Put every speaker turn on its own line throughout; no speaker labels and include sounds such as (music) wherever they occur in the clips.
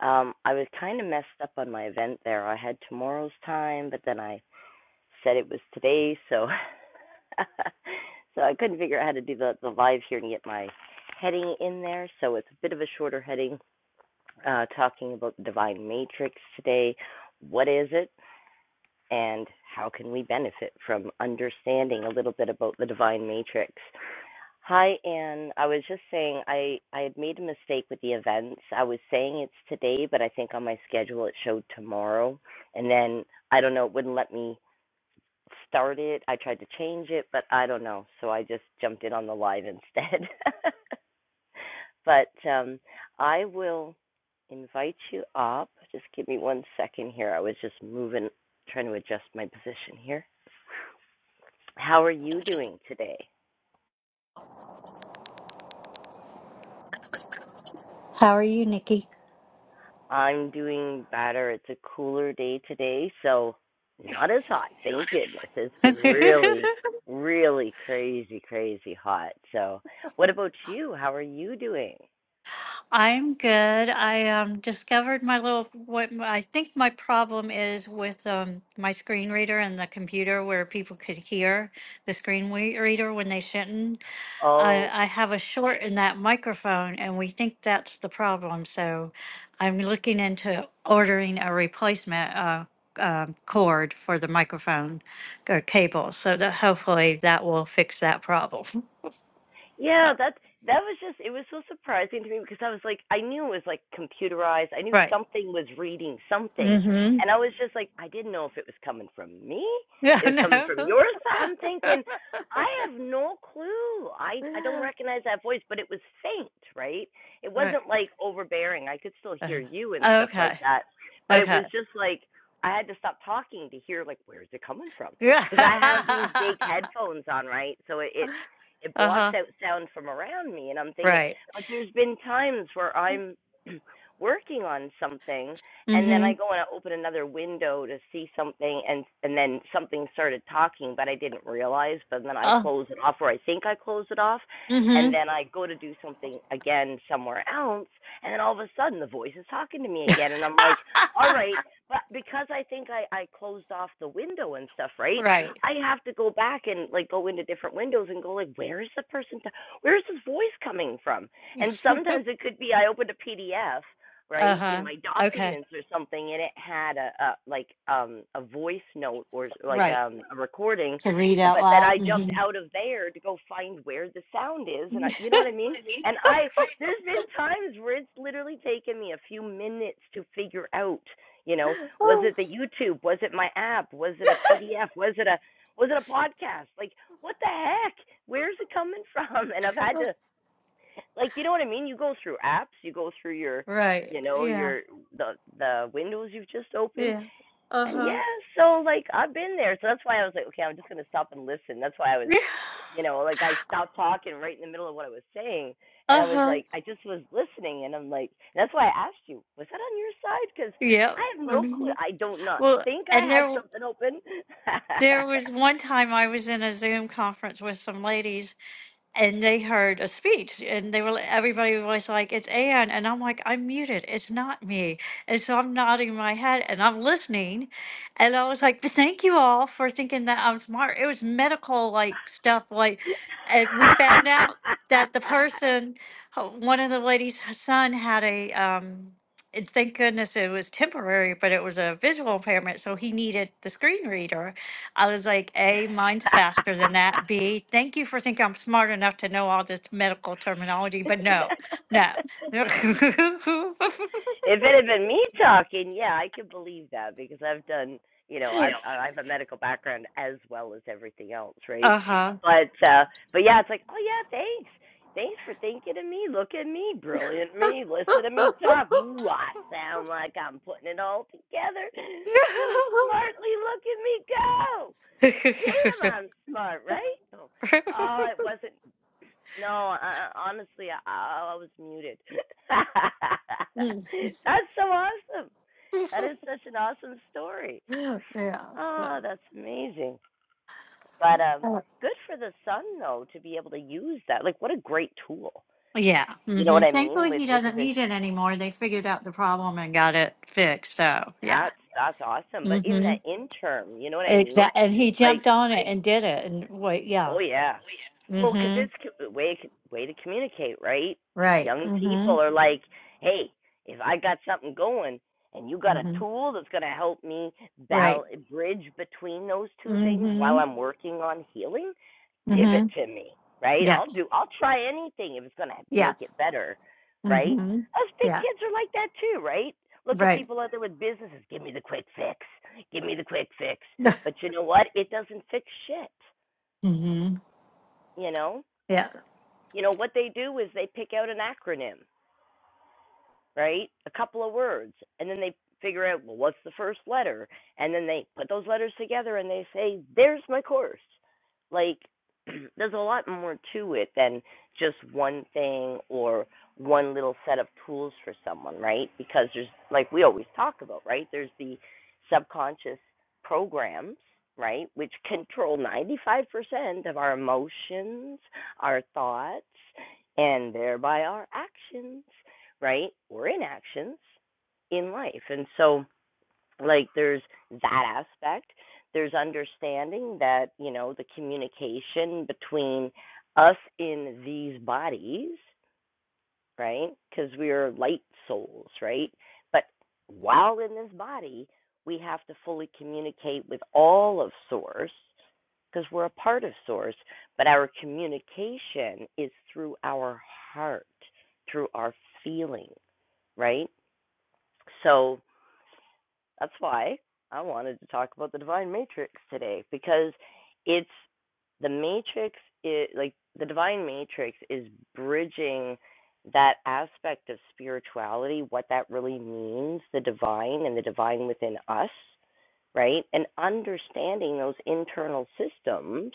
Um, I was kind of messed up on my event there. I had tomorrow's time, but then I said it was today, so (laughs) so I couldn't figure out how to do the, the live here and get my heading in there. So it's a bit of a shorter heading, uh, talking about the divine matrix today. What is it, and how can we benefit from understanding a little bit about the divine matrix? Hi, Anne. I was just saying I I had made a mistake with the events. I was saying it's today, but I think on my schedule it showed tomorrow. And then I don't know, it wouldn't let me start it. I tried to change it, but I don't know. So I just jumped in on the live instead. (laughs) but um I will invite you up. Just give me one second here. I was just moving, trying to adjust my position here. How are you doing today?
How are you, Nikki?
I'm doing better. It's a cooler day today, so not as hot. Thank goodness. It's
(laughs)
been really, really crazy, crazy hot. So, what about you? How are you doing?
I'm good. I um, discovered my little what I think my problem is with um, my screen reader and the computer where people could hear the screen we- reader when they shouldn't.
Oh,
I, I have a short in that microphone, and we think that's the problem. So I'm looking into ordering a replacement uh, um, cord for the microphone or cable so that hopefully that will fix that problem. (laughs)
Yeah, that that was just it was so surprising to me because I was like I knew it was like computerized. I knew
Right.
something was reading something.
Mm-hmm.
And I was just like I didn't know if it was coming from me,
Yeah,
it
(laughs)
was
no,
coming from
cool.
your side. I'm
(laughs)
thinking I have no clue. I I don't recognize that voice, but it was faint, right? It
Right.
wasn't like overbearing. I could still hear
Uh,
you and stuff like
Okay.
that. But it
Okay.
was
(laughs)
just like I had to stop talking to hear like where is it coming from?
Yeah.
because I have these big headphones on, right? So it, it it blocks
Uh-huh.
out sound from around me and i'm thinking
Right.
but there's been times where i'm (clears throat) working on something and then
Mm-hmm.
i go and i open another window to see something and and then something started talking but i didn't realize but then i
Uh,
close it off or i think i close it off and
mm-hmm.
then i go to do something again somewhere else and then all of a sudden the voice is talking to me again and i'm like all right but because i think i i closed off the window and stuff
(laughs)
right
Right.
I have to go back and like go into different windows and go like, where is the person? t where is this voice coming from? And
(laughs)
sometimes it could be I opened a PDF right in
Uh-huh.
my
Okay.
documents or something, and it had a, a like um a voice note or like
Right.
um a recording,
To read out
but that
loud.
I jumped
Mm-hmm.
out of there to go find where the sound is, and I, you know what I mean? And I there's been
(laughs)
times where it's literally taken me a few minutes to figure out you know was it the youtube was it my app was it a pdf was it a was it a podcast? Like, what the heck? Where's it coming (laughs) from? And I've had to, like, you know what I mean? You go through apps, you go through your,
Right.
you know,
Yeah.
your the the windows you've just opened,
Yeah.
and
Uh-huh.
yeah. So like, I've been there. So that's why I was like, okay, I'm just gonna stop and listen. That's why I was,
(laughs)
you know, like I stopped talking right in the middle of what I was saying, and I was
Uh-huh.
like, I just was listening, and I'm like, and that's why I asked you, was that on your side? Because I
Yep.
have no clue.
Mhm.
I don't not
Well,
think I
and
had
there.
something open.
There
(laughs)
was one time I was in a Zoom conference with some ladies and they heard a speech and they were everybody was like, It's Anne and I'm like, I'm muted, it's not me. And so I'm nodding my head and I'm listening and I was like, Thank you all for thinking that I'm smart. It was medical like stuff like and we found out that the person uh, one of the ladies' son had a um and thank goodness it was temporary, but it was a visual impairment, so he needed the screen reader I was like, A, mine's faster than that.
(laughs)
B, thank you for thinking I'm smart enough to know all this medical terminology,
if
but no, no. (laughs)
it had been me talking, yeah, I could believe that because I've done, you know, I've I have a medical background as well as everything else, right?
uh huh.
But uh but yeah, it's like, oh yeah, thanks. Thanks for thinking of me. Look at me, brilliant me. Listen to me talk. Ooh, I sound like I'm putting it all together
(laughs)
so smartly. Look at me go.
yeah.
Damn, I'm smart, right? Oh, oh it wasn't No, I, honestly, I, I I was muted. (laughs) that's so awesome. That is such an awesome story.
So.
Oh, that's amazing. But um,
uh,
good for the son though to be able to use that. Like, what a great tool.
Yeah.
You know
hmm
what I mean
Thankfully,
with
he
with the
doesn't
vision.
need it anymore. They figured out the problem and got it fixed. So, yeah.
That's that's awesome. But in
hmm
the interim, you know what I mean?
Exactly. And he
Like,
jumped on it and did it. And wait, yeah.
oh yeah, Well, because
hmm
it's co- way way to communicate, right?
Right.
Young
hmm
people are like, "Hey, if I got something going, and you got a
hmm
tool that's going to help me
Right.
bal- bridge between those two things while
Mm-hmm.
I'm working on healing, give it
Mm-hmm.
to me, right? I'll
Yes.
do. I'll try anything if it's going to make
Yes.
it better, right?
Mm-hmm.
Us big
Yeah.
kids are like that too, right? Look at
Right.
people out there with businesses. Give me the quick fix. Give me the quick fix.
(laughs)
But you know what? It doesn't fix shit.
Mm-hmm.
You know?
Yeah.
you know what they do is they pick out an acronym right? A couple of words. And then they figure out, well, what's the first letter? And then they put those letters together and they say, there's my course. Like, (clears throat) there's a lot more to it than just one thing or one little set of tools for someone, right? Because there's, like we always talk about, right? There's the subconscious programs, right? Which control 95% of our emotions, our thoughts, and thereby our actions right? Or inactions in life. And so, like, there's that aspect. There's understanding that, you know, the communication between us in these bodies, right? Because we are light souls, right? But while in this body, we have to fully communicate with all of Source because we're a part of Source. But our communication is through our heart, through our feeling, right? So that's why I wanted to talk about the divine matrix today because it's the matrix is like the divine matrix is bridging that aspect of spirituality, what that really means, the divine and the divine within us right? And understanding those internal systems,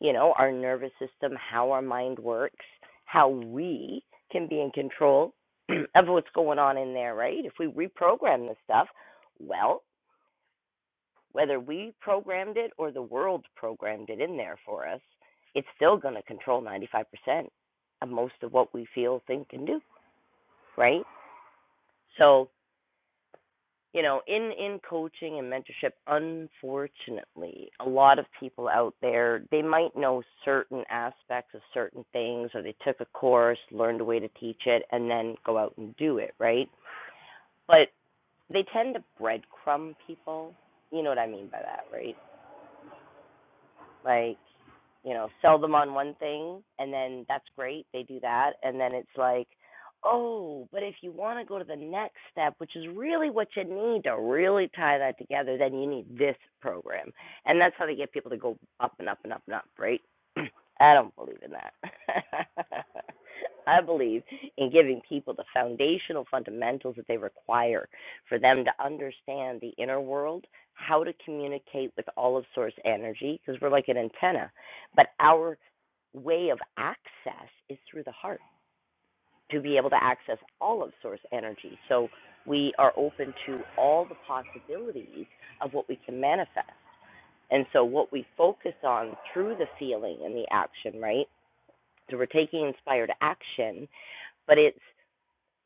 you know, our nervous system, how our mind works, how we can be in control (clears throat) of what's going on in there, right? If we reprogram the stuff, well, whether we programmed it or the world programmed it in there for us, it's still going to control 95% of most of what we feel, think, and do, right? So, you know in in coaching and mentorship unfortunately a lot of people out there they might know certain aspects of certain things or they took a course learned a way to teach it and then go out and do it right but they tend to breadcrumb people you know what i mean by that right like you know, sell them on one thing and then that's great, they do that and then it's like, "Oh, but if you want to go to the next step, which is really what you need to really tie that together, then you need this program." And that's how they get people to go up and up and up and up, right? (clears throat) I don't believe in that. (laughs) I believe in giving people the foundational fundamentals that they require for them to understand the inner world, how to communicate with all of source energy, because we're like an antenna. But our way of access is through the heart to be able to access all of source energy. So we are open to all the possibilities of what we can manifest. And so what we focus on through the feeling and the action, right? So we're taking inspired action, but it's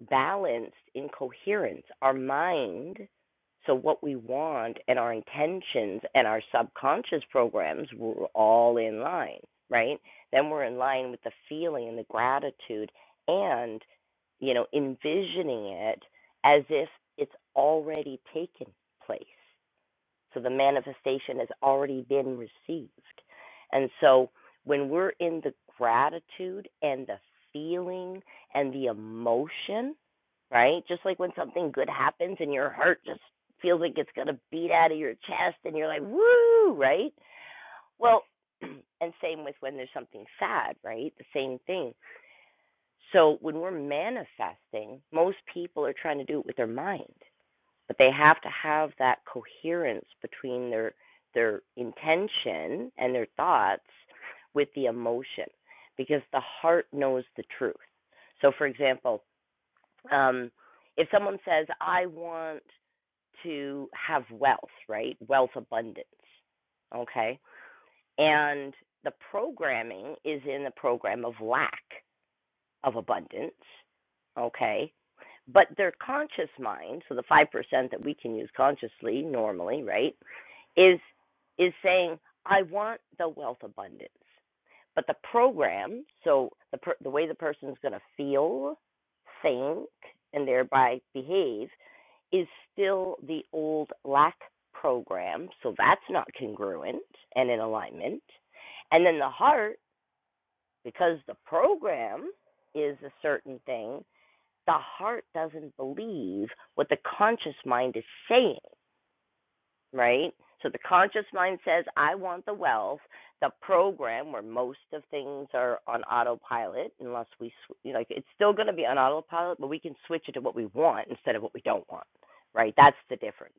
balanced in coherence. Our mind, so what we want and our intentions and our subconscious programs were all in line, right? Then we're in line with the feeling and the gratitude and, you know, envisioning it as if it's already taken place. So the manifestation has already been received. And so when we're in the gratitude and the feeling and the emotion, right? Just like when something good happens and your heart just feels like it's going to beat out of your chest and you're like, woo, right? Well, (clears throat) and same with when there's something sad, right? The same thing. So when we're manifesting, most people are trying to do it with their mind but they have to have that coherence between their their intention and their thoughts with the emotion because the heart knows the truth so for example um if someone says i want to have wealth right wealth abundance okay and the programming is in the program of lack of abundance okay but their conscious mind, so the 5% that we can use consciously normally, right, is is saying I want the wealth abundance. But the program, so the per, the way the person is going to feel, think, and thereby behave is still the old lack program, so that's not congruent and in alignment. And then the heart, because the program is a certain thing, the heart doesn't believe what the conscious mind is saying, right? So the conscious mind says, I want the wealth. The program, where most of things are on autopilot, unless we, you know, like, it's still going to be on autopilot, but we can switch it to what we want instead of what we don't want, right? That's the difference.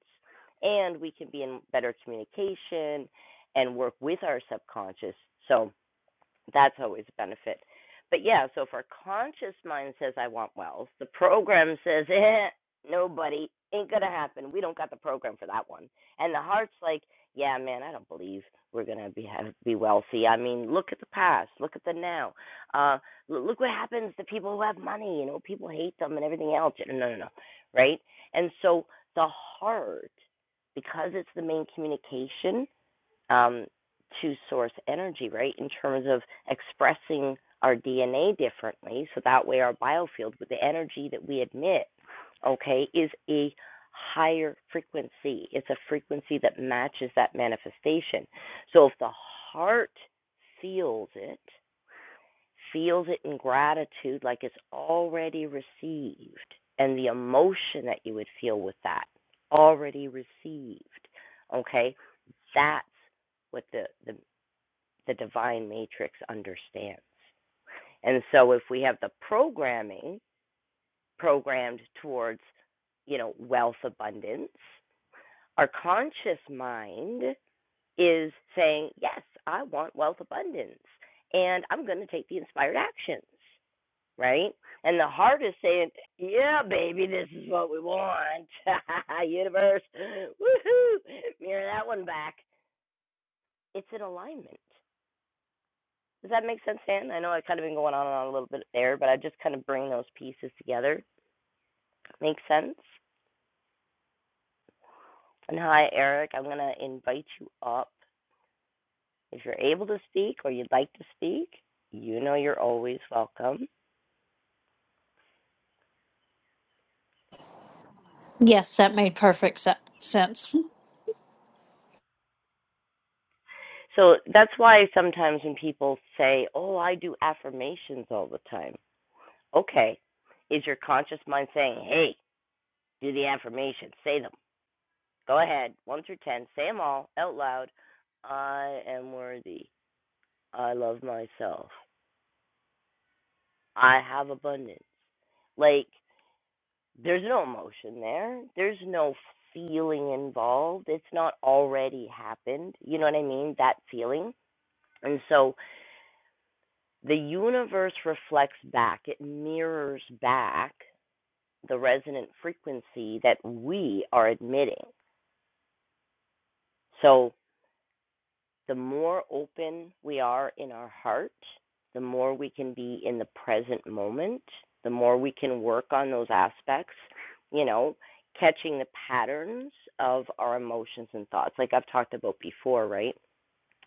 And we can be in better communication and work with our subconscious. So, that's always a benefit. But yeah, so if our conscious mind says, I want wealth, the program says, eh, nobody, ain't going to happen. We don't got the program for that one. And the heart's like, yeah, man, I don't believe we're going to be have, be wealthy. I mean, look at the past, look at the now. Uh, look what happens to people who have money. You know, people hate them and everything else. No, no, no, no, right? And so the heart, because it's the main communication, um, to source energy, right? In terms of expressing our DNA differently, so that way our biofield with the energy that we emit, okay, is a higher frequency. It's a frequency that matches that manifestation. So if the heart feels it, feels it in gratitude like it's already received and the emotion that you would feel with that already received okay that's what the the, the divine matrix understands and so if we have the programming programmed towards you know wealth abundance our conscious mind is saying yes i want wealth abundance and i'm going to take the inspired actions right? And the heart is saying, "Yeah, baby, this is what we want." (laughs) Universe, woohoo! Mirror that one back. It's in alignment. Does that make sense, Dan? I know I have kind of been going on and on a little bit there, but I just kind of bring those pieces together. Makes sense. And hi, Eric. I'm gonna invite you up if you're able to speak or you'd like to speak. You know you're always welcome.
Yes, that made perfect se- sense.
So that's why sometimes when people say, "Oh, I do affirmations all the time." Okay. Is your conscious mind saying, hey, do the affirmation, say them? Go ahead, one through 10, say them all out loud. I am worthy. I love myself. I have abundance. Like, there's no emotion there, there's no feeling involved. It's not already happened. You know what I mean? That feeling. And so the universe reflects back, it mirrors back the resonant frequency that we are admitting. So, the more open we are in our heart, the more we can be in the present moment, the more we can work on those aspects, you know, catching the patterns of our emotions and thoughts, like I've talked about before, right?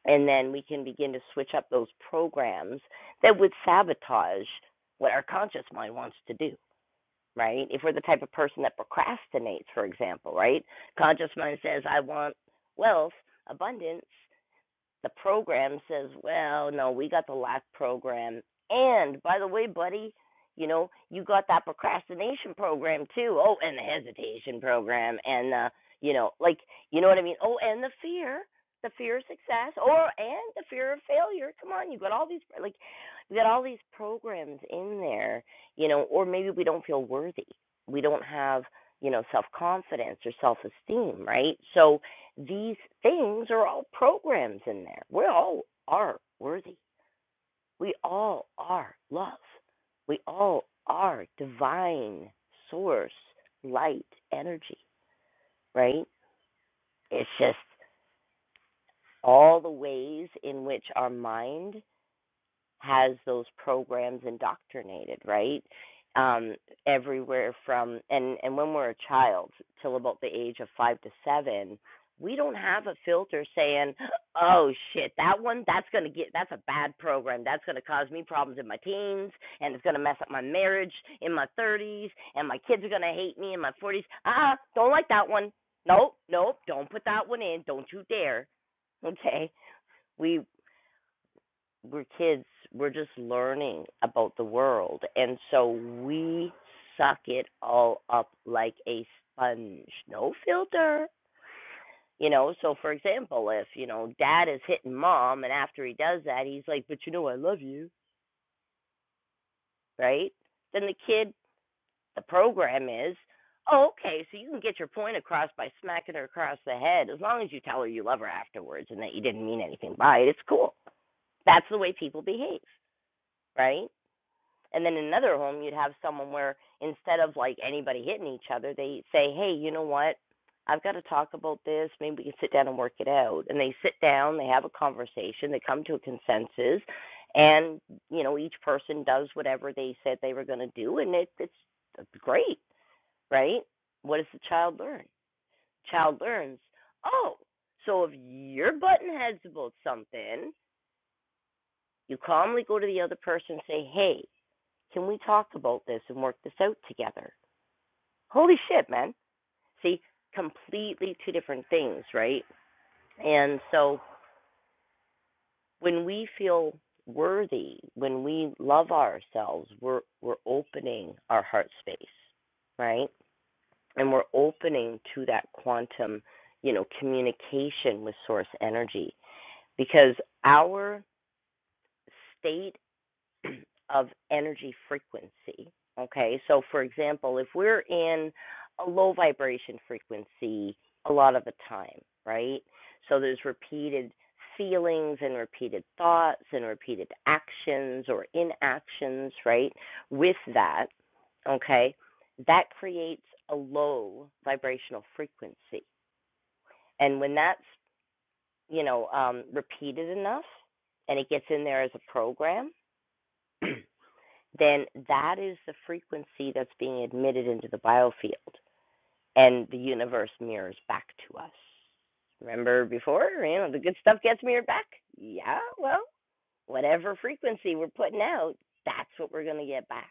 And then we can begin to switch up those programs that would sabotage what our conscious mind wants to do, right? If we're the type of person that procrastinates, for example, right? Conscious mind says, I want wealth, abundance, the program says, well, no, we got the lock program. And by the way, buddy, you know, you got that procrastination program too. Oh, and the hesitation program. And, uh, you know, like, you know what I mean? Oh, and the fear, the fear of success or, and the fear of failure. Come on, you got all these, like, we got all these programs in there, you know, or maybe we don't feel worthy. We don't have, you know, self confidence or self esteem, right? So, these things are all programs in there. We all are worthy. We all are love. We all are divine source, light, energy, right? It's just all the ways in which our mind has those programs indoctrinated, right? Um, everywhere from and and when we're a child till about the age of five to seven, we don't have a filter saying, "Oh shit, that one that's gonna get that's a bad program. That's gonna cause me problems in my teens, and it's gonna mess up my marriage in my thirties, and my kids are gonna hate me in my forties. Ah, don't like that one. Nope, nope. Don't put that one in. Don't you dare." Okay, we we're kids, we're just learning about the world. And so we suck it all up like a sponge, no filter. You know, so for example, if, you know, dad is hitting mom and after he does that, he's like, but you know, I love you, right? Then the kid, the program is, oh, okay, so you can get your point across by smacking her across the head as long as you tell her you love her afterwards and that you didn't mean anything by it. It's cool. That's the way people behave, right? And then in another home, you'd have someone where instead of like anybody hitting each other, they say, "Hey, you know what? I've got to talk about this. Maybe we can sit down and work it out." And they sit down, they have a conversation, they come to a consensus, and you know each person does whatever they said they were going to do, and it, it's, it's great, right? What does the child learn? Child learns, oh, so if you're button heads about something, you calmly go to the other person and say, "Hey." Can we talk about this and work this out together? Holy shit, man. See, completely two different things, right? And so when we feel worthy, when we love ourselves, we're we're opening our heart space, right? And we're opening to that quantum, you know, communication with source energy because our state. (clears throat) of energy frequency. Okay, so for example, if we're in a low vibration frequency a lot of the time, right? So there's repeated feelings and repeated thoughts and repeated actions or inactions, right? With that, okay, that creates a low vibrational frequency. And when that's, you know, um, repeated enough and it gets in there as a program, (clears throat) then that is the frequency that's being admitted into the biofield and the universe mirrors back to us. Remember before, you know, the good stuff gets mirrored back? Yeah, well, whatever frequency we're putting out, that's what we're going to get back,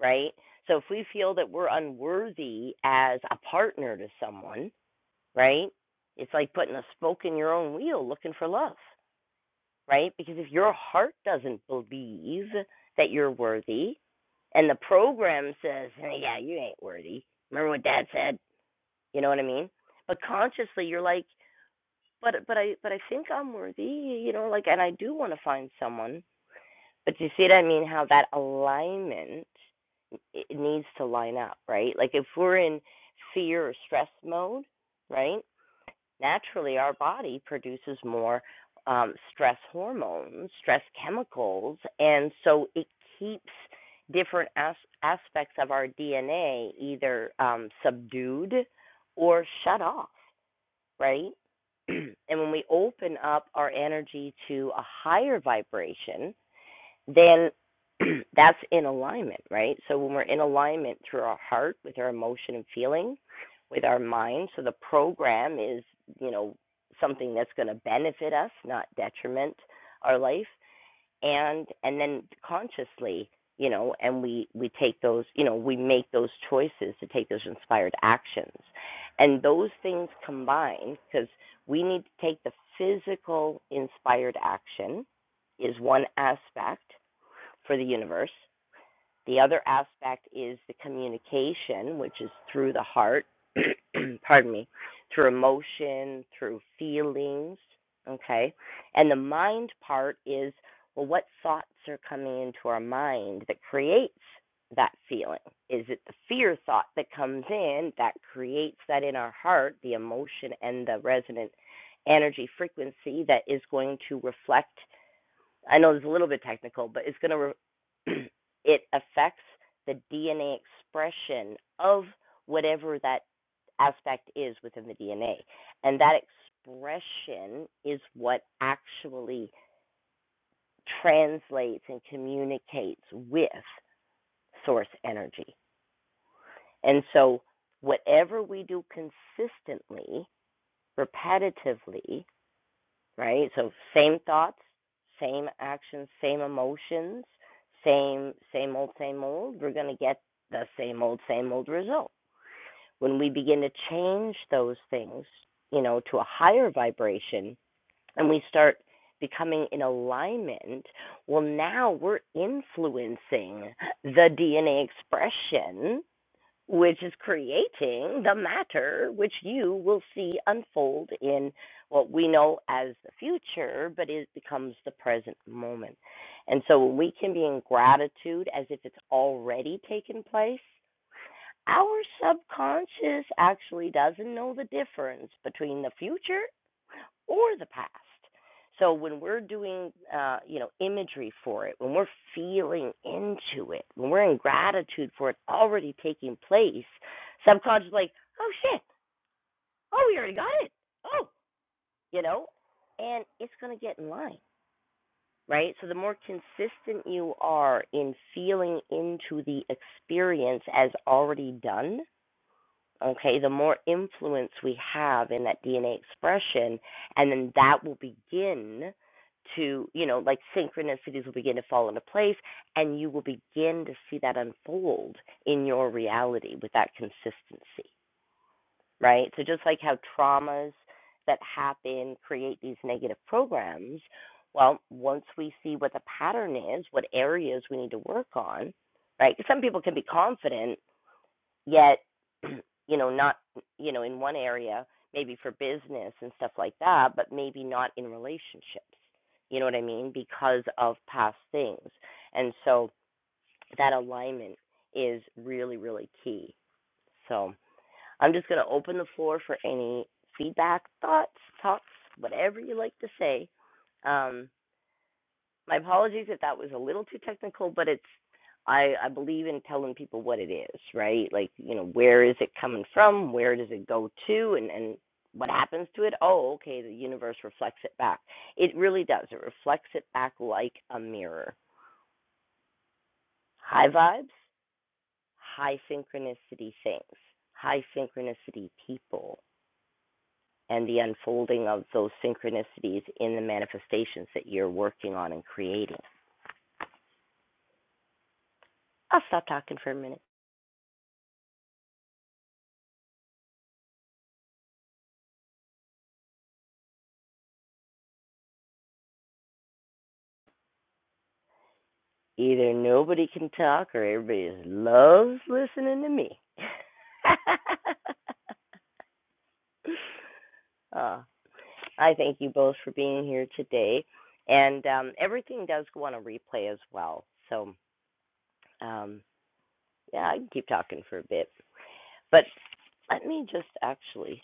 right? So if we feel that we're unworthy as a partner to someone, right? It's like putting a spoke in your own wheel looking for love right? Because if your heart doesn't believe that you're worthy and the program says, hey, yeah, you ain't worthy. Remember what dad said? You know what I mean? But consciously you're like, but but I but I think I'm worthy, you know, like and I do want to find someone. But do you see what I mean how that alignment it needs to line up, right? Like if we're in fear or stress mode, right? naturally our body produces more um, stress hormones, stress chemicals, and so it keeps different as- aspects of our DNA either um, subdued or shut off, right? (clears throat) and when we open up our energy to a higher vibration, then (clears throat) that's in alignment, right? So when we're in alignment through our heart with our emotion and feeling, with our mind, so the program is, you know, something that's going to benefit us, not detriment our life, and and then consciously, you know, and we we take those, you know, we make those choices to take those inspired actions. And those things combined because we need to take the physical inspired action is one aspect for the universe. The other aspect is the communication, which is through the heart, (clears throat) pardon me, through emotion, through feelings, okay? And the mind part is, well, what thoughts are coming into our mind that creates that feeling? Is it the fear thought that comes in that creates that in our heart, the emotion and the resonant energy frequency that is going to reflect I know it's a little bit technical, but it's going to re- (clears throat) it affects the DNA expression of whatever that aspect is within the DNA, and that expression is what actually translates and communicates with source energy. And so, whatever we do consistently, repetitively, right? So same thoughts, same actions, same emotions, same same old same old. We're going to get the same old same old result. When we begin to change those things, you know, to a higher vibration and we start becoming in alignment, well now we're influencing the DNA expression which is creating the matter which you will see unfold in what we know as the future, but it becomes the present moment. And so when we can be in gratitude as if it's already taken place, our subconscious actually doesn't know the difference between the future or the past. So when we're doing, uh, you know, imagery for it, when we're feeling into it, when we're in gratitude for it already taking place, subconscious is like, oh shit, oh we already got it, oh, you know, and it's gonna get in line, right? So the more consistent you are in feeling into the experience as already done, Okay, the more influence we have in that DNA expression, and then that will begin to, you know, like synchronicities will begin to fall into place, and you will begin to see that unfold in your reality with that consistency, right? So, just like how traumas that happen create these negative programs, well, once we see what the pattern is, what areas we need to work on, right? 'Cause some people can be confident yet (clears throat) you know not you know in one area maybe for business and stuff like that but maybe not in relationships you know what i mean because of past things and so that alignment is really really key so i'm just going to open the floor for any feedback thoughts talks whatever you like to say um my apologies if that was a little too technical, but it's I, I believe in telling people what it is, right? Like, you know, where is it coming from? Where does it go to? And, and what happens to it? Oh, okay, the universe reflects it back. It really does. It reflects it back like a mirror. High vibes, high synchronicity things, high synchronicity people, and the unfolding of those synchronicities in the manifestations that you're working on and creating. I'll stop talking for a minute. Either nobody can talk or everybody just loves listening to me. (laughs) oh, I thank you both for being here today. And um, everything does go on a replay as well. So, um, yeah, I can keep talking for a bit. But let me just actually,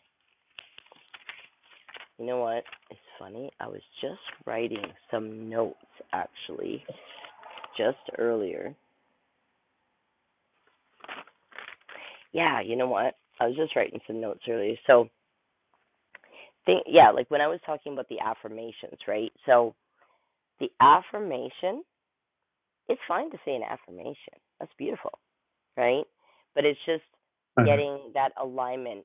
you know what? It's funny. I was just writing some notes actually just earlier. Yeah, you know what? I was just writing some notes earlier. So think yeah like when i was talking about the affirmations right so the affirmation it's fine to say an affirmation that's beautiful right but it's just
Uh,
getting that alignment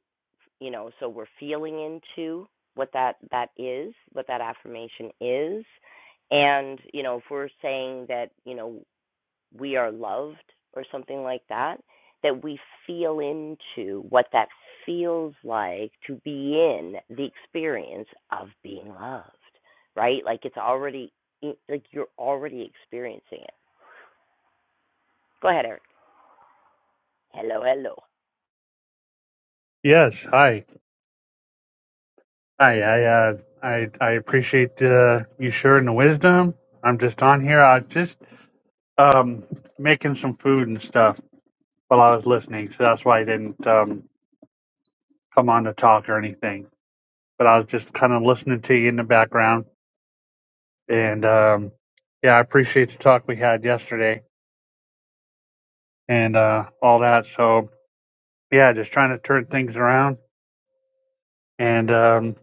you know so we're feeling into what that that is what that affirmation is and you know if we're saying that you know we are loved or something like that that we feel into what that feels like to be in the experience of being loved right like it's already like you're already experiencing it go ahead eric hello hello
Yes, hi, hi. I uh, I I appreciate uh, you sharing the wisdom. I'm just on here. I was just um, making some food and stuff while I was listening, so that's why I didn't um, come on to talk or anything. But I was just kind of listening to you in the background, and um, yeah, I appreciate the talk we had yesterday and uh, all that. So yeah, just trying to turn things around and. Um,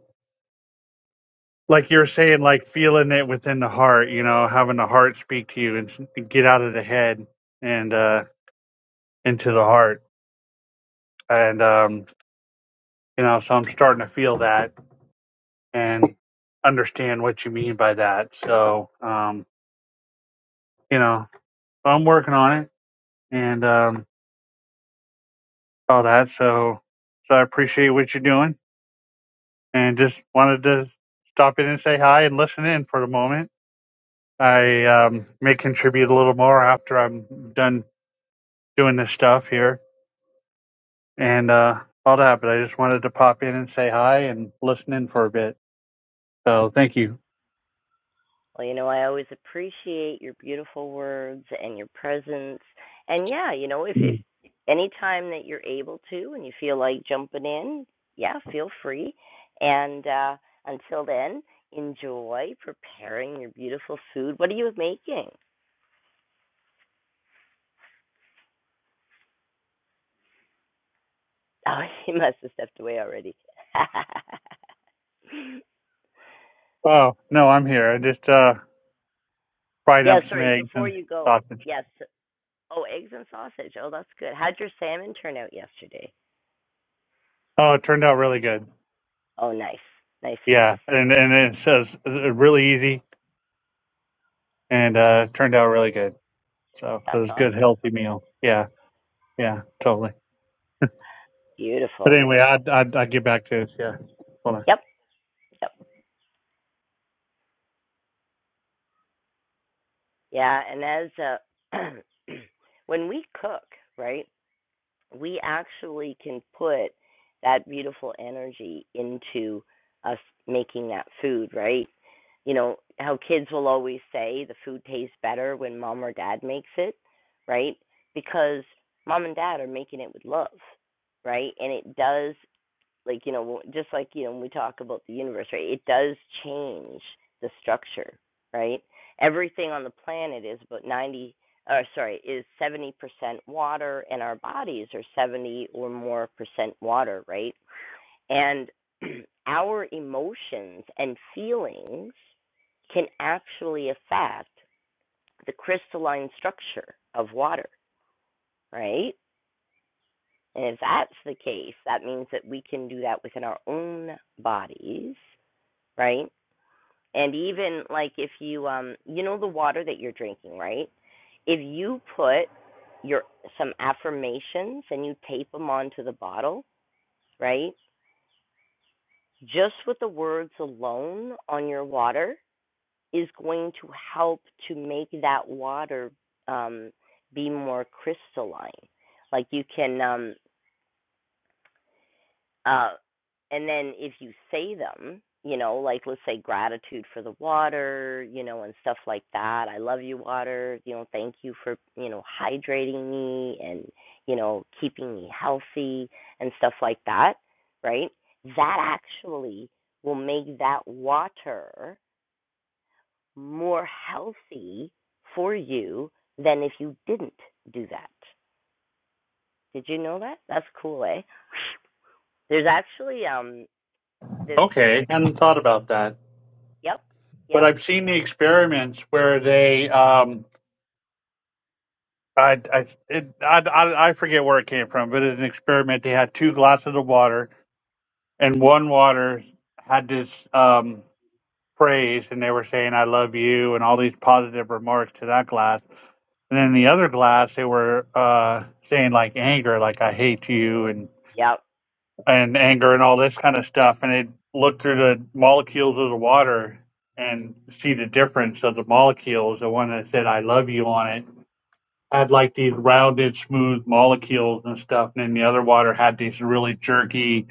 like you were saying, like feeling it within the heart, you know, having the heart speak to you and s- get out of the head and uh, into the heart. And, um, you know, so I'm starting to feel that and understand what you mean by that. So, um, you know, I'm working on it and um, all that. So, so I appreciate what you're doing and just wanted to stop in and say hi and listen in for the moment. I um, may contribute a little more after I'm done doing this stuff here and uh, all that. But I just wanted to pop in and say hi and listen in for a bit. So thank you.
Well, you know, I always appreciate your beautiful words and your presence. And yeah, you know, if if any time that you're able to and you feel like jumping in, yeah, feel free. And uh until then, enjoy preparing your beautiful food. What are you making? (laughs) Oh, she must have stepped away already. (laughs)
Oh no, I'm here. I just uh, fried
yeah,
up some
sorry,
eggs
before
and
you go.
sausage.
Yes. Oh, eggs and sausage. Oh, that's good. How'd your salmon turn out yesterday?
Oh, it turned out really good.
Oh, nice. Nice,
Yeah,
nice.
and and it says uh, really easy and uh, turned out really good. So it
That's
was a good
awesome.
healthy meal. Yeah, yeah, totally.
Beautiful.
But anyway, I'd I'd, I'd get back to this. Yeah, hold on.
Yep. Yep. Yeah, and as uh (clears throat) when we cook, right, we actually can put that beautiful energy into us making that food, right? You know, how kids will always say the food tastes better when mom or dad makes it, right? Because mom and dad are making it with love, right? And it does like you know just like you know when we talk about the universe right it does change the structure right everything on the planet is about 90 or sorry is 70% water and our bodies are 70 or more percent water right and (clears throat) our emotions and feelings can actually affect the crystalline structure of water right and if that's the case, that means that we can do that within our own bodies right? And even like if you um you know the water that you're drinking, right? If you put your some affirmations and you tape them onto the bottle, right? Just with the words alone on your water is going to help to make that water um be more crystalline. Like you can um Uh, and then if you say them, you know, like let's say gratitude for the water, you know, and stuff like that. I love you, water. You know, thank you for, you know, hydrating me and, you know, keeping me healthy and stuff like that, right? That actually will make that water more healthy for you than if you didn't do that. Did you know that? That's cool, eh? There's actually um this
Okay, hadn't thought about that.
Yep.
But
Yep.
I've seen the experiments where they um, I I, it, I I I forget where it came from, but in an experiment, they had two glasses of water, and one water had this um, praise, and they were saying "I love you" and all these positive remarks to that glass, and then the other glass they were uh, saying like anger, like "I hate you" and
Yep.
and anger and all this kind of stuff, and they looked through the molecules of the water and see the difference of the molecules. The one that said "I love you" on it had like these rounded, smooth molecules and stuff, and then the other water had these really jerky,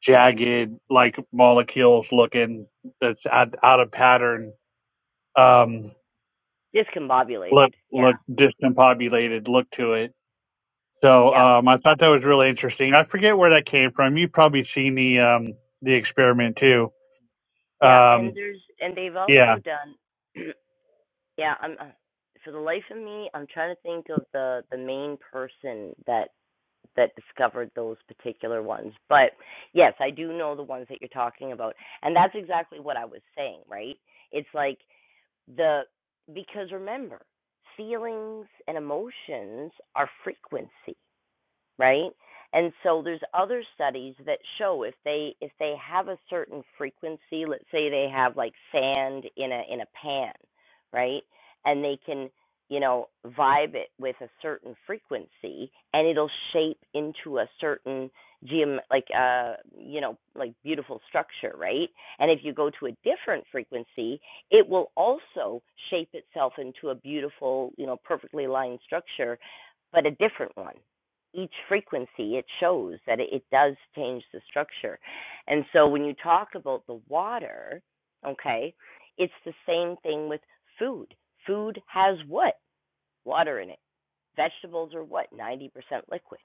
jagged, like molecules looking that's out, out of pattern. Um, look,
Discombobulated.
look,
Yeah.
discombobulated look to it. So
Yep.
um, I thought that was really interesting. I forget where that came from. You've probably seen the um, the experiment too.
Yeah. And
Um,
there's and they've
yeah.
also done. (clears throat) yeah. I'm uh, for the life of me, I'm trying to think of the the main person that that discovered those particular ones. But yes, I do know the ones that you're talking about, and that's exactly what I was saying. Right? It's like the because remember, feelings and emotions are frequency right? And so there's other studies that show if they if they have a certain frequency, let's say they have like sand in a in a pan, right? And they can, you know, vibe it with a certain frequency and it'll shape into a certain geom like uh you know, like beautiful structure, right? And if you go to a different frequency, it will also shape itself into a beautiful, you know, perfectly lined structure, but a different one each frequency, it shows that it, does change the structure. And so when you talk about the water, okay, it's the same thing with food. Food has what? Water in it. Vegetables are what? 90% liquid.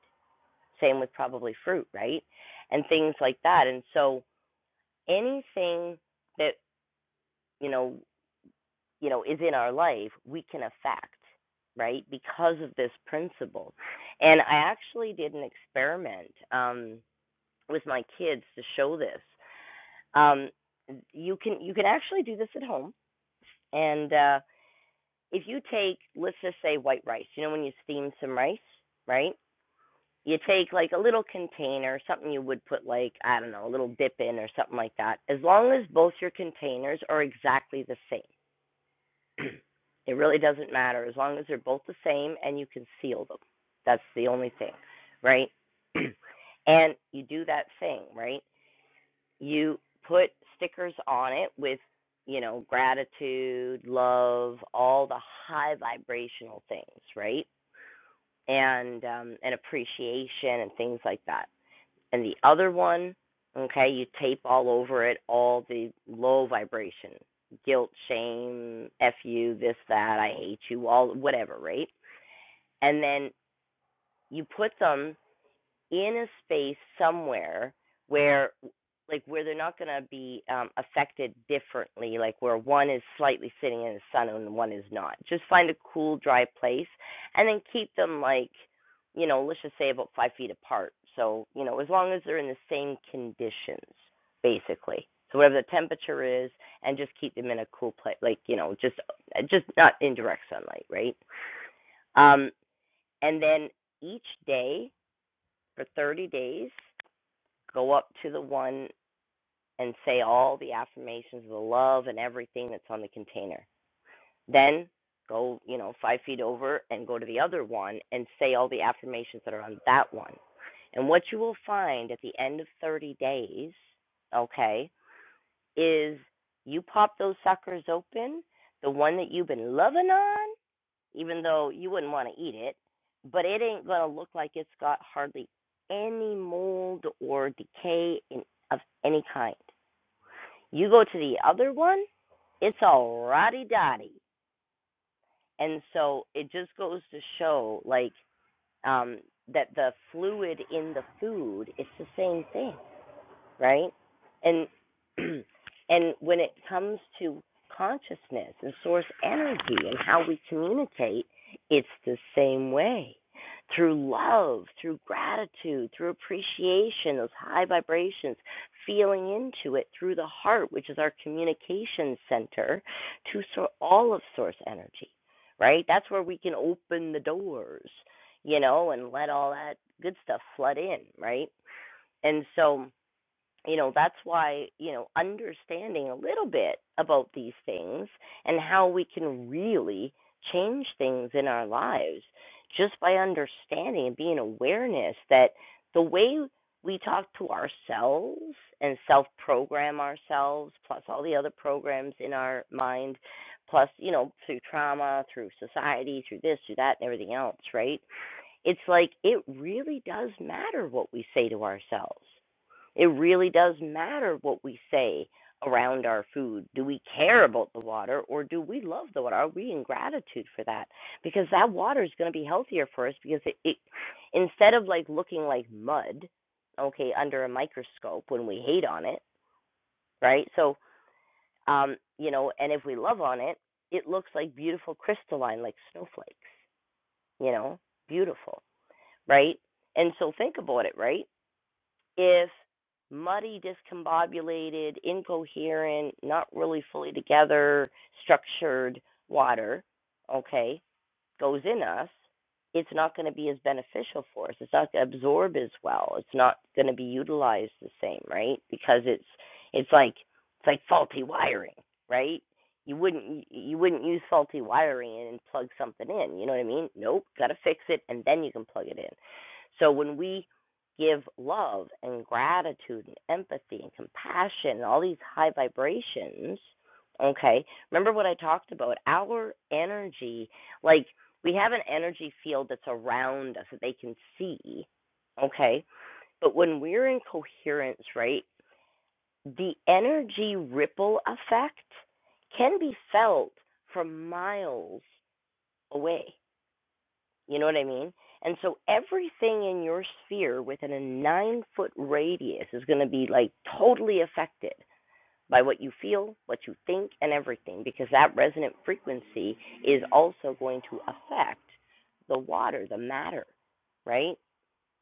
Same with probably fruit, right? And things like that. And so anything that, you know, you know, is in our life, we can affect, right? Because of this principle. And I actually did an experiment. Um, with my kids to show this. Um, you can you can actually do this at home, and uh, if you take let's just say white rice, you know when you steam some rice, right? You take like a little container, something you would put like I don't know a little dip in or something like that. As long as both your containers are exactly the same, (clears throat) it really doesn't matter as long as they're both the same and you can seal them. That's the only thing, right? (clears throat) and you do that thing, right? you put stickers on it with you know gratitude love all the high vibrational things right and um and appreciation and things like that and the other one okay you tape all over it all the low vibration guilt shame f you this that i hate you all whatever right and then you put them in a space somewhere where like where they're not going to be um, affected differently like where one is slightly sitting in the sun and one is not just find a cool dry place and then keep them like you know let's just say about five feet apart so you know as long as they're in the same conditions basically so whatever the temperature is and just keep them in a cool place like you know just uh, just not in direct sunlight right um and then each day for 30 days go up to the one and say all the affirmations of the love and everything that's on the container. Then go, you know, five feet over and go to the other one and say all the affirmations that are on that one. And what you will find at the end of 30 days, okay, is you pop those suckers open, the one that you've been loving on, even though you wouldn't want to eat it, but it ain't going to look like it's got hardly any mold or decay in, of any kind. You go to the other one, it's all rotty dotty. And so it just goes to show, like, um, that the fluid in the food, it's the same thing right? And (clears throat) and when it comes to consciousness and source energy and how we communicate, it's the same way. Through love, through gratitude, through appreciation, those high vibrations, feeling into it through the heart, which is our communication center to so- all of source energy, right? That's where we can open the doors, you know, and let all that good stuff flood in, right? And so you know that's why you know understanding a little bit about these things and how we can really change things in our lives just by understanding and being awareness that the way we talk to ourselves and self program ourselves plus all the other programs in our mind plus you know through trauma through society through this through that and everything else right it's like it really does matter what we say to ourselves it really does matter what we say around our food. Do we care about the water or do we love the water? Are we in gratitude for that? Because that water is going to be healthier for us because it, it instead of like looking like mud, okay, under a microscope when we hate on it, right? So, um, you know, and if we love on it, it looks like beautiful crystalline like snowflakes, you know, beautiful, right? And so think about it, right? if muddy, discombobulated, incoherent, not really fully together, structured water, okay, goes in us, it's not going to be as beneficial for us. It's not going to absorb as well. It's not going to be utilized the same, right? Because it's it's like it's like faulty wiring, right? You wouldn't you wouldn't use faulty wiring and plug something in. You know what I mean? Nope, got to fix it and then you can plug it in. So when we give love and gratitude and empathy and compassion and all these high vibrations, okay? Remember what I talked about? Our energy like we have an energy field that's around us that they can see. Okay. But when we're in coherence, right, the energy ripple effect can be felt from miles away. You know what I mean? And so everything in your sphere within a nine foot radius is going to be like totally affected by what you feel, what you think, and everything, because that resonant frequency is also going to affect the water, the matter, right?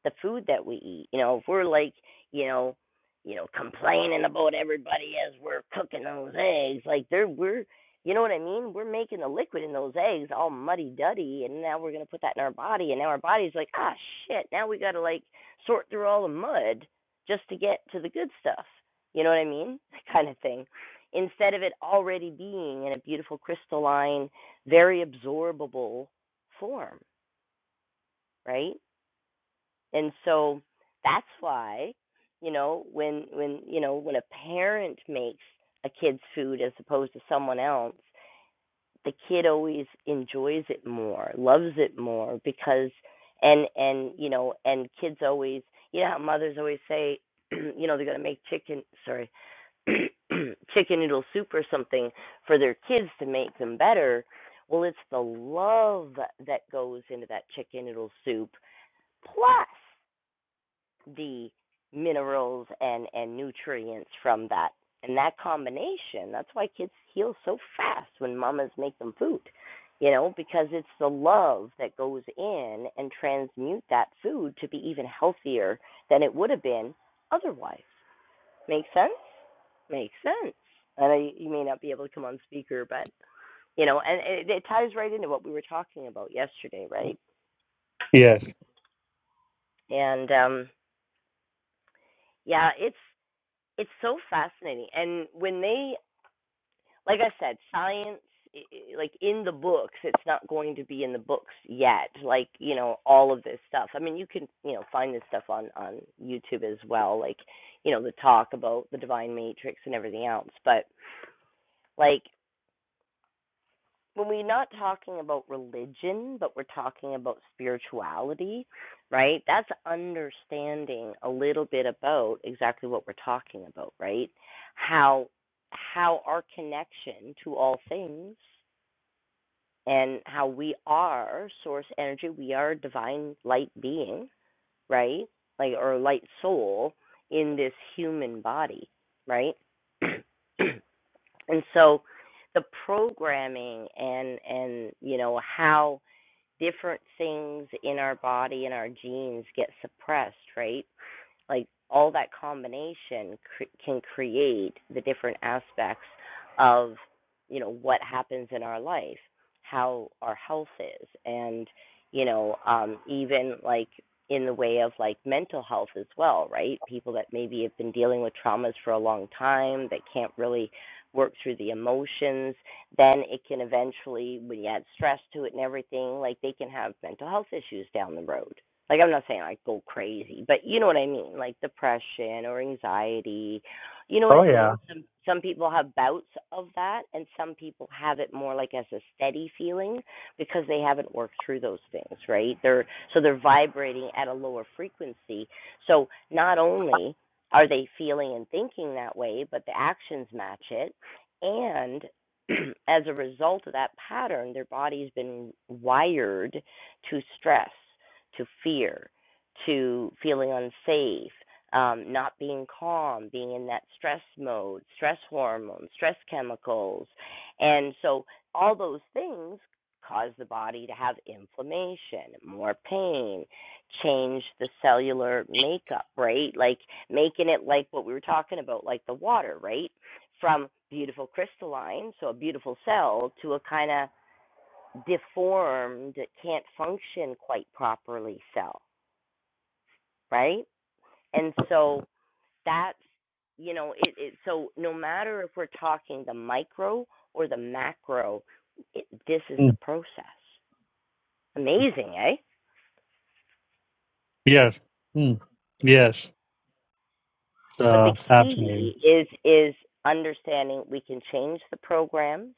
the food that we eat. You know, if we're like, you know, you know, complaining about everybody as we're cooking those eggs, like they're we're you know what I mean? We're making the liquid in those eggs all muddy duddy and now we're gonna put that in our body and now our body's like, ah shit, now we gotta like sort through all the mud just to get to the good stuff. You know what I mean? (laughs) That kind of thing. Instead of it already being in a beautiful crystalline, very absorbable form, right? and so that's why you know when when you know when a parent makes a kid's food as opposed to someone else the kid always enjoys it more loves it more because and and you know and kids always you know mothers always say (clears throat) you know they're going to make chicken sorry (clears throat) chicken noodle soup or something for their kids to make them better well it's the love that goes into that chicken noodle soup plus the minerals and and nutrients from that and that combination that's why kids heal so fast when mamas make them food you know because it's the love that goes in and transmute that food to be even healthier than it would have been otherwise make sense makes sense and I, you may not be able to come on speaker but you know and it, it ties right into what we were talking about yesterday right
Yes.
and um yeah it's it's so fascinating and when they like I said, science, i- i- like in the books, it's not going to be in the books yet. Like you know, all of this stuff. I mean, you can you know find this stuff on on YouTube as well. Like you know, the talk about the divine matrix and everything else. But like when we're not talking about religion, but we're talking about spirituality, right? That's understanding a little bit about exactly what we're talking about, right? How how our connection to all things and how we are source energy. We are a divine light being, right? Like, or light soul in this human body, right? (clears throat) and so the programming and, and, you know, how different things in our body and our genes get suppressed, right? like all that combination cr- can create the different aspects of you know what happens in our life how our health is and you know um even like in the way of like mental health as well right people that maybe have been dealing with traumas for a long time that can't really work through the emotions then it can eventually when you add stress to it and everything like they can have mental health issues down the road like I'm not saying like go crazy, but you know what I mean, like depression or anxiety. You know what
Oh
I
yeah.
mean? Some some people have bouts of that and some people have it more like as a steady feeling because they haven't worked through those things, right? They're so they're vibrating at a lower frequency. So not only are they feeling and thinking that way, but the actions match it and (clears throat) as a result of that pattern, their body's been wired to stress to fear, to feeling unsafe, um, not being calm, being in that stress mode, stress hormones, stress chemicals. And so all those things cause the body to have inflammation, more pain, change the cellular makeup, right? Like making it like what we were talking about, like the water, right? From beautiful crystalline, so a beautiful cell, to a kind of deformed can't function quite properly cell right and so that's you know it, it so no matter if we're talking the micro or the macro it, this is the
Mm.
process amazing eh
Yes. Mm. Yes.
but
Uh,
the
fascinating.
key is is understanding we can change the programs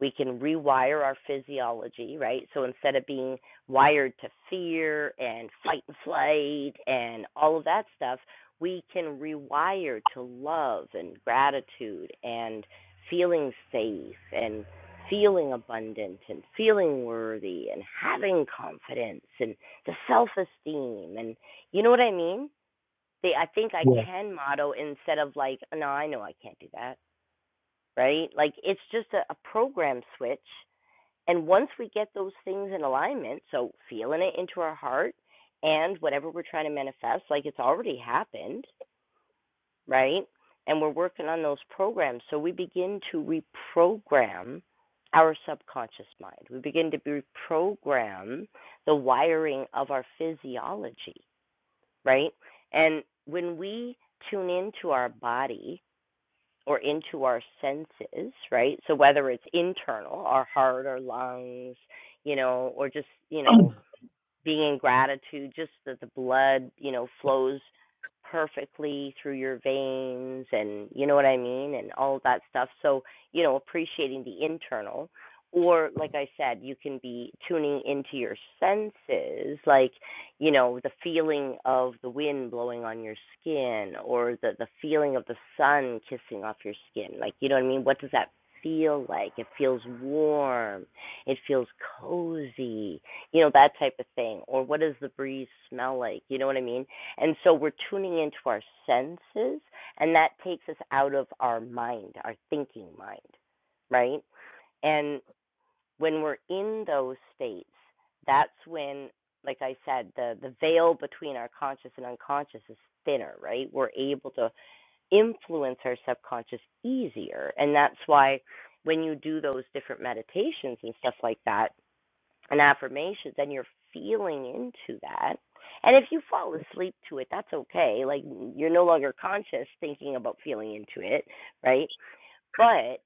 we can rewire our physiology, right? So instead of being wired to fear and fight and flight and all of that stuff, we can rewire to love and gratitude and feeling safe and feeling abundant and feeling worthy and having confidence and the self esteem and you know what I mean? They I think I
Yes.
can motto instead of like, no, I know I can't do that right? Like it's just a, a program switch and once we get those things in alignment, so feeling it into our heart and whatever we're trying to manifest, like it's already happened, right? And we're working on those programs. So we begin to reprogram our subconscious mind. We begin to reprogram the wiring of our physiology, right? And when we tune into our body or into our senses, right? So whether it's internal, our heart, our lungs, you know, or just, you know, being in gratitude, just that the blood, you know, flows perfectly through your veins and you know what I mean and all of that stuff. So, you know, appreciating the internal or like I said, you can be tuning into your senses, like, you know, the feeling of the wind blowing on your skin or the the feeling of the sun kissing off your skin. Like, you know what I mean? What does that feel like? It feels warm. It feels cozy you know that type of thing or what does the breeze smell like you know what i mean and so we're tuning into our senses and that takes us out of our mind our thinking mind right and when we're in those states that's when like i said the the veil between our conscious and unconscious is thinner right we're able to influence our subconscious easier and that's why when you do those different meditations and stuff like that and affirmations and you're feeling into that and if you fall asleep to it that's okay like you're no longer conscious thinking about feeling into it right but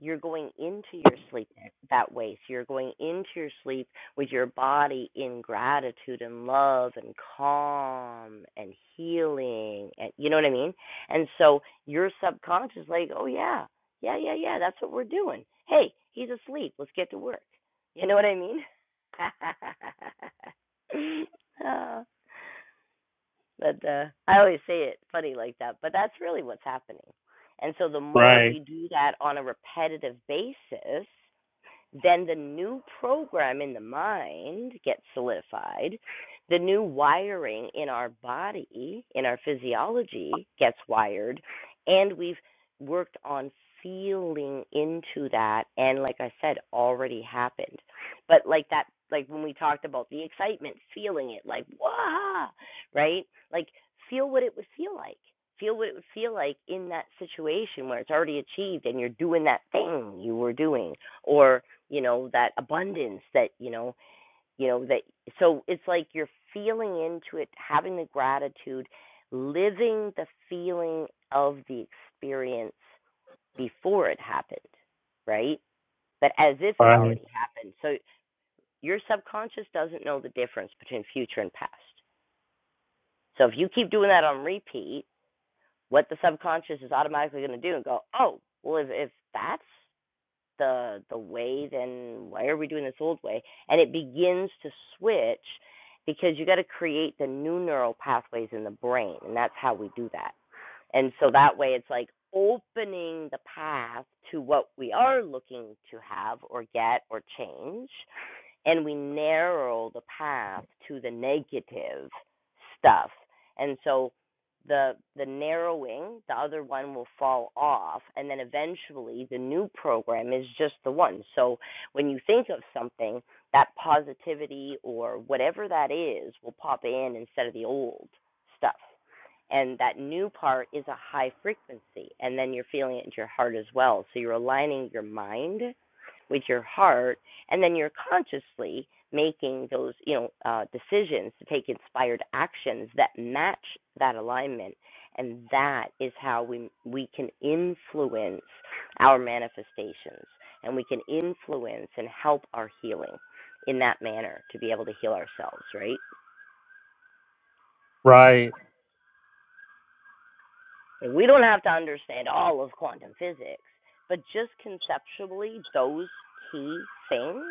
you're going into your sleep that way. So you're going into your sleep with your body in gratitude and love and calm and healing. And, you know what I mean? And so your subconscious, is like, oh, yeah, yeah, yeah, yeah, that's what we're doing. Hey, he's asleep. Let's get to work. You know what I mean? (laughs) uh, but uh, I always say it funny like that, but that's really what's happening. And so the more
Right.
we do that on a repetitive basis, then the new program in the mind gets solidified. The new wiring in our body, in our physiology, gets wired. And we've worked on feeling into that. And like I said, already happened. But like that, like when we talked about the excitement, feeling it, like, wow, right? Like, feel what it would feel like. Feel what it would feel like in that situation where it's already achieved and you're doing that thing you were doing, or you know that abundance that you know you know that so it's like you're feeling into it having the gratitude living the feeling of the experience before it happened right but as if it
Right.
already happened so your subconscious doesn't know the difference between future and past so if you keep doing that on repeat what the subconscious is automatically going to do and go oh well if, if that's the the way, then why are we doing this old way? And it begins to switch because you got to create the new neural pathways in the brain, and that's how we do that. And so that way, it's like opening the path to what we are looking to have or get or change and we narrow the path to the negative stuff. And so the the narrowing, the other one will fall off, and then eventually the new program is just the one. So when you think of something, that positivity or whatever that is will pop in instead of the old stuff and that new part is a high frequency and then you're feeling it in your heart as well so you're aligning your mind with your heart and then you're consciously making those you know uh, decisions to take inspired actions that match that alignment and that is how we we can influence our manifestations and we can influence and help our healing in that manner to be able to heal ourselves right
Right.
And we don't have to understand all of quantum physics, but just conceptually, those key things,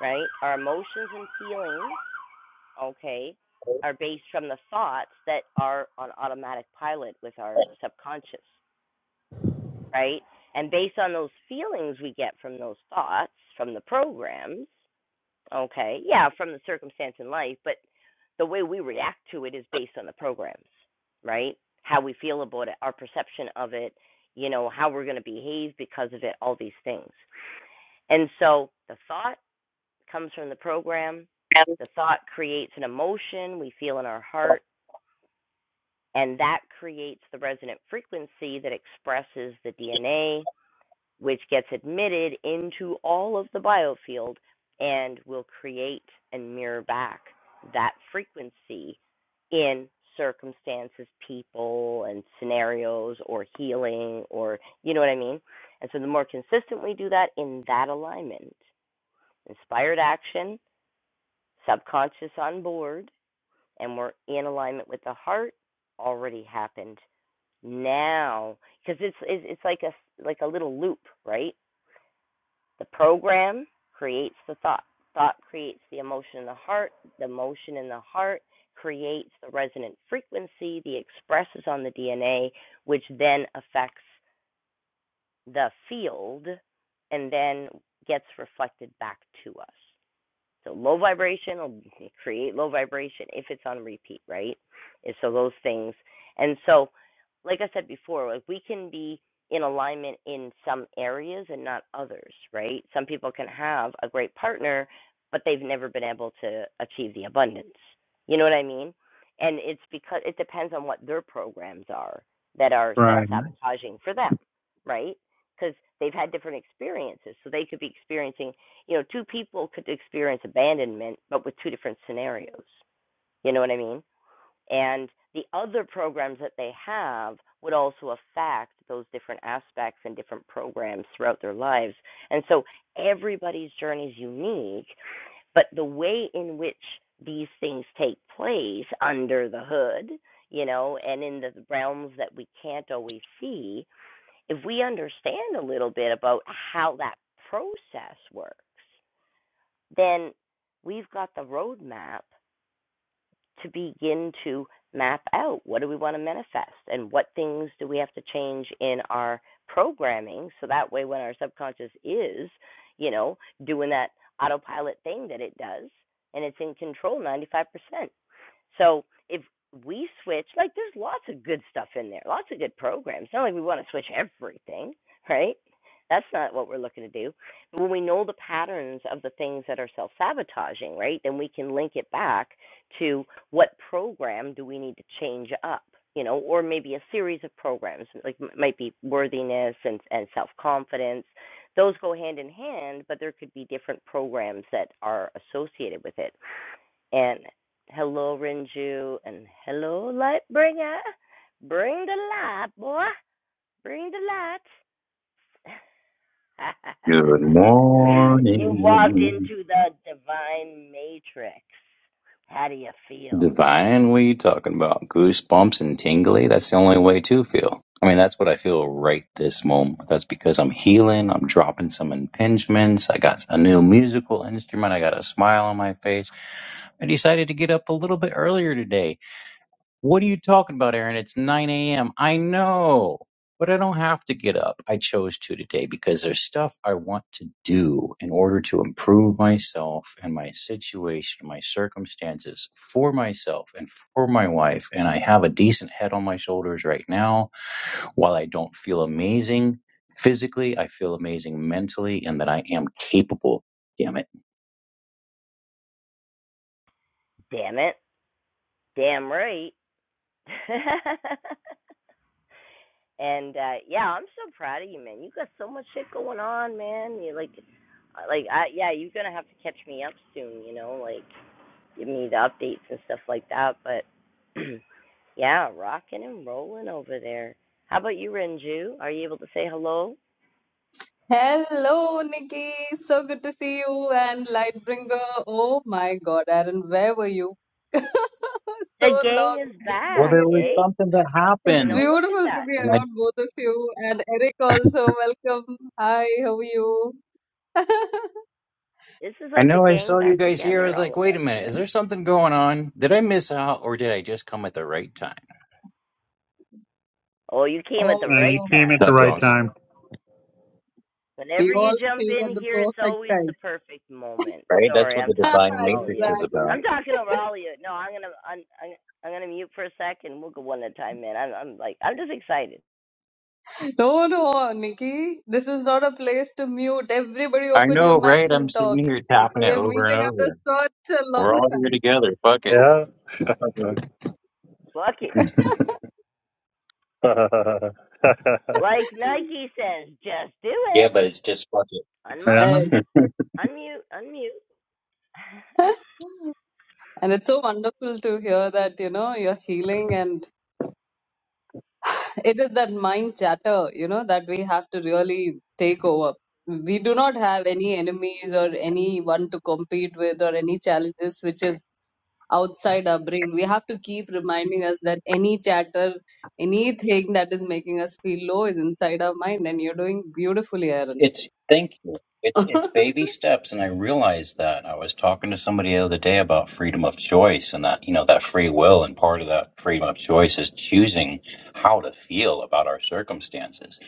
right? Our emotions and feelings, okay, are based from the thoughts that are on automatic pilot with our subconscious, right? And based on those feelings we get from those thoughts, from the programs, Okay. Yeah, from the circumstance in life, but the way we react to it is based on the programs, right? How we feel about it, our perception of it, you know, how we're going to behave because of it, all these things. And so the thought comes from the program. The thought creates an emotion we feel in our heart, and that creates the resonant frequency that expresses the DNA which gets admitted into all of the biofield and will create and mirror back that frequency in circumstances, people, and scenarios, or healing, or you know what I mean? And so the more consistent we do that in that alignment, inspired action, subconscious on board, and we're in alignment with the heart, already happened now because it's, it's it's like a like a little loop right the program creates the thought. Thought creates the emotion in the heart. The emotion in the heart creates the resonant frequency the expresses on the DNA, which then affects the field and then gets reflected back to us. So low vibration will create low vibration if it's on repeat, right? And so those things. And so, like I said before, like we can be in alignment in some areas and not others, right? Some people can have a great partner, but they've never been able to achieve the abundance. You know what I mean? And it's because it depends on what their programs are that are self
Right.
sabotaging for them, right? Because they've had different experiences. So they could be experiencing you know, two people could experience abandonment, but with two different scenarios. You know what I mean? And the other programs that they have would also affect those different aspects and different programs throughout their lives. And so everybody's journey is unique, but the way in which these things take place under the hood, you know, and in the realms that we can't always see, if we understand a little bit about how that process works, then we've got the roadmap to begin to map out what do we want to manifest and what things do we have to change in our programming so that way when our subconscious is you know doing that autopilot thing that it does and it's in control 95% so if we switch, like there's lots of good stuff in there, lots of good programs. It's not like we want to switch everything, right? That's not what we're looking to do. But when we know the patterns of the things that are self sabotaging, right, then we can link it back to what program do we need to change up, you know, or maybe a series of programs, like m- might be worthiness and, and self confidence. Those go hand in hand, but there could be different programs that are associated with it. And hello, Renju, and hello, Lightbringer. Bring the light, boy. Bring the light.
Good
(laughs) you walked
morning.
into the divine matrix. How do you feel?
Divine, what are you talking about? Goosebumps and tingly? That's the only way to feel. I mean, that's what I feel right this moment. That's because I'm healing. I'm dropping some impingements. I got a new musical instrument. I got a smile on my face. I decided to get up a little bit earlier today What are you talking about, Aaron? It's 9 a.m. I know, but I don't have to get up. I chose to today because there's stuff I want to do in order to improve myself and my situation, my circumstances for myself and for my wife. And I have a decent head on my shoulders right now. While I don't feel amazing physically, I feel amazing mentally and that I am capable. Damn it.
Damn it. Damn right. (laughs) and uh yeah, I'm so proud of you, man. You got so much shit going on, man. You like uh, like I yeah, you're gonna have to catch me up soon, you know, like give me the updates and stuff like that. But (clears throat) yeah, rocking and rolling over there. How about you, Renju? Are you able to say hello?
Hello, Nikki. So good to see you and Lightbringer. Oh my God, Aaron, where were you? (laughs) So
The
long
gang is
didn't
Well,
back,
there was
you.
eh?
something that
It's
You
happened.
know, look at
beautiful to
that.
be
and I.
around both of you and Eric also. Welcome. Hi, how are you? (laughs)
This is
I
like the
know I
gang
saw you
back
guys here. I
together,
was
all
like,
of
wait
us,
a minute, is
man.
there something going on? Did I miss out or did I just come at the right time?
Oh, you came at the
Uh,
right
you
Oh,
came at
time.
the
That's
right
awesome.
time.
we
Whenever you
all
jump
came at
in
the
here, it's
perfect
always the
time.
perfect moment.
Right? That's
Sorry,
what
I'm
the
talking
divine
(laughs)
over all of
matrix
you.
is about.
I'm
Exactly.
talking over all of you. No, I'm gonna I'm I'm, I'm gonna mute for a second. We'll go one at a time, man. I'm I'm like I'm just excited.
No, no, Nikki. This is not a place to mute. Everybody
I
open your
know,
mics
right? I'm
and
sitting
talk.
here tapping
We
it
are
over and
meeting after
over.
such a
We're
long
all here
time.
together. Fuck it.
Yeah. (laughs) yeah.
Fuck it.
(laughs)
(laughs)
Like Nike says, just do
yeah,
it.
but it's just fuck it.
Unmute,
And,
unmute, unmute.
(laughs)
(laughs)
and it's so wonderful to hear that, you know, you're healing. And it is that mind chatter, you know, that we have to really take over. We do not have any enemies or anyone to compete with or any challenges which is outside our brain. We have to keep reminding us that any chatter, anything that is making us feel low is inside our mind. And you're doing beautifully, Aaron.
It's thank you. It's it's
(laughs)
baby steps, and I realized that. I was talking to somebody the other day about freedom of choice and that, you know, that free will and part of that freedom of choice is choosing how to feel about our circumstances.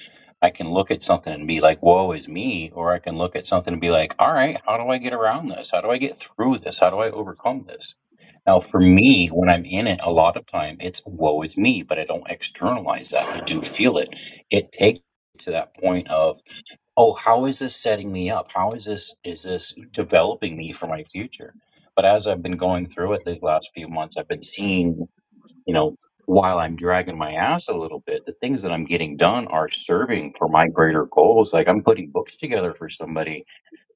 I can look at something and be like, woe is me, or I can look at something and be like, all right, how do I get around this? How do I get through this? How do I overcome this? Now, for me, when I'm in it, a lot of time it's woe is me, but I don't externalize that. I do feel it. It takes to that point of oh how is this setting me up how is this is this developing me for my future but as i've been going through it these last few months i've been seeing you know while i'm dragging my ass a little bit the things that i'm getting done are serving for my greater goals like i'm putting books together for somebody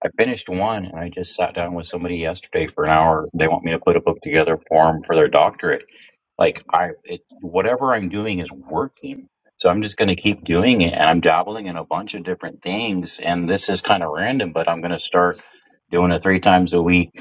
i finished one and i just sat down with somebody yesterday for an hour they want me to put a book together for them for their doctorate like I it, whatever I'm doing is working. So I'm just going to keep doing it, and I'm dabbling in a bunch of different things. And this is kind of random, but I'm going to start doing it three times a week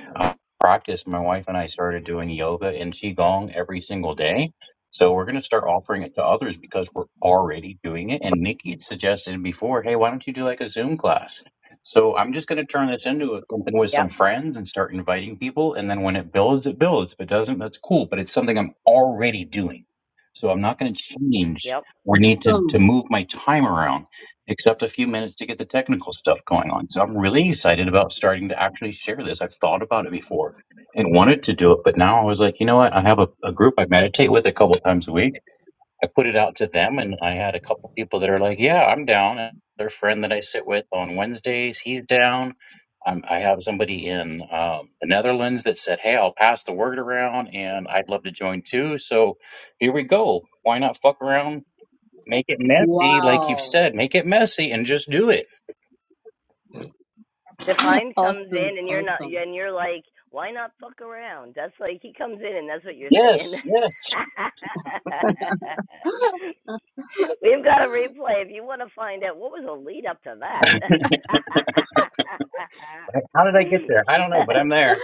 practice, my wife and I started doing yoga and qigong every single day. So we're going to start offering it to others because we're already doing it. And Nikki had suggested before, hey, why don't you do like a Zoom class? So I'm just going to turn this into something with some
yep,
friends and start inviting people. And then when it builds, it builds. If it doesn't, that's cool. But it's something I'm already doing. So I'm not going to change
yep.
or need to, to
Awesome.
move my time around except a few minutes to get the technical stuff going on. So I'm really excited about starting to actually share this. I've thought about it before and wanted to do it, but now I was like, you know what? I have a, a group I meditate with a couple times a week. I put it out to them, and I had a couple people that are like, yeah, I'm down. Another friend that I sit with on Wednesdays, he's down. Um, I have somebody in um, the Netherlands that said, hey, I'll pass the word around and I'd love to join too. So here we go. Why not fuck around? Make it messy, like you've
Wow.
said. Make it messy and just do it.
Define comes
Awesome.
in, and you're not,
Awesome.
and you're like, why not fuck around? That's like he comes in, and that's what you're saying.
Yes,
(laughs)
yes.
(laughs)
(laughs)
We've got a replay if you want to find out what was the lead up to
(laughs) How did I get there? I don't know,
that.
but
(laughs)
I'm there.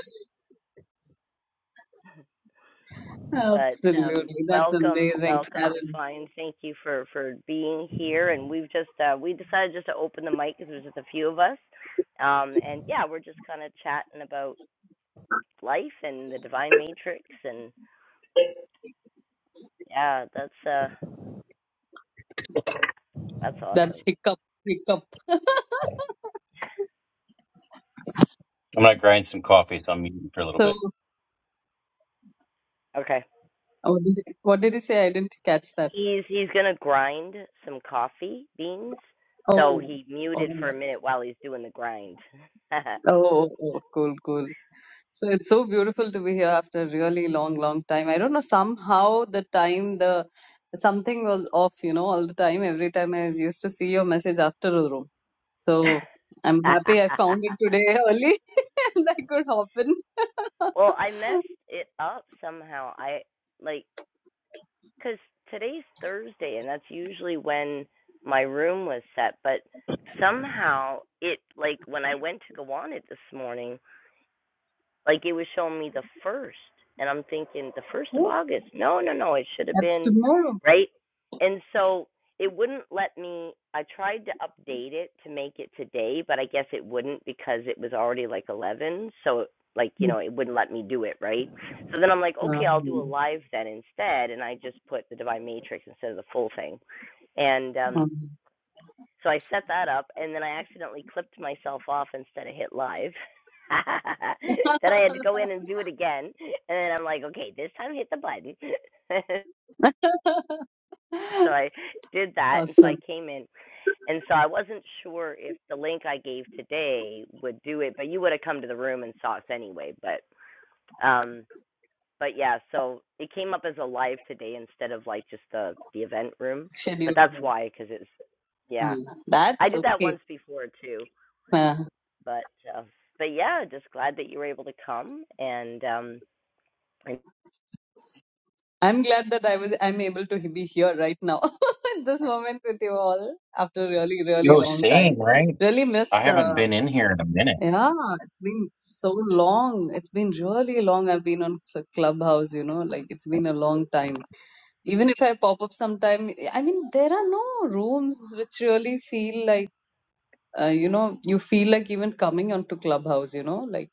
But um,
Absolutely. That's
welcome,
amazing,
welcome,
Aaron.
Define. Thank you for for being here. And we've just uh, we decided just to open the mic because there's just a few of us. Um, and yeah, we're just kind of chatting about life and the Divine Matrix. And yeah, that's uh, that's
That's
awesome.
hiccup, hiccup.
I'm gonna grind some coffee, so I'm muting for a little
So,
bit.
Okay,
what did, what did you say? I didn't catch that.
he's he's gonna grind some coffee beans. So
Oh,
he
all
muted for a
right.
minute while he's doing the grind. (laughs)
Oh, oh, oh, cool, cool. So, it's so beautiful to be here after a really long, long time. I don't know, somehow the time, the something was off, you know, all the time. Every time I used to see your message after the room. So, I'm happy I found it today (laughs) early and I could hop in.
well, I messed it up somehow. I like Because today's Thursday, and that's usually when my room was set, but somehow it, like, when I went to go on it this morning, like it was showing me the first, and I'm thinking the first of
Oh,
August. No, no, no. It should have
That's
been
tomorrow.
right. And so it wouldn't let me. I tried to update it to make it today, but I guess it wouldn't because it was already like 11. So like you know, it wouldn't let me do it right. So then I'm like, okay, I'll do a
Mhm.
live then instead, and I just put the Divine Matrix instead of the full thing. And um
Mhm.
so I set that up, and then I accidentally clipped myself off instead of hit live. (laughs) then I had to go in and do it again, and then I'm like, okay, this time hit the button. (laughs) so I did that, and so I
Awesome.
came in, and so I wasn't sure if the link I gave today would do it, but you would have come to the room and saw us anyway. But um, but yeah, so it came up as a live today instead of like just the the event room, but
Schedule
that's
room.
why because it's
Ah,
yeah, I
That's
did that
okay.
once before too.
Ah,
but uh, but yeah, just glad that you were able to come and um and-
I'm glad that I was I'm able to be here right now (laughs) at this moment with you all after really, really
Yo,
long time.
same, right?
Really
I
missed
haven't
uh,
been in here in a minute.
yeah, it's been so long. It's been really long. I've been on s- Clubhouse, you know, like it's been a long time. Even if I pop up sometime, I mean, there are no rooms which really feel like, uh, you know, you feel like even coming onto Clubhouse, you know, like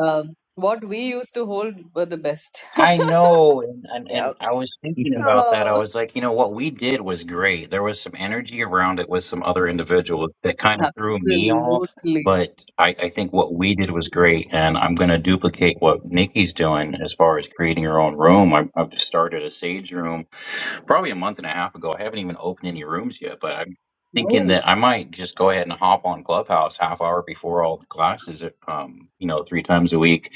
Um, what we used to hold were the best.
I
(laughs)
know, and, and and
yep,
I was thinking
(laughs)
about that.
Oh.
I was like, you know, what we did was great. There was some energy around it with some other individuals that kind of threw me off,
Absolutely.
but I, I think what we did was great, and I'm going to duplicate what Nikki's doing as far as creating her own room. I, I've just started a Sage room probably a month and a half ago. I haven't even opened any rooms yet, but I'm thinking
Oh.
that I might just go ahead and hop on Clubhouse half hour before all the classes, um, you know, three times a week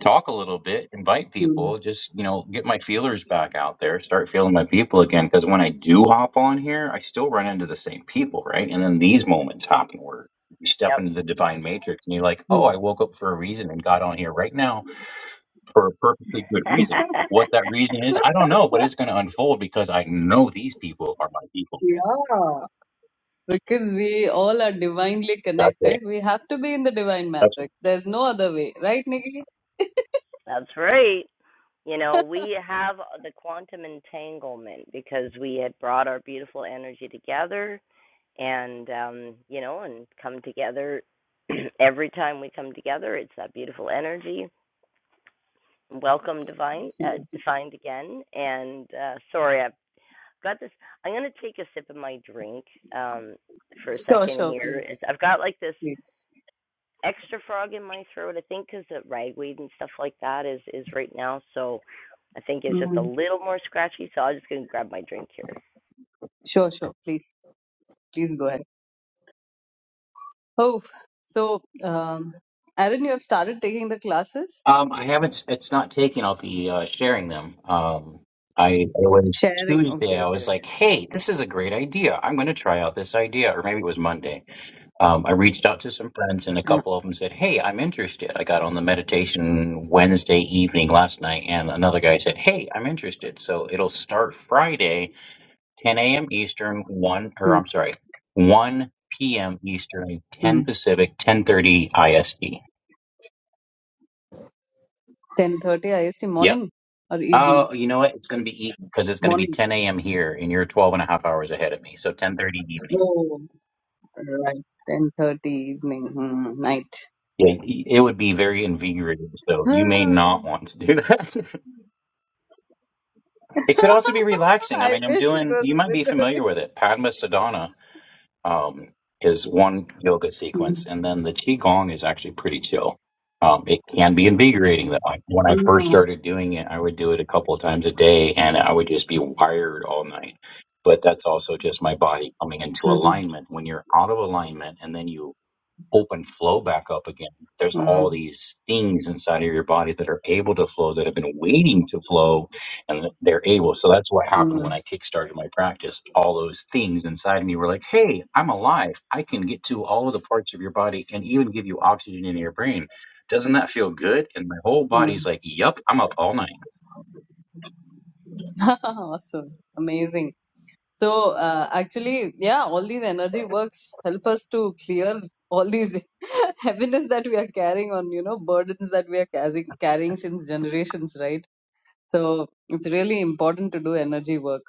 talk a little bit, invite
Hmm.
people, just, you know, get my feelers back out there, start feeling my people again. Cause when I do hop on here, I still run into the same people, right? And then these moments happen where you step
yep.
into the divine matrix and you're like, oh, I woke up for a reason and got on here right now for a perfectly good
(laughs)
reason.
(laughs)
What that reason is, I don't know, but it's going to unfold because I know these people are my people.
Yeah. Because we all are divinely
That's right.
connected. We have to be in the divine
That's
matrix. There's no other way. Right, Nikki?
That's right. You know, we have the quantum entanglement because we had brought our beautiful energy together and um, you know, and come together (clears throat) every time we come together, it's that beautiful energy. Welcome divine uh,
Absolutely.
defined again and uh, sorry I've got this. I'm gonna take a sip of my drink um, for a
Sure,
second
sure,
here.
please.
It's, I've got like this
Please.
extra frog in my throat. I think because the ragweed and stuff like that is is right now. So I think it's just a
Mm.
little more scratchy. So I'm just gonna grab my drink here.
Sure, sure, please. Please go ahead. Oh, so, um, Aaron, you have started taking the classes?
Um, I haven't. It's not taken. I'll be uh, sharing them. Um, I it was
Sharing. Okay,
Tuesday. I
okay,
was
okay.
like, "Hey, this is a great idea. I'm going to try out this idea." Or maybe it was Monday. Um, I reached out to some friends, and a
Uh,
couple of them said, "Hey, I'm interested." I got on the meditation Wednesday evening last night, and another guy said, "Hey, I'm interested." So it'll start Friday, 10 a.m. Eastern, one or
mm,
I'm sorry, 1 p.m. Eastern,
mm.
10 Pacific, 10:30 IST.
Ten thirty IST
Yep.
morning or evening?
Oh, you know what? It's going to be evening because it's going to be
Morning.
10 a.m. here, and you're 12 and a half hours ahead of me. So 10:30 evening.
Oh, right. Ten thirty evening. Hmm, night.
Yeah, it would be very invigorating. So you may
Ah.
not want to do that. (laughs) it could also be
(laughs)
relaxing. I
I
mean, I'm
wish it
doing.
was
You
a
might
bit
be
early.
familiar with it, Padma Sadhana. um, is one yoga
Hmm.
sequence, and then the qigong is actually pretty chill. Um, it can be invigorating though. Like, When I first
Ah,
started doing it, I would do it a couple of times a day, and I would just be wired all night. But that's also just my body coming into
hmm,
alignment. When you're out of alignment, and then you open flow back up again. There's
hmm,
all these things inside of your body that are able to flow that have been waiting to flow and they're able. So that's what happened
hmm,
when I kickstarted my practice. All those things inside of me were like, hey, I'm alive. I can get to all of the parts of your body and even give you oxygen in your brain. Doesn't that feel good? And my whole
hmm.
body's like, yep, I'm up all night.
(laughs) Awesome. Amazing. So, uh, actually, yeah, all these energy works help us to clear all these (laughs) heaviness that we are carrying on, you know, burdens that we are carrying, carrying since generations, right? So it's really important to do energy work.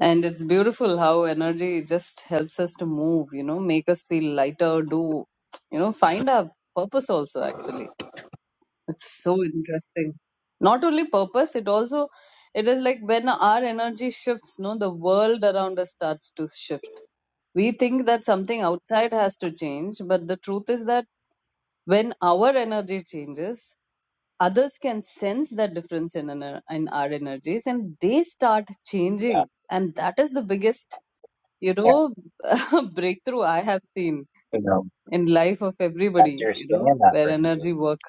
And it's beautiful how energy just helps us to move, you know, make us feel lighter, do, you know, find our purpose also, actually. It's so interesting. Not only purpose, it also, it is like when our energy shifts, no, the world around us starts to shift. We think that something outside has to change, but the truth is that when our energy changes, others can sense that difference in, ener- in our energies and they start
Yeah,
changing and that is the biggest you
yeah.
know (laughs) breakthrough i have seen
You know,
in life of
as
everybody
you're
you know
saying that,
where
Brandon.
energy work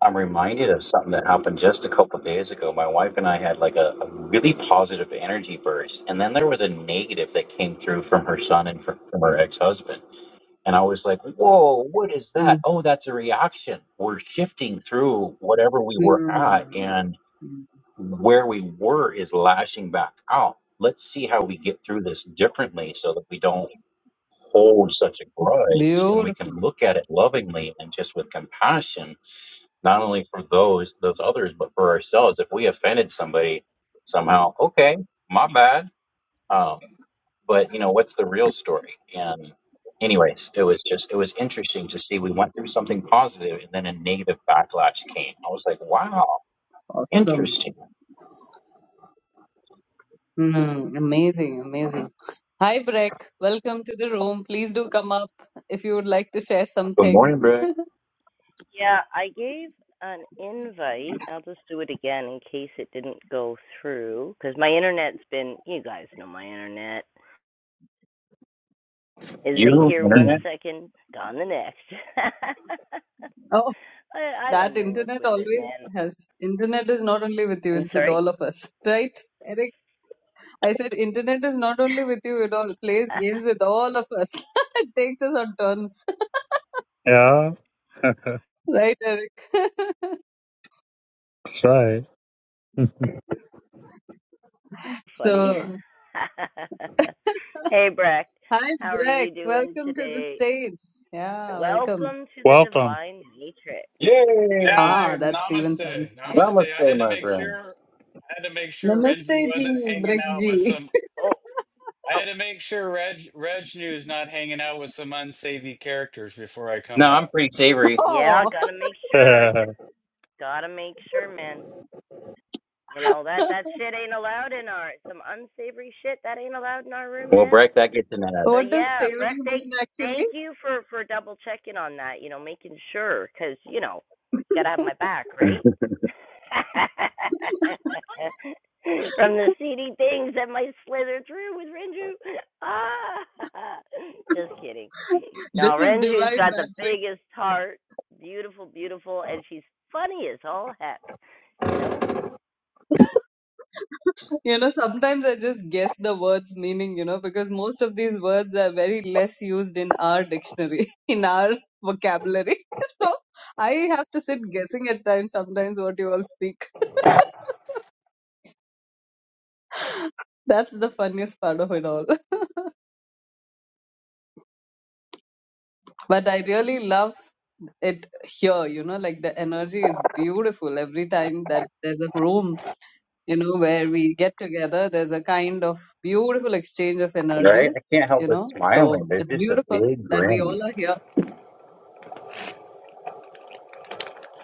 I'm reminded of something that happened just a couple days ago. My wife and I had like a, a really positive energy burst, and then there was a negative that came through from her son and from, from her ex-husband. And I was like, "Whoa, what is
mm
that? Oh, that's a reaction. We're shifting through whatever we were at,
Mm.
and where we were is lashing back out. Let's see how we get through this differently, so that we don't." hold such a grudge and we can
beautiful
look at it lovingly and just with compassion not only for those those others, but for ourselves. If we offended somebody somehow, okay, my bad. Um, but you know, what's the real story? And anyways, it was just it was interesting to see. We went through something positive, and then a negative backlash came. I was like, wow,
awesome
interesting.
mm amazing amazing hi breck welcome to the room please do come up if you would like to share
Good
something
morning, Brick.
Yeah, I gave an invite. I'll just do it again in case it didn't go through because my internet's been. You guys know my internet is like
You
here one
internet?
second, gone the next. (laughs) I, I
That
don't know what's
internet
with it,
always
man.
has. Internet is not only with you,
I'm
it's with
sorry.
all of us. (laughs) Right, Eric? I said internet is not only with you, it all plays
(laughs)
games with all of us. (laughs) it takes us on turns. (laughs)
yeah. (laughs) That's
Right, Eric? (laughs)
right. (laughs)
Funny.
so,
(laughs) hey, Breck.
hi,
How are
Greg.
you doing
Welcome to the
today?
stage. Yeah, welcome.
Welcome to the
Welcome.
Divine Matrix.
Yay!
Yeah,
Ah, that's even sounds
namaste,
better.
namaste. I
Namaste,
had to
my
make
friend.
sure I had to make sure
Namaste,
Renji
ji,
wasn't hanging
Greg
out with
ji.
some.
Oh,
I
oh,
had to make sure Reg Reg is not hanging out with some unsavory characters before I come
No, I'm
up.
pretty
(laughs)
savory.
yeah.
Oh,
Gotta make sure.
(laughs)
Gotta make sure, man. You know that
(laughs)
that shit ain't allowed in our some unsavory shit that ain't allowed in our room,
Well,
man.
Breck, that gets an
So
what does
yeah,
savory
Breck, thank
mean actually?
thank you for for double checking on that. You know, making sure because you know, you gotta have my back,
ad.
right?
(laughs)
(laughs)
(laughs)
From the seedy things that might slither through with Renju. Ah, (laughs) just kidding.
This
No,
is
Renju's
divine,
got the
Patrick.
biggest heart. Beautiful, beautiful, and she's funny as all heck. You know.
(laughs) You know, sometimes I just guess the words' meaning, you know, because most of these words are very less used in our dictionary, (laughs) in our vocabulary. (laughs) So I have to sit guessing at times sometimes what you all speak. (laughs) That's the funniest part of it all. (laughs) But I really love it here, you know, like the energy is beautiful every time that there's a room you know, where we get together. There's a kind of beautiful exchange of
Right? I
energies,
can't help
you
but
know. So
smiling. There's
it's
just a
beautiful
big
that we all
grin.
are here.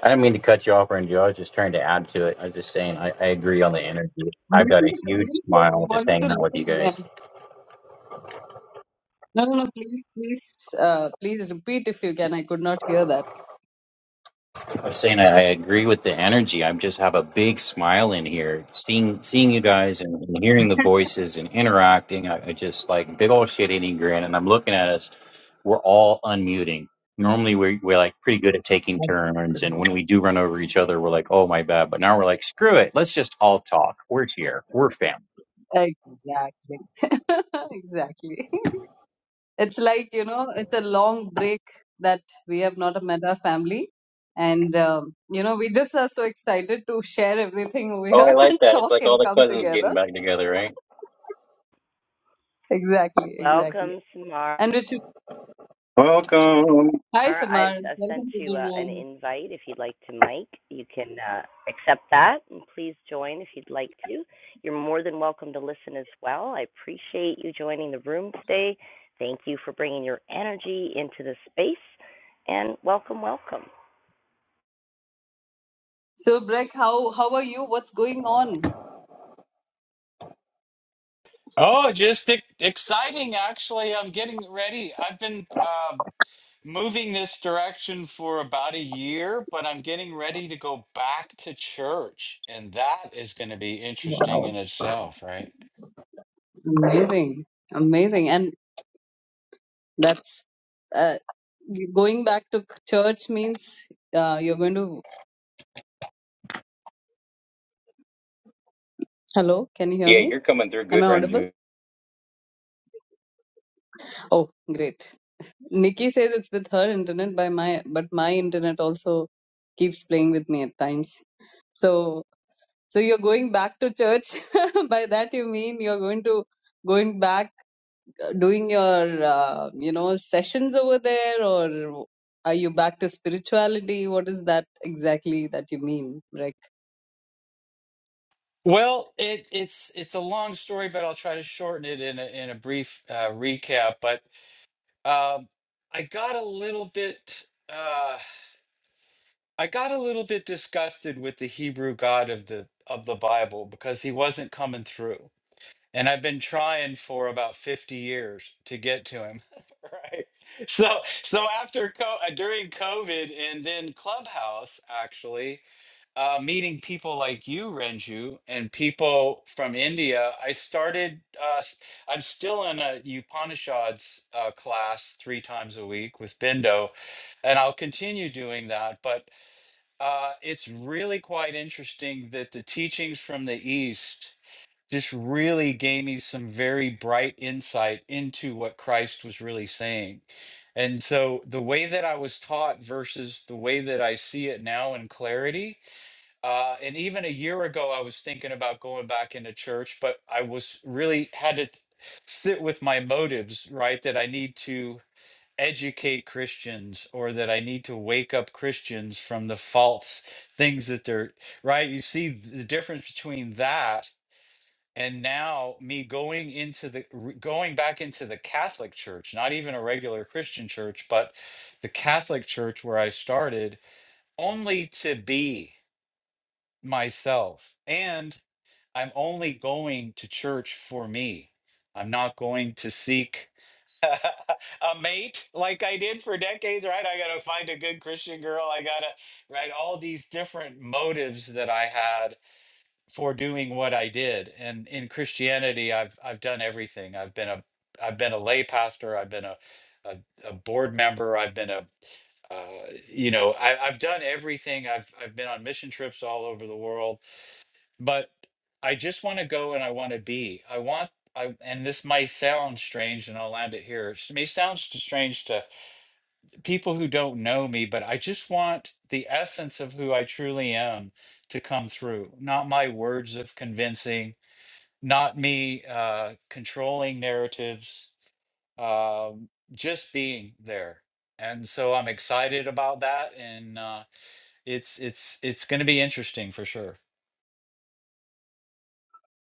I didn't mean to cut you off, Randy. I was just trying to add to it. I was just saying, I, I agree on the
Well,
energy. I've got a
Definitely,
huge
I
smile just
wanted to
hanging out with you
listen
guys.
again. No, no, no, please, please, uh, please repeat if you can. I could not hear that.
I was saying, I, I agree with the energy. I just have a big smile in here, seeing seeing you guys and, and hearing the voices and interacting. I, I just like big old shit eating grin, and I'm looking at us. We're all unmuting. Normally, we we're like pretty good at taking turns, and when
Absolutely.
we do run over each other, we're like, "Oh my bad!" But now we're like, "Screw it, let's just all talk. We're here. We're family."
Exactly. (laughs) exactly. (laughs) it's like you know it's a long break that we have not met our family and um, you know we just are so excited to share everything over
Oh, I
here (laughs)
like
and
that. It's
talk
like all
and
the
come
cousins getting
together
back together, right?
exactly exactly
welcome, Samara.
and richard
Welcome.
hi samar
I've uh, sent
welcome to
you
the
uh, an
room
invite if you'd like to, Mike. You can uh, accept that and please join if you'd like to. You're more than welcome to listen as well. I appreciate you joining the room today. Thank you for bringing your energy into the space and welcome, welcome.
so Breck, how how are you what's going on
Oh, just e- exciting! Actually, I'm getting ready. I've been uh, moving this direction for about a year, but I'm getting ready to go back to church, and that is going to be
wow
interesting in itself, right?
amazing amazing and that's uh, going back to church means uh, you're going to hello can you hear
Yeah,
me
you're coming through
am
good,
i audible
Renju.
oh great Nikki says it's with her internet by my but my internet also keeps playing with me at times. So so you're going back to church. (laughs) by that you mean you're going to going back uh, doing your uh, you know sessions over there or are you back to spirituality? What is that exactly that you mean, Rick?
Well, it, it's it's a long story, but I'll try to shorten it in a, in a brief uh, recap. But um, I got a little bit uh, I got a little bit disgusted with the Hebrew God of the of the Bible because he wasn't coming through, and I've been trying for about fifty years to get to him. (laughs) right. So so after co- uh, during COVID and then Clubhouse actually uh, meeting people like you, Renju, and people from India, I started. Uh, s- I'm still in a Upanishads uh, class three times a week with Bindo, and I'll continue doing that. But uh, it's really quite interesting that the teachings from the East just really gave me some very bright insight into what Christ was really saying. And so the way that I was taught versus the way that I see it now in clarity uh, and even a year ago, I was thinking about going back into church, but I was really had to sit with my motives, right? That I need to educate Christians or that I need to wake up Christians from the false things that they're, right? You see the difference between that and now me going into the, re- going back into the Catholic church, not even a regular Christian church, but the Catholic church where I started only to be myself and i'm only going to church for me i'm not going to seek (laughs) a mate like i did for decades right i gotta find a good christian girl i gotta right all these different motives that i had for doing what i did and in christianity i've i've done everything i've been a i've been a lay pastor i've been a a, a board member i've been a uh, you know I, i've done everything i've i've been on mission trips all over the world but I just want to go and I want to be. I want I and this might sound strange and I'll land it here. It may sound s- strange to people who don't know me, but I just want the essence of who I truly am to come through. Not my words of convincing, not me uh controlling narratives, um just being there. And so I'm excited about that and uh it's it's it's going to be interesting for sure.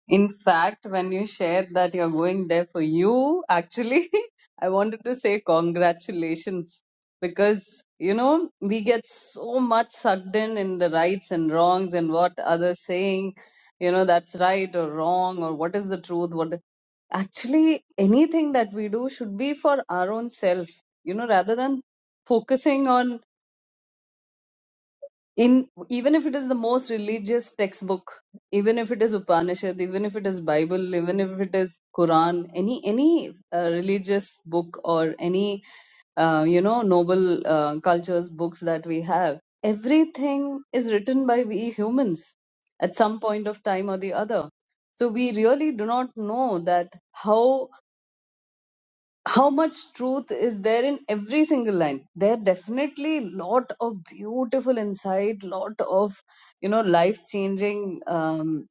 In fact, when you shared that you're going there for you, actually, (laughs) I wanted to say congratulations because, you know, we get so much sucked in in the rights and wrongs and what others saying, you know, that's right or wrong or what is the truth. What actually anything that we do should be for our own self, you know, rather than focusing on in even if it is the most religious textbook even if it is upanishad even if it is bible even if it is quran any any uh, religious book or any uh, you know noble uh, cultures books that we have everything is written by we humans at some point of time or the other so we really do not know that how how much truth is there in every single line there are definitely lot of beautiful insight lot of you know life changing um,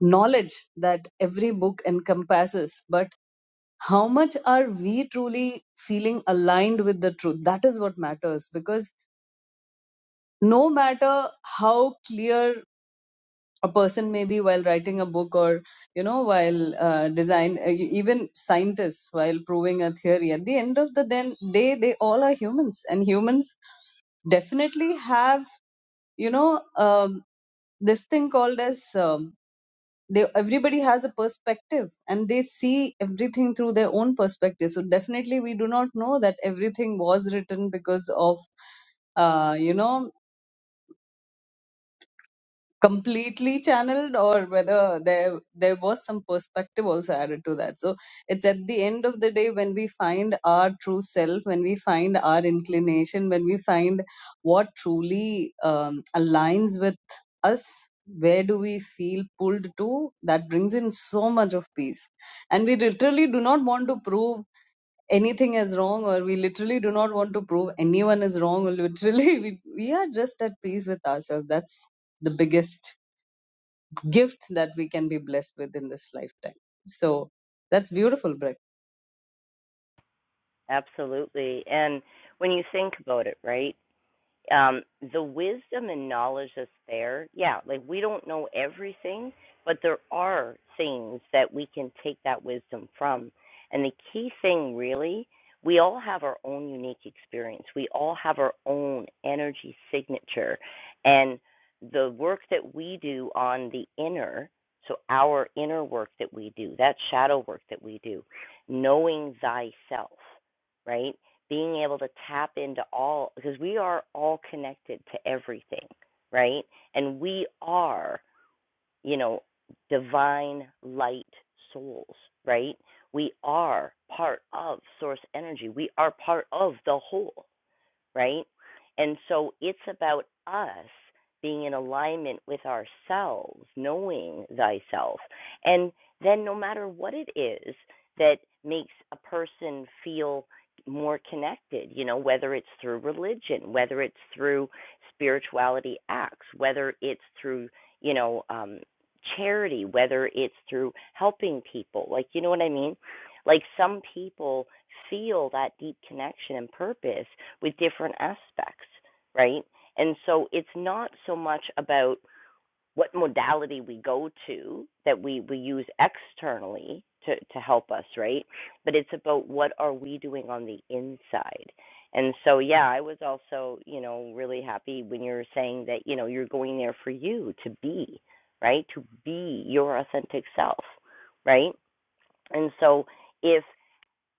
knowledge that every book encompasses but how much are we truly feeling aligned with the truth that is what matters because no matter how clear a person maybe while writing a book or you know while uh, design uh, e- even scientists while proving a theory at the end of the den- day they all are humans and humans definitely have you know um, this thing called as um, they everybody has a perspective and they see everything through their own perspective so definitely we do not know that everything was written because of uh, you know completely channeled or whether there there was some perspective also added to that so it's at the end of the day when we find our true self when we find our inclination when we find what truly um, aligns with us where do we feel pulled to that brings in so much of peace and we literally do not want to prove anything is wrong or we literally do not want to prove anyone is wrong or literally (laughs) we, we are just at peace with ourselves that's the biggest gift that we can be blessed with in this lifetime. So that's beautiful, Brett.
Absolutely. And when you think about it, right? um, the wisdom and knowledge that's there, yeah, like we don't know everything, but there are things that we can take that wisdom from. And the key thing, really, we all have our own unique experience, we all have our own energy signature. And the work that we do on the inner, so our inner work that we do, that shadow work that we do, knowing thyself, right? being able to tap into all because we are all connected to everything, right? And we are, you know, divine light souls, right? We are part of source energy. We are part of the whole right? And so it's about us being in alignment with ourselves, knowing thyself. And then no matter what it is that makes a person feel more connected, you know, whether it's through religion, whether it's through spirituality acts, whether it's through, you know, um, charity, whether it's through helping people, like, you know what I mean? Like some people feel that deep connection and purpose with different aspects, right? And so it's not so much about what modality we go to that we, we use externally to, to help us, right? But it's about what are we doing on the inside. And so, yeah, I was also, you know, really happy when you were saying that, you know, you're going there for you to be, right? To be your authentic self, right? And so, if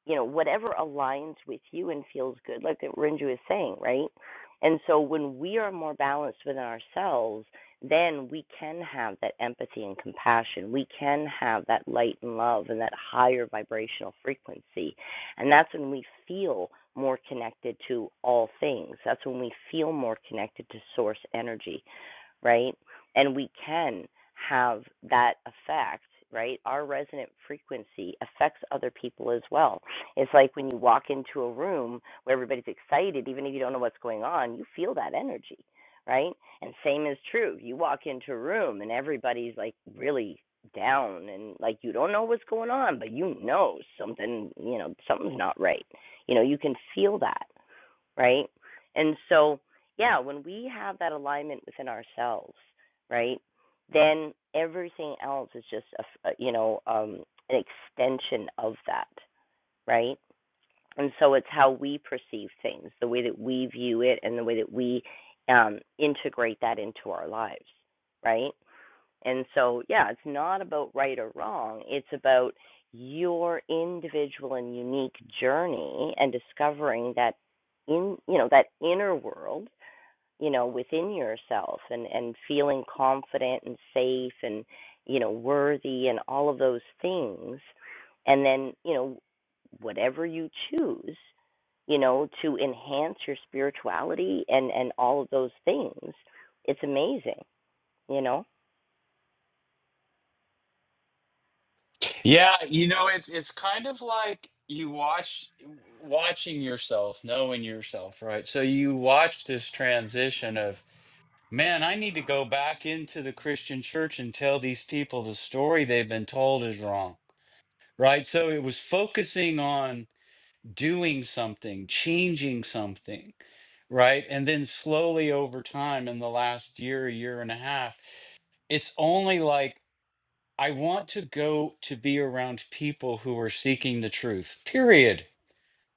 you know, whatever aligns with you and feels good, like that Renju is saying, right? And so when we are more balanced within ourselves, then we can have that empathy and compassion. We can have that light and love and that higher vibrational frequency. And that's when we feel more connected to all things. That's when we feel more connected to source energy right? And we can have that effect, right? Our resonant frequency affects other people as well. It's like when you walk into a room where everybody's excited, even if you don't know what's going on, you feel that energy, right? And same is true. You walk into a room and everybody's like really down and like you don't know what's going on, but you know something, you know, something's not right. You know, you can feel that right? And so, yeah, when we have that alignment within ourselves, right, then everything else is just a, f- a- you know um, an extension of that, right? And so it's how we perceive things, the way that we view it, and the way that we um, integrate that into our lives, right? And so, yeah, it's not about right or wrong. It's about your individual and unique journey and discovering that in, you know, that inner world, you know, within yourself and and feeling confident and safe and, you know, worthy and all of those things. And then, you know, whatever you choose, you know, to enhance your spirituality and and all of those things. It's amazing, you know.
Yeah, you know, it's it's kind of like you watch watching yourself, knowing yourself, right? So you watch this transition of, man, I need to go back into the Christian church and tell these people the story they've been told is wrong, right? So it was focusing on doing something, changing something, right? And then slowly over time in the last year, year and a half, it's only like I want to go to be around people who are seeking the truth, period.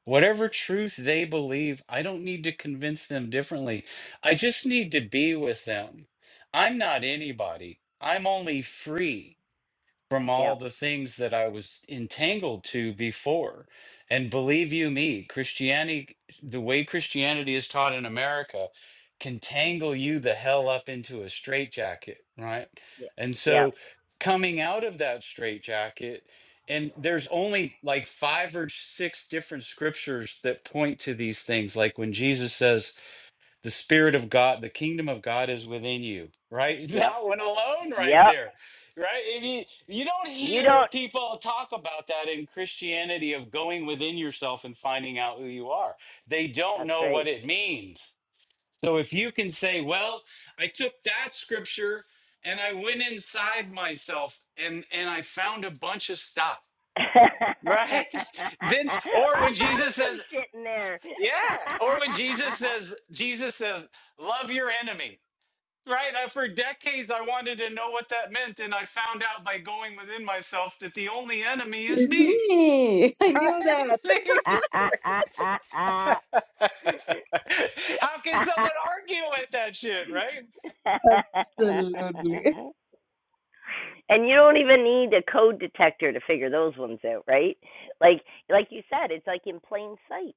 Whatever truth they believe, I don't need to convince them differently. I just need to be with them. I'm not anybody, I'm only free from
Yeah.
all the things that I was entangled to before. And believe you me, Christianity, the way Christianity is taught in America, can tangle you the hell up into a straitjacket, right?
Yeah.
And
Yep.
so coming out of that straitjacket, and there's only like five or six different scriptures that point to these things. Like when Jesus says, the spirit of god the kingdom of god is within you right (laughs)
Yep.
that one alone right
Yep.
there right if you you don't
You
hear
don't.
people talk about that in christianity of going within yourself and finding out who you are they don't
That's
know what
right.
it means so if you can say well i took that scripture and i went inside myself and and i found a bunch of stuff
(laughs) I
right (laughs) then or when
found
jesus
some
says
shit in there.
yeah or when jesus says jesus says love your enemy Right. I, for decades, I wanted to know what that meant, and I found out by going within myself that the only enemy is
It's
me. (laughs)
me. (laughs) I
Right?
knew that.
It's me. (laughs) how can someone argue with that shit, right?
(laughs) Absolutely.
(laughs) and you don't even need a code detector to figure those ones out, right? Like like you said, it's like in plain sight.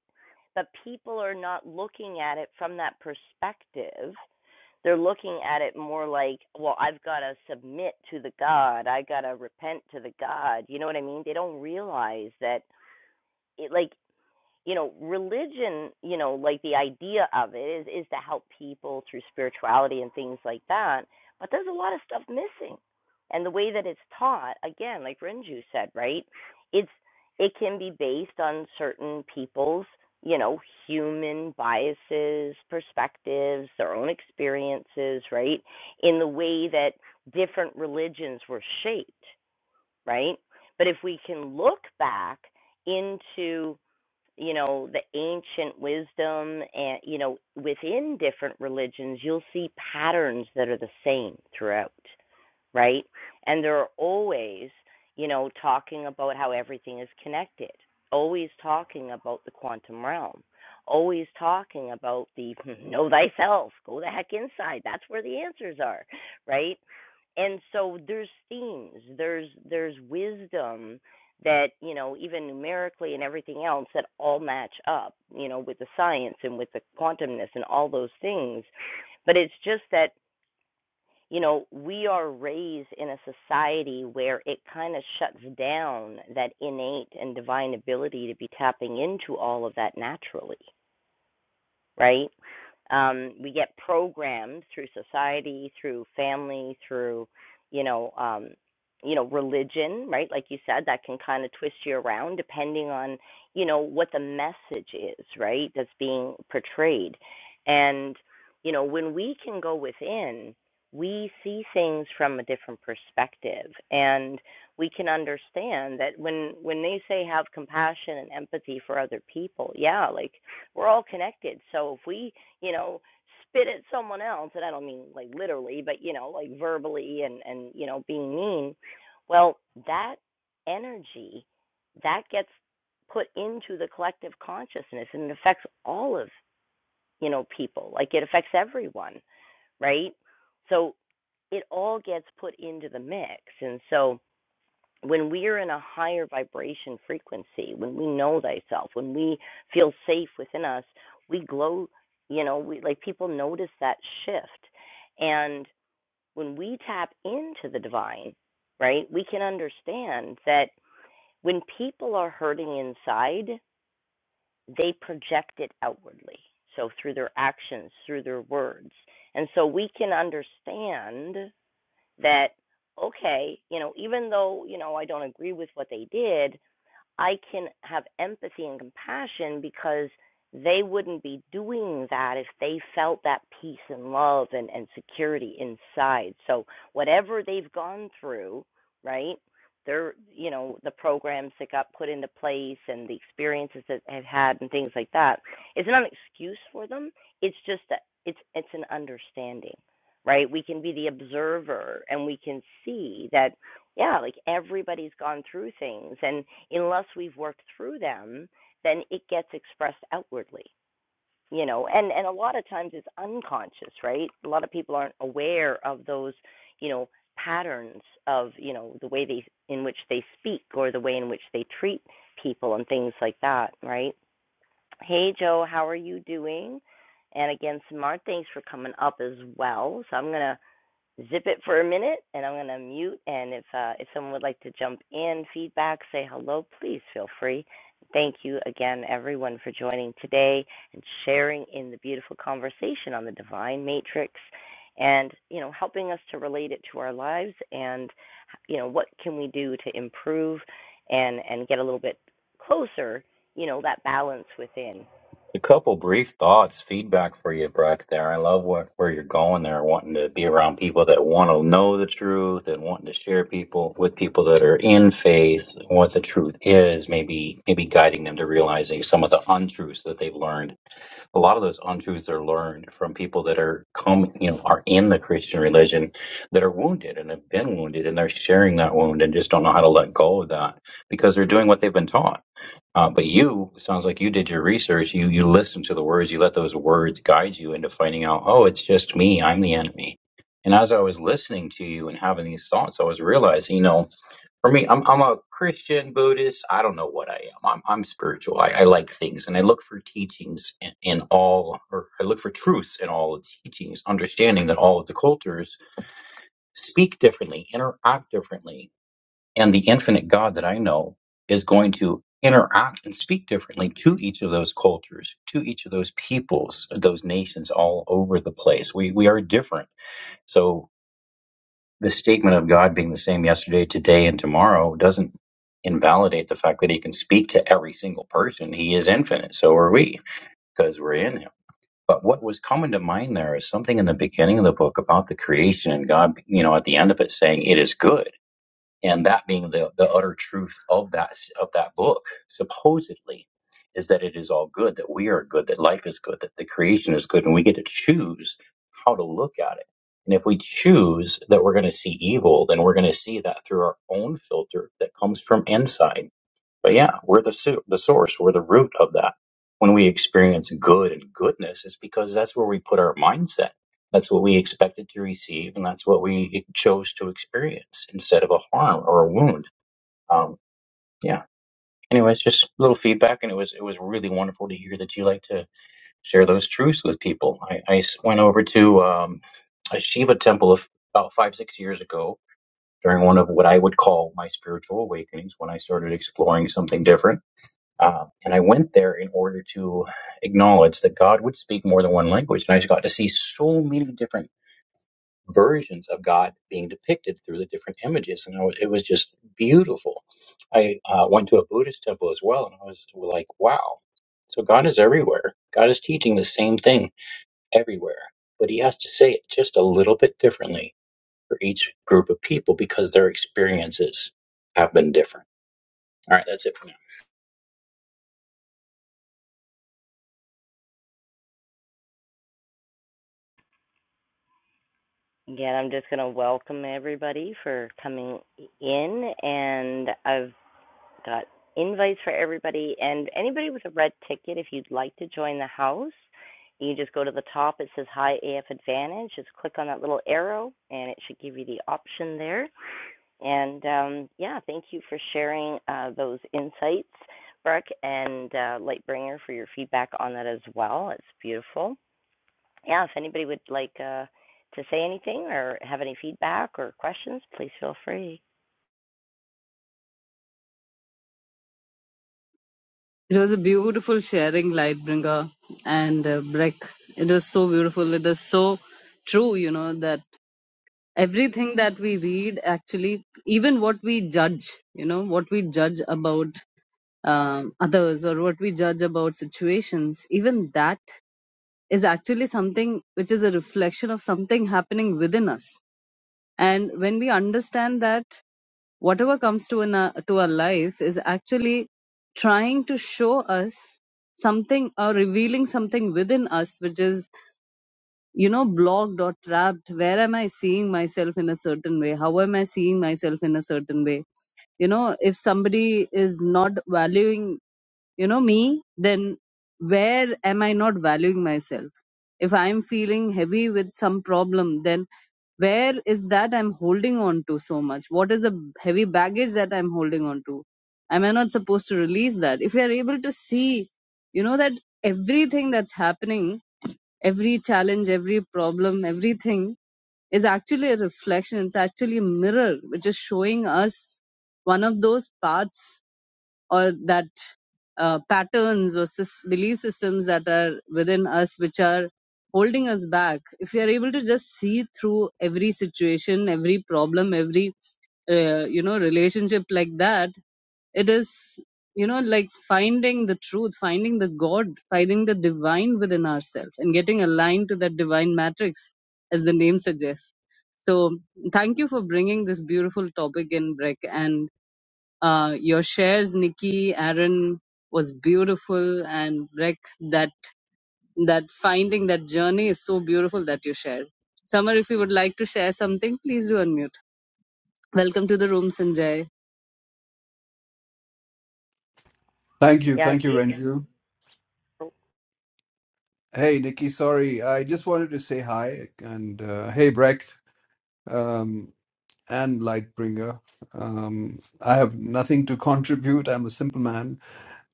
But people are not looking at it from that perspective they're looking at it more like, well, I've got to submit to the God. I got to repent to the God. You know what I mean? They don't realize that it like you know religion you know like the idea of it is is to help people through spirituality and things like that but there's a lot of stuff missing and the way that it's taught again like renju said right it's it can be based on certain people's you know human biases perspectives their own experiences right in the way that different religions were shaped right but if we can look back into you know the ancient wisdom and you know within different religions you'll see patterns that are the same throughout right? And they're always, you know, talking about how everything is connected, always talking about the quantum realm, always talking about the (laughs) know thyself, go the heck inside. That's where the answers are, right? And so there's themes, there's there's wisdom that, you know, even numerically and everything else that all match up, you know, with the science and with the quantumness and all those things. But it's just that you know, we are raised in a society where it kind of shuts down that innate and divine ability to be tapping into all of that naturally right? Um, we get programmed through society, through family, through, you know, um, you know, religion, right? Like you said, that can kind of twist you around depending on, you know, what the message is, right? That's being portrayed. And, you know, when we can go within, we see things from a different perspective and we can understand that when when they say have compassion and empathy for other people, yeah, like we're all connected. So if we, you know, spit at someone else, and I don't mean like literally, but you know, like verbally and and you know, being mean, well, that energy that gets put into the collective consciousness and it affects all of, you know, people. Like it affects everyone, right? So it all gets put into the mix. And so when we are in a higher vibration frequency, when we know thyself, when we feel safe within us, we glow, you know, we like people notice that shift. And when we tap into the divine, right, we can understand that when people are hurting inside, they project it outwardly. So through their actions, through their words. And so we can understand that okay, you know, even though, you know, I don't agree with what they did, I can have empathy and compassion because they wouldn't be doing that if they felt that peace and love and, and security inside. So whatever they've gone through, right? They're, you know, the programs that got put into place and the experiences that they've had and things like that. It's not an excuse for them. It's just that it's it's an understanding, right? We can be the observer and we can see that yeah, like everybody's gone through things, and unless we've worked through them, then it gets expressed outwardly, you know. And and a lot of times it's unconscious, right? A lot of people aren't aware of those, you know, patterns of you know the way they in which they speak or the way in which they treat people and things like that, right? Hey Joe, how are you doing? And again, Smart, thanks for coming up as well. So I'm gonna zip it for a minute, and I'm going to mute. And if uh, if someone would like to jump in, feedback, say hello, please feel free. Thank you again, everyone, for joining today and sharing in the beautiful conversation on the divine matrix, and you know, helping us to relate it to our lives, and you know, what can we do to improve and and get a little bit closer, you know, that balance within.
A couple brief thoughts, feedback for you, Breck. There, I love what, where you're going there, wanting to be around people that want to know the truth and wanting to share people with people that are in faith what the truth is. Maybe, maybe guiding them to realizing some of the untruths that they've learned a lot of those untruths are learned from people that are come you know are in the christian religion that are wounded and have been wounded and they're sharing that wound and just don't know how to let go of that because they're doing what they've been taught uh, but you it sounds like you did your research you you listened to the words you let those words guide you into finding out oh it's just me i'm the enemy and as i was listening to you and having these thoughts i was realizing you know for me, I'm I'm a Christian, Buddhist. I don't know what I am. I'm I'm spiritual. I, I like things, and I look for teachings in, in all, or I look for truths in all of teachings. Understanding that all of the cultures speak differently, interact differently, and the infinite God that I know is going to interact and speak differently to each of those cultures, to each of those peoples, those nations all over the place. We we are different. So the statement of God being the same yesterday, today, and tomorrow doesn't invalidate the fact that He can speak to every single person. He is infinite. So are we, because we're in Him. But what was coming to mind there is something in the beginning of the book about the creation and God, you know, at the end of it saying, It is good and that being the, the utter truth of that of that book supposedly is that it is all good that we are good that life is good that the creation is good and we get to choose how to look at it and if we choose that we're going to see evil then we're going to see that through our own filter that comes from inside but yeah, we're the su- the source, we're the root of that. When we experience good and goodness, it's because that's where we put our mindset. That's what we expected to receive, and that's what we chose to experience instead of a harm or a wound. Um, yeah. Anyways, just a little feedback, and it was it was really wonderful to hear that you like to share those truths with people. I, I s- went over to um, a Shiva temple of about five six years ago during one of what I would call my spiritual awakenings when I started exploring something different um, and I went there in order to acknowledge that God would speak more than one language. And I just got to see so many different versions of God being depicted through the different images. And I was, it was just beautiful. I uh, went to a Buddhist temple as well. And I was like, wow. So God is everywhere. God is teaching the same thing everywhere. But he has to say it just a little bit differently for each group of people because their experiences have been different. All right, that's it for now.
Again, I'm just going to welcome everybody for coming in, and I've got invites for everybody. And anybody with a red ticket, if you'd like to join the house, you just go to the top. It says Hi AF Advantage. Just click on that little arrow, and it should give you the option there. And um, yeah, thank you for sharing uh, those insights, Brooke and uh, Lightbringer, for your feedback on that as well. It's beautiful. Yeah, if anybody would like uh, to say anything or have any feedback or questions, please feel free.
It was a beautiful sharing, Lightbringer and uh, Breck. It was so beautiful. It is so true, you know, that everything that we read, actually, even what we judge, you know, what we judge about um, others or what we judge about situations, even that is actually something which is a reflection of something happening within us. And when we understand that whatever comes to, in our, to our life is actually trying to show us something or revealing something within us which is you know blocked or trapped where am i seeing myself in a certain way how am i seeing myself in a certain way you know if somebody is not valuing you know me then where am i not valuing myself if i'm feeling heavy with some problem then where is that i'm holding on to so much what is the heavy baggage that i'm holding on to am i not supposed to release that if you're able to see you know that everything that's happening every challenge every problem everything is actually a reflection it's actually a mirror which is showing us one of those paths or that uh, patterns or sys- belief systems that are within us which are holding us back if we are able to just see through every situation every problem every uh, you know relationship like that it is you know like finding the truth finding the god finding the divine within ourselves and getting aligned to that divine matrix as the name suggests so thank you for bringing this beautiful topic in breck and uh, your shares, Nikki, Aaron, was beautiful, and Rec, that that finding that journey is so beautiful that you shared. Summer, if you would like to share something, please do unmute. Welcome to the room, Sanjay.
Thank you.
Yeah,
Thank you,
Yep.
Renju. Hey, Nikki, sorry. I just wanted to say hi and uh, hey, Breck um, and Lightbringer. Um, I have nothing to contribute. I'm a simple man.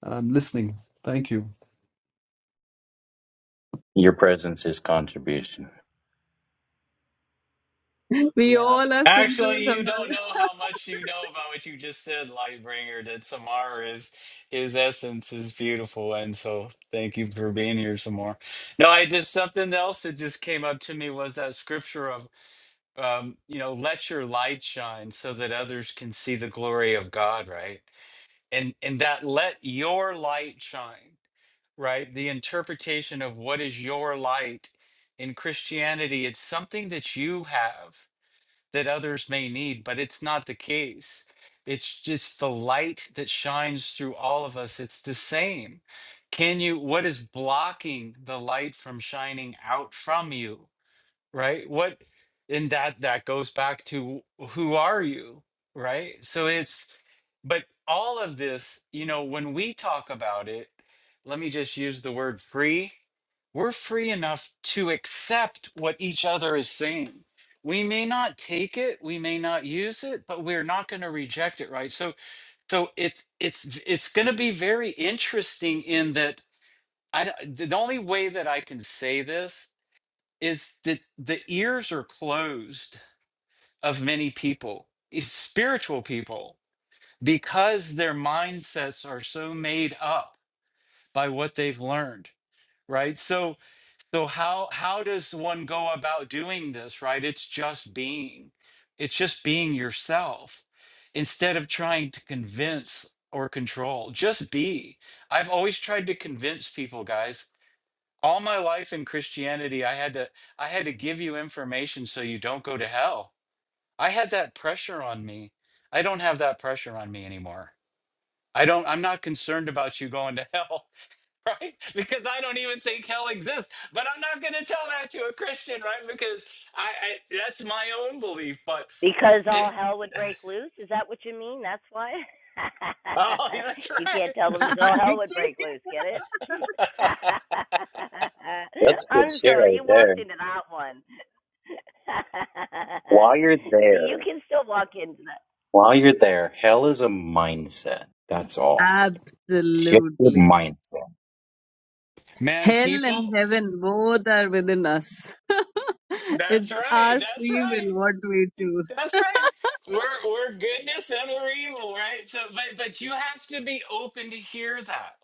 I'm listening. Thank you.
Your presence is contribution.
(laughs) We all are simple,
Actually, you don't
Summer.
know how much you know about what you just said, Lightbringer. That Samar is his essence is beautiful, and so thank you for being here, Samar. No, I just something else that just came up to me was that scripture of um, you know, let your light shine so that others can see the glory of God, right? And and that let your light shine, right? The interpretation of what is your light in Christianity, it's something that you have that others may need, but it's not the case. It's just the light that shines through all of us. It's the same. Can you, what is blocking the light from shining out from you? right? What and that that goes back to who are you, right? So it's but all of this, you know, when we talk about it, let me just use the word free. We're free enough to accept what each other is saying. We may not take it, we may not use it, but we're not going to reject it, right? So so it's it's it's going to be very interesting in that I d- the only way that I can say this is that the ears are closed of many people, is spiritual people, because their mindsets are so made up by what they've learned, right? So so how how does one go about doing this, right? It's just being. It's just being yourself instead of trying to convince or control. Just be. I've always tried to convince people, guys all my life in christianity i had to i had to give you information so you don't go to hell i had that pressure on me i don't have that pressure on me anymore i don't i'm not concerned about you going to hell (laughs) right because i don't even think hell exists but i'm not going to tell that to a christian right because i, I that's my own belief but
Because
it
all hell would break loose? Is that what you mean? That's why?
oh (laughs) yeah, that's
(laughs) you
right
can't tell them
that's
(laughs)
because all
right
hell would
Nikki.
break loose. Get it?
(laughs)
That's
(laughs)
good
I'm
shit
sorry,
right
you walked
there.
into that one. (laughs)
While you're
See, you
there,
can still walk into that.
while you're there, hell is a mindset. That's all. Shift your
Absolutely.
mindset.
man
Hell and
people
heaven both are within us. (laughs)
that's
it's
right
our
that's
free will
right
what we choose.
That's right.
(laughs)
We're we're goodness and we're evil, right? So but but you have to be open to hear that.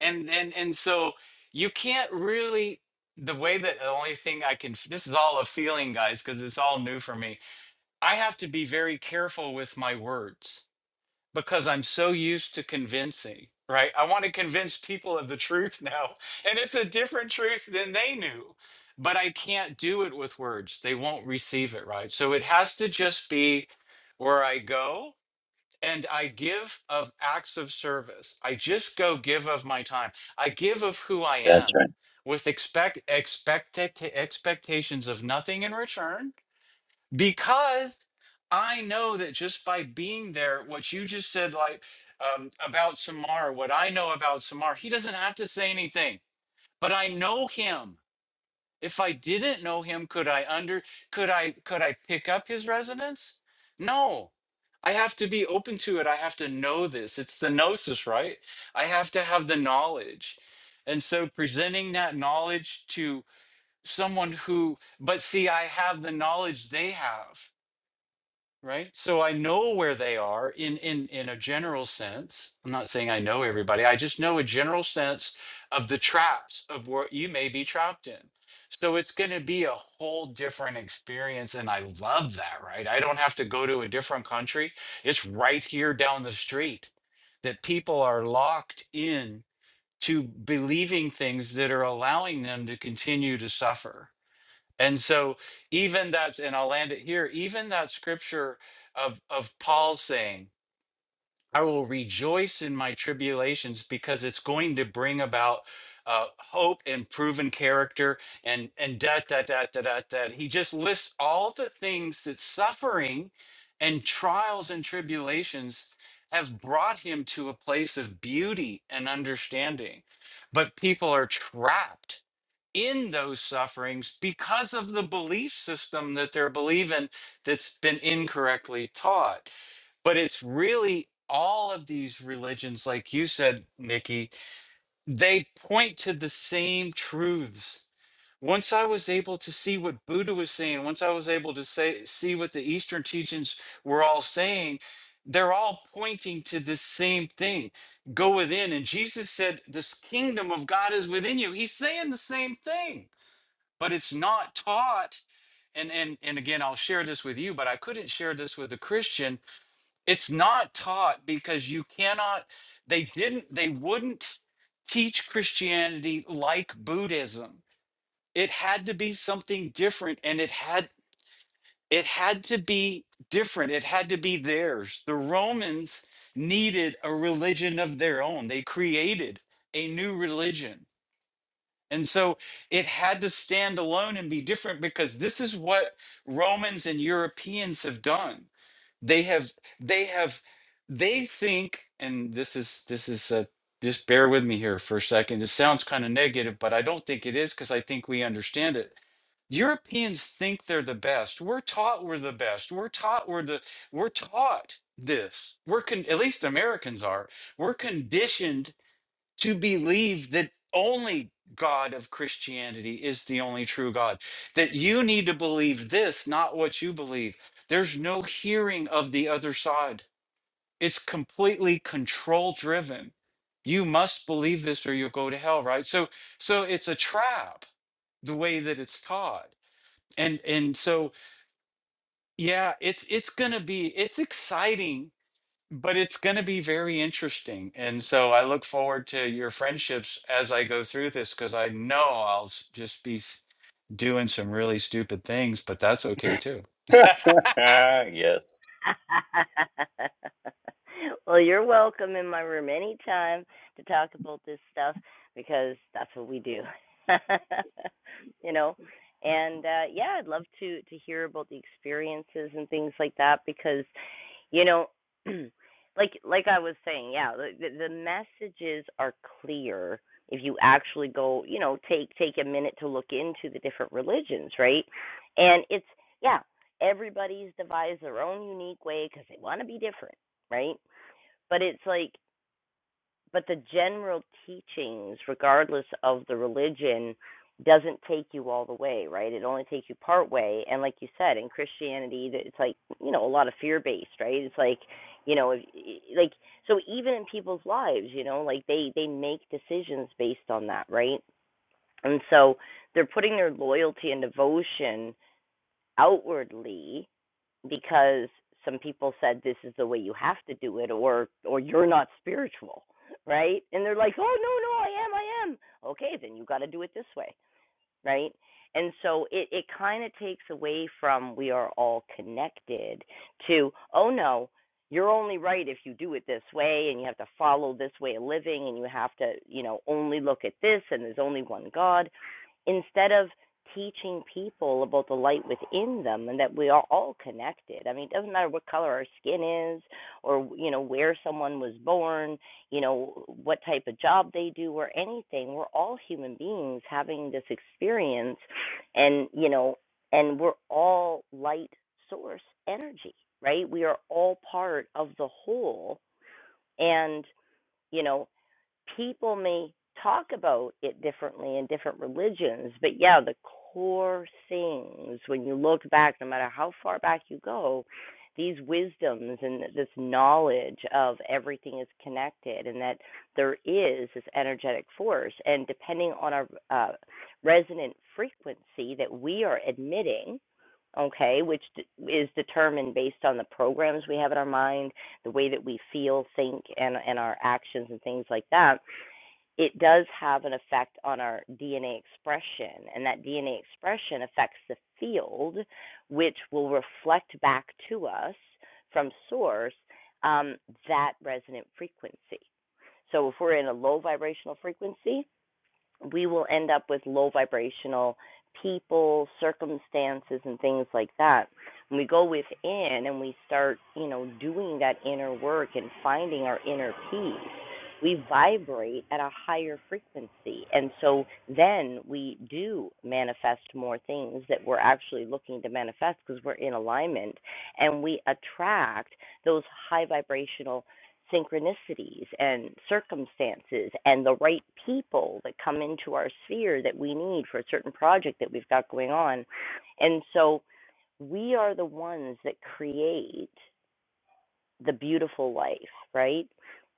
And and and so you can't really the way that the only thing I can this is all a feeling, guys, because it's all new for me. I have to be very careful with my words because I'm so used to convincing, right? I want to convince people of the truth now. (laughs) And it's a different truth than they knew, but I can't do it with words. They won't receive it, right? So it has to just be where I go and I give of acts of service. I just go give of my time. I give of who I
That's
am with expect expect expectations of nothing in return because I know that just by being there, what you just said, like um, about Samar, what I know about Samar, he doesn't have to say anything, but I know him. If I didn't know him, could I under could I could I pick up his resonance? No. I have to be open to it. I have to know this. It's the gnosis, right? I have to have the knowledge. And so presenting that knowledge to someone who, but see, I have the knowledge they have right? So I know where they are in in in a general sense. I'm not saying I know everybody. I just know a general sense of the traps of what you may be trapped in. So it's going to be a whole different experience and I love that, right? I don't have to go to a different country. It's right here down the street that people are locked in to believing things that are allowing them to continue to suffer and so even that's and I'll land it here, even that scripture of of Paul saying, I will rejoice in my tribulations because it's going to bring about uh, hope and proven character and and da da da da da da. He just lists all the things that suffering and trials and tribulations have brought him to a place of beauty and understanding. But people are trapped in those sufferings because of the belief system that they're believing that's been incorrectly taught. But it's really all of these religions, like you said, Nikki, they point to the same truths. Once I was able to see what Buddha was saying, once I was able to say, see what the Eastern teachings were all saying, they're all pointing to the same thing. Go within. And Jesus said, This kingdom of God is within you. He's saying the same thing but it's not taught and and and again I'll share this with you but I couldn't share this with a Christian it's not taught because you cannot they didn't they wouldn't teach Christianity like Buddhism it had to be something different and it had it had to be different it had to be theirs the Romans needed a religion of their own they created a new religion and so it had to stand alone and be different because this is what Romans and Europeans have done. They have they have they think and this is this is a just bear with me here for a second. This sounds kind of negative, but I don't think it is because I think we understand it. Europeans think they're the best. We're taught we're the best. We're taught we're the we're taught this. We're con- at least Americans are. We're conditioned to believe that only God of Christianity is the only true God, that you need to believe this, not what you believe. There's no hearing of the other side, it's completely control driven. You must believe this or you'll go to hell, right? So, so it's a trap the way that it's taught. And, and so, yeah, it's, it's going to be, it's exciting but it's going to be very interesting. And so I look forward to your friendships as I go through this because I know I'll s- just be s- doing some really stupid things, but that's okay too. (laughs)
right. (laughs) yes.
(laughs) well, you're welcome in my room anytime to talk about this stuff because that's what we do. (laughs) you know, and uh yeah, I'd love to to hear about the experiences and things like that because you know, (clears throat) like like I was saying, yeah, the, the messages are clear if you actually go, you know, take take a minute to look into the different religions, right? And it's yeah, everybody's devised their own unique way because they want to be different, right? But it's like but the general teachings, regardless of the religion, doesn't take you all the way, right? It only takes you part way. And like you said, in Christianity, it's like you know a lot of fear based, right? It's like you know, like so even in people's lives, you know, like they they make decisions based on that, right? And so they're putting their loyalty and devotion outwardly because some people said this is the way you have to do it or or you're not spiritual right and they're like oh no no i am i am okay then you got to do it this way right? And so it, it kind of takes away from we are all connected to, oh no, you're only right if you do it this way and you have to follow this way of living and you have to, you know, only look at this and there's only one God. Instead of teaching people about the light within them and that we are all connected. I mean, it doesn't matter what color our skin is or, you know, where someone was born you know, what type of job they do or anything. We're all human beings having this experience and, you know, and we're all light source energy, right? We are all part of the whole. And, you know people may talk about it differently in different religions, but yeah, the core things, when you look back, no matter how far back you go, these wisdoms and this knowledge of everything is connected and that there is this energetic force. And depending on our uh, resonant frequency that we are admitting, okay, which is determined based on the programs we have in our mind the way that we feel, think, and, and our actions and things like that, it does have an effect on our DNA expression. And that DNA expression affects the field, which will reflect back to us from source um, that resonant frequency. So if we're in a low vibrational frequency, we will end up with low vibrational people, circumstances, and things like that. When we go within and we start, you know, doing that inner work and finding our inner peace, we vibrate at a higher frequency. And so then we do manifest more things that we're actually looking to manifest because we're in alignment and we attract those high vibrational synchronicities and circumstances and the right people that come into our sphere that we need for a certain project that we've got going on. And so we are the ones that create the beautiful life, right?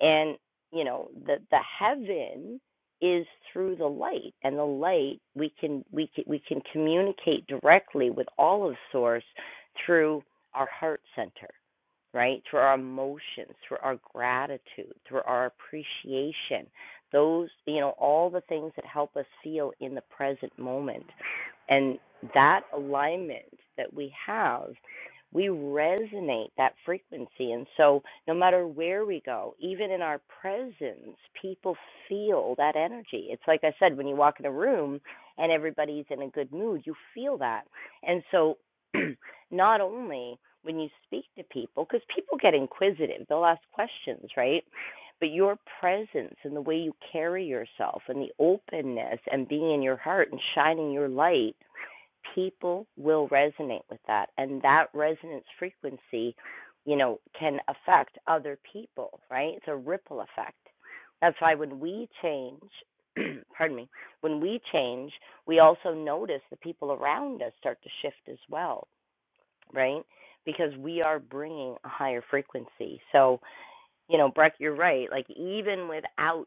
And you know, the the heaven is through the light and the light we can we can we can communicate directly with all of source through our heart center right? Through our emotions, through our gratitude, through our appreciation, those, you know, all the things that help us feel in the present moment. And that alignment that we have, we resonate that frequency. And so, no matter where we go, even in our presence, people feel that energy. It's like I said, when you walk in a room and everybody's in a good mood, you feel that. And so, (clears throat) not only when you speak to people, because people get inquisitive, they'll ask questions, right? But your presence and the way you carry yourself and the openness and being in your heart and shining your light, people will resonate with that. And that resonance frequency, you know, can affect other people, right? It's a ripple effect. That's why when we change, (clears throat) pardon me, when we change, we also notice the people around us start to shift as well right? Because we are bringing a higher frequency. So, you know, Breck, you're right. Like, even without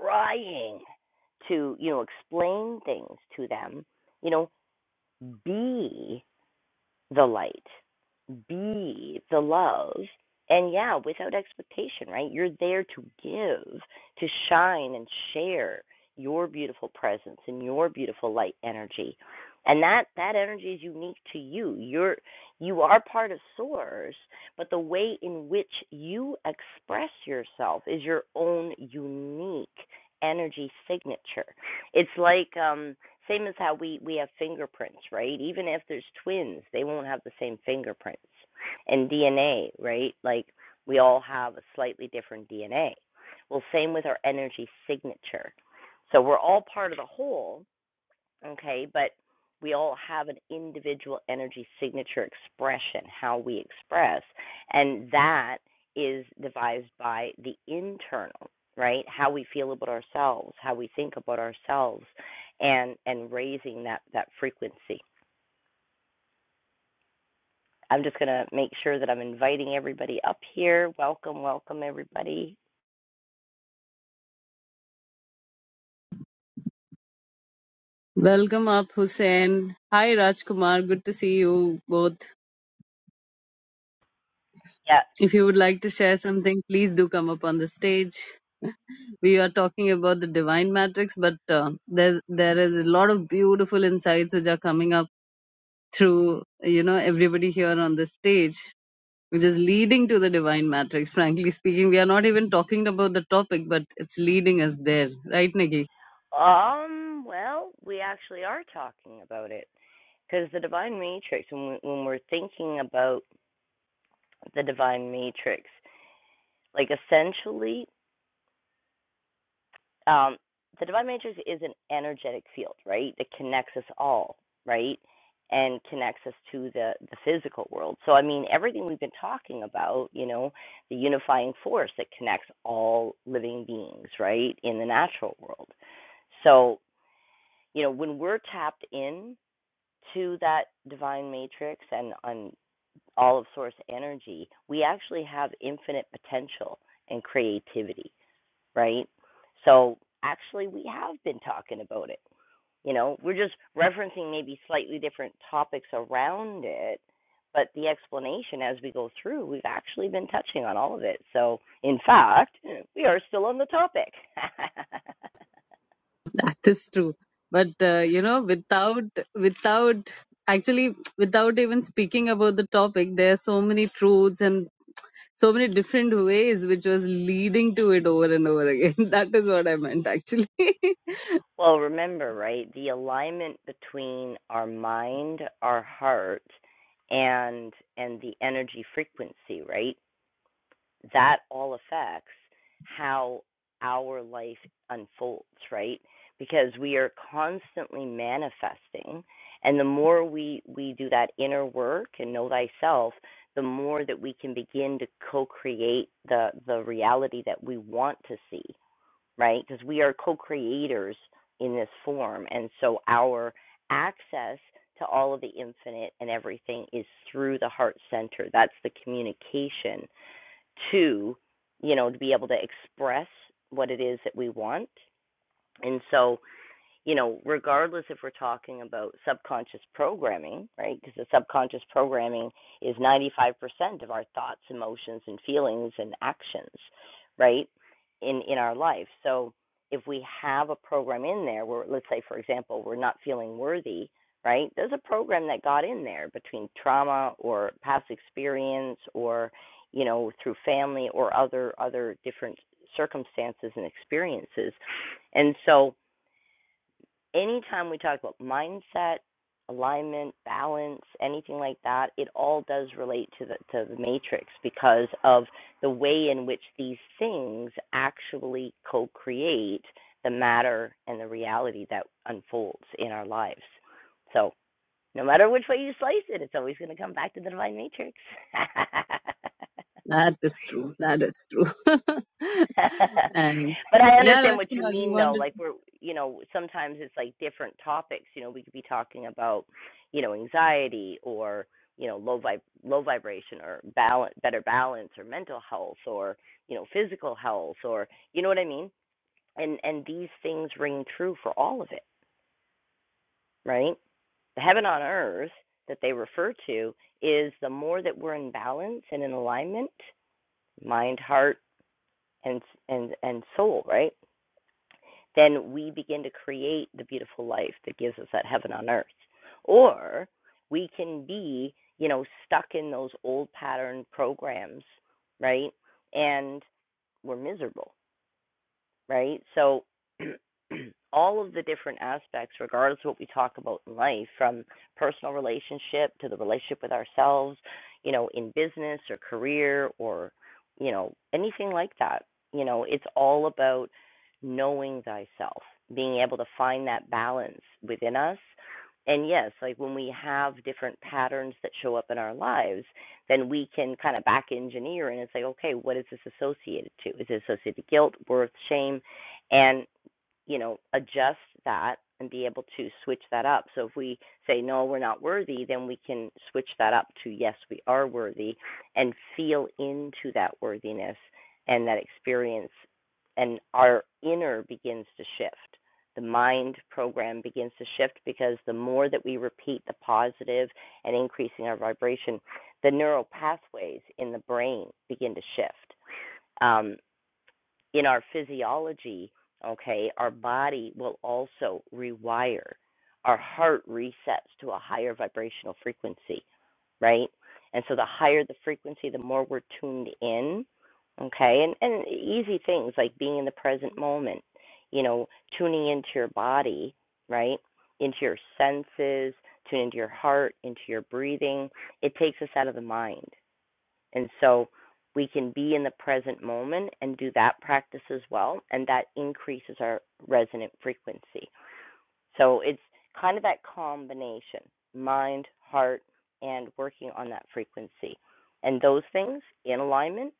trying to, you know, explain things to them, you know, be the light, be the love. And yeah, without expectation, right? You're there to give, to shine and share your beautiful presence and your beautiful light energy. And that that energy is unique to you. You're you are part of source, but the way in which you express yourself is your own unique energy signature. It's like um same as how we we have fingerprints, right? Even if there's twins, they won't have the same fingerprints. And DNA, right? Like we all have a slightly different DNA. Well, same with our energy signature. So we're all part of the whole, okay? But we all have an individual energy signature expression, how we express, and that is devised by the internal, right? How we feel about ourselves, how we think about ourselves, and and raising that that frequency. I'm just gonna make sure that I'm inviting everybody up here. Welcome, welcome everybody.
Welcome up, Hussein. Hi, Rajkumar. Good to see you both.
Yeah.
If you would like to share something, please do come up on the stage. We are talking about the divine matrix, but uh, there there is a lot of beautiful insights which are coming up through you know everybody here on the stage, which is leading to the divine matrix. Frankly speaking, we are not even talking about the topic, but it's leading us there, right, Nikki?
Um. Well, we actually are talking about it because the divine matrix, when, we, when we're thinking about the divine matrix. Like essentially, um, the divine matrix is an energetic field, right? That connects us all, right? And connects us to the the physical world. So I mean, everything we've been talking about, you know, the unifying force that connects all living beings, right, in the natural world. So you know, when we're tapped in to that divine matrix and and all of source energy, we actually have infinite potential and creativity, right? So actually, we have been talking about it. You know, we're just referencing maybe slightly different topics around it, but the explanation as we go through, we've actually been touching on all of it. So, in fact, we are still on the topic. (laughs)
That is true. But uh, you know, without without actually without even speaking about the topic, there are so many truths and so many different ways which was leading to it over and over again. (laughs) That is what I meant actually. (laughs)
Well, remember, right, the alignment between our mind, our heart, and and the energy frequency, right? That all affects how our life unfolds, right? Because we are constantly manifesting, and the more we we do that inner work and know thyself, the more that we can begin to co-create the the reality that we want to see right? Because we are co creators in this form. And so our access to all of the infinite and everything is through the heart center. That's the communication to, you know, to be able to express what it is that we want. And so you know, regardless if we're talking about subconscious programming, right? Because the subconscious programming is 95% of our thoughts, emotions, and feelings and actions, right? In in our life. So if we have a program in there where, let's say, for example, we're not feeling worthy, right? There's a program that got in there between trauma or past experience or, you know, through family or other other different circumstances and experiences, and so anytime we talk about mindset, alignment, balance, anything like that, it all does relate to the to the matrix because of the way in which these things actually co-create the matter and the reality that unfolds in our lives. So, no matter which way you slice it, it's always going to come back to the divine matrix. (laughs)
that is true. That is true.
(laughs)
(laughs) and
but I
yeah,
understand what you
Rajkumar, you
mean, though.
wanted
Like we're, you know, sometimes it's like different topics. You know, we could be talking about, you know, anxiety or you know low vib low vibration or balance better balance or mental health or you know physical health or you know what I mean. And and these things ring true for all of it, right? The heaven on earth that they refer to is the more that we're in balance and in alignment, mind, heart, and and and soul, right? then we begin to create the beautiful life that gives us that heaven on earth. Or we can be, you know, stuck in those old pattern programs, right? And we're miserable right? So (clears throat) all of the different aspects, regardless of what we talk about in life, from personal relationship to the relationship with ourselves, you know, in business or career or, you know, anything like that, you know, it's all about knowing thyself, being able to find that balance within us. And yes, like when we have different patterns that show up in our lives, then we can kind of back engineer in and say, okay, what is this associated to? Is it associated to guilt, worth, shame? and? you know, adjust that and be able to switch that up. So if we say, no, we're not worthy, then we can switch that up to, yes, we are worthy and feel into that worthiness and that experience. And our inner begins to shift. The mind program begins to shift because the more that we repeat the positive and increasing our vibration, the neural pathways in the brain begin to shift. Um, in our physiology, okay, our body will also rewire. Our heart resets to a higher vibrational frequency, right? And so the higher the frequency, the more we're tuned in, okay? And and easy things like being in the present moment, you know, tuning into your body, right? Into your senses, tune into your heart, into your breathing. It takes us out of the mind and so we can be in the present moment and do that practice as well. And that increases our resonant frequency. So it's kind of that combination mind, heart, and working on that frequency. And those things in alignment,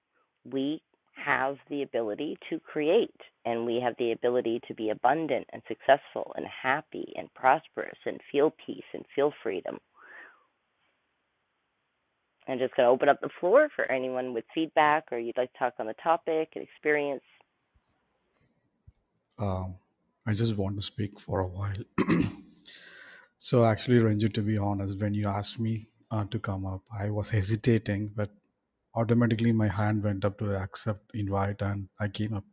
we have the ability to create and we have the ability to be abundant and successful and happy and prosperous and feel peace and feel freedom I'm just going to open up the floor for anyone with feedback or you'd like to talk on the topic and experience.
Um, I just want to speak for a while. (clears throat) So actually, Ranju, to be honest, when you asked me uh, to come up, I was hesitating, but automatically my hand went up to accept invite, and I came up.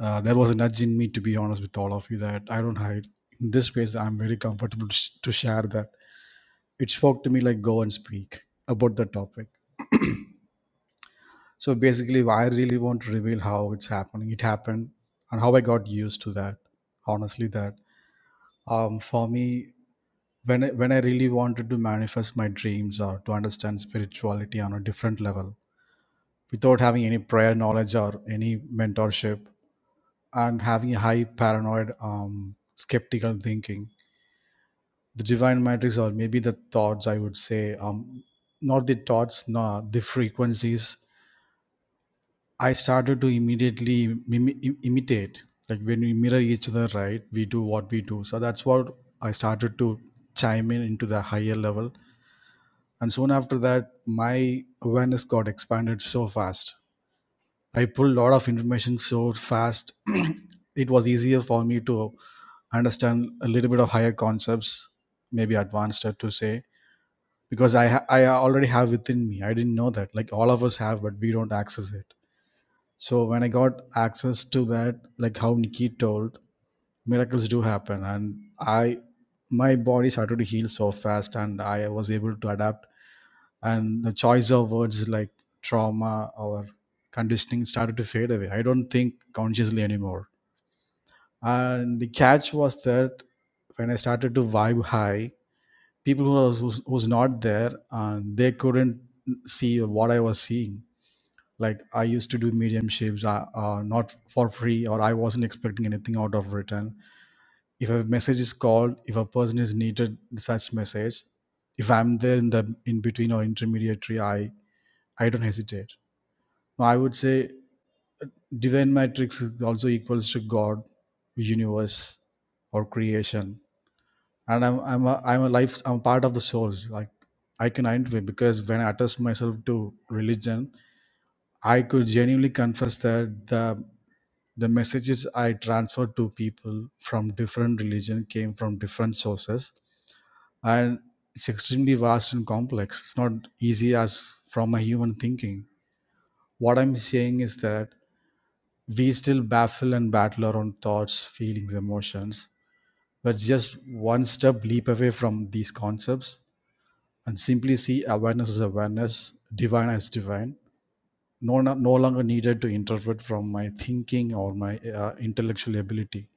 Uh, there was a nudge in me, to be honest, with all of you that I don't hide. In this space, I'm very comfortable to, sh- to share that it spoke to me like go and speak about the topic. So basically, I really want to reveal how it's happening. It happened, and how I got used to that. Honestly, that um, for me when I, when I really wanted to manifest my dreams or to understand spirituality on a different level without having any prior knowledge or any mentorship and having a high paranoid um, skeptical thinking the divine matrix or maybe the thoughts i would say um, not the thoughts no the frequencies i started to immediately mimi- im- imitate like when we mirror each other right we do what we do so that's what i started to chime in into the higher level and soon after that my awareness got expanded so fast i pulled a lot of information so fast (clears throat) it was easier for me to understand a little bit of higher concepts maybe advanced uh, to say because i ha- i already have within me i didn't know that like all of us have but we don't access it so when i got access to that like how nikki told miracles do happen and i my body started to heal so fast and i was able to adapt and the choice of words like trauma or conditioning started to fade away. I don't think consciously anymore. And the catch was that when I started to vibe high, people who was, who was not there and they couldn't see what I was seeing. Like I used to do mediumships, uh, uh, not for free, or I wasn't expecting anything out of return. If a message is called, if a person is needed such message, if I'm there in the in between or intermediary, I I don't hesitate I would say divine matrix is also equals to God, universe, or creation. And I'm I'm a I'm a life I'm part of the source. Like I can identify because when I attach myself to religion, I could genuinely confess that the the messages I transferred to people from different religion came from different sources. And it's extremely vast and complex. It's not easy as from a human thinking. What I'm saying is that we still baffle and battle our own thoughts, feelings, emotions. We're just one step leap away from these concepts and simply see awareness as awareness, divine as divine. No, no no longer needed to interpret from my thinking or my uh, intellectual ability.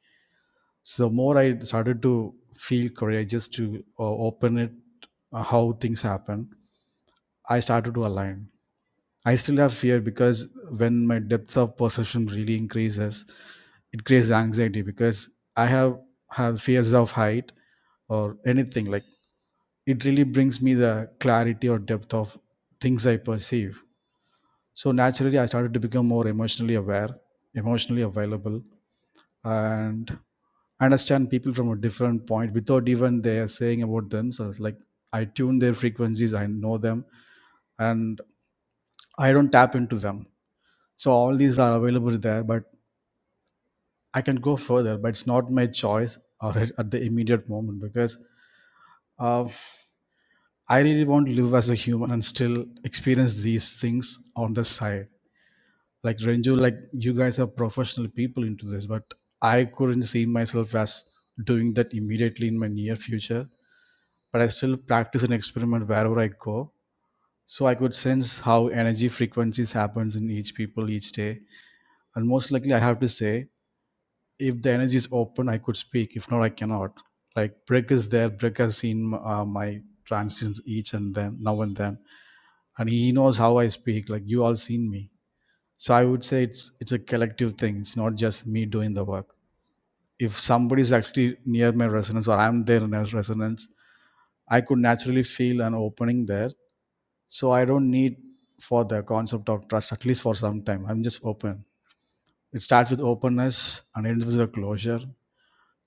So the more I started to feel courageous to uh, open it, uh, how things happen, I started to align. I still have fear because when my depth of perception really increases, it creates anxiety because I have have fears of height or anything like it really brings me the clarity or depth of things I perceive. So naturally, I started to become more emotionally aware, emotionally available, and understand people from a different point without even they are saying about themselves. Like I tune their frequencies, I know them, and I don't tap into them so all these are available there, but I can go further, but it's not my choice or (laughs) at at the immediate moment because uh, I really want to live as a human and still experience these things on the side. Like Renju, like you guys are professional people into this, but I couldn't see myself as doing that immediately in my near future. But I still practice and experiment wherever I go. So I could sense how energy frequencies happens in each people each day. And most likely I have to say if the energy is open i could speak if not i cannot like brick is there brick has seen uh, my transitions each and then now and then and he knows how i speak like you all seen me so i would say it's it's a collective thing it's not just me doing the work if somebody is actually near my resonance or i'm there in their resonance i could naturally feel an opening there so i don't need for the concept of trust at least for some time i'm just open it starts with openness and ends with a closure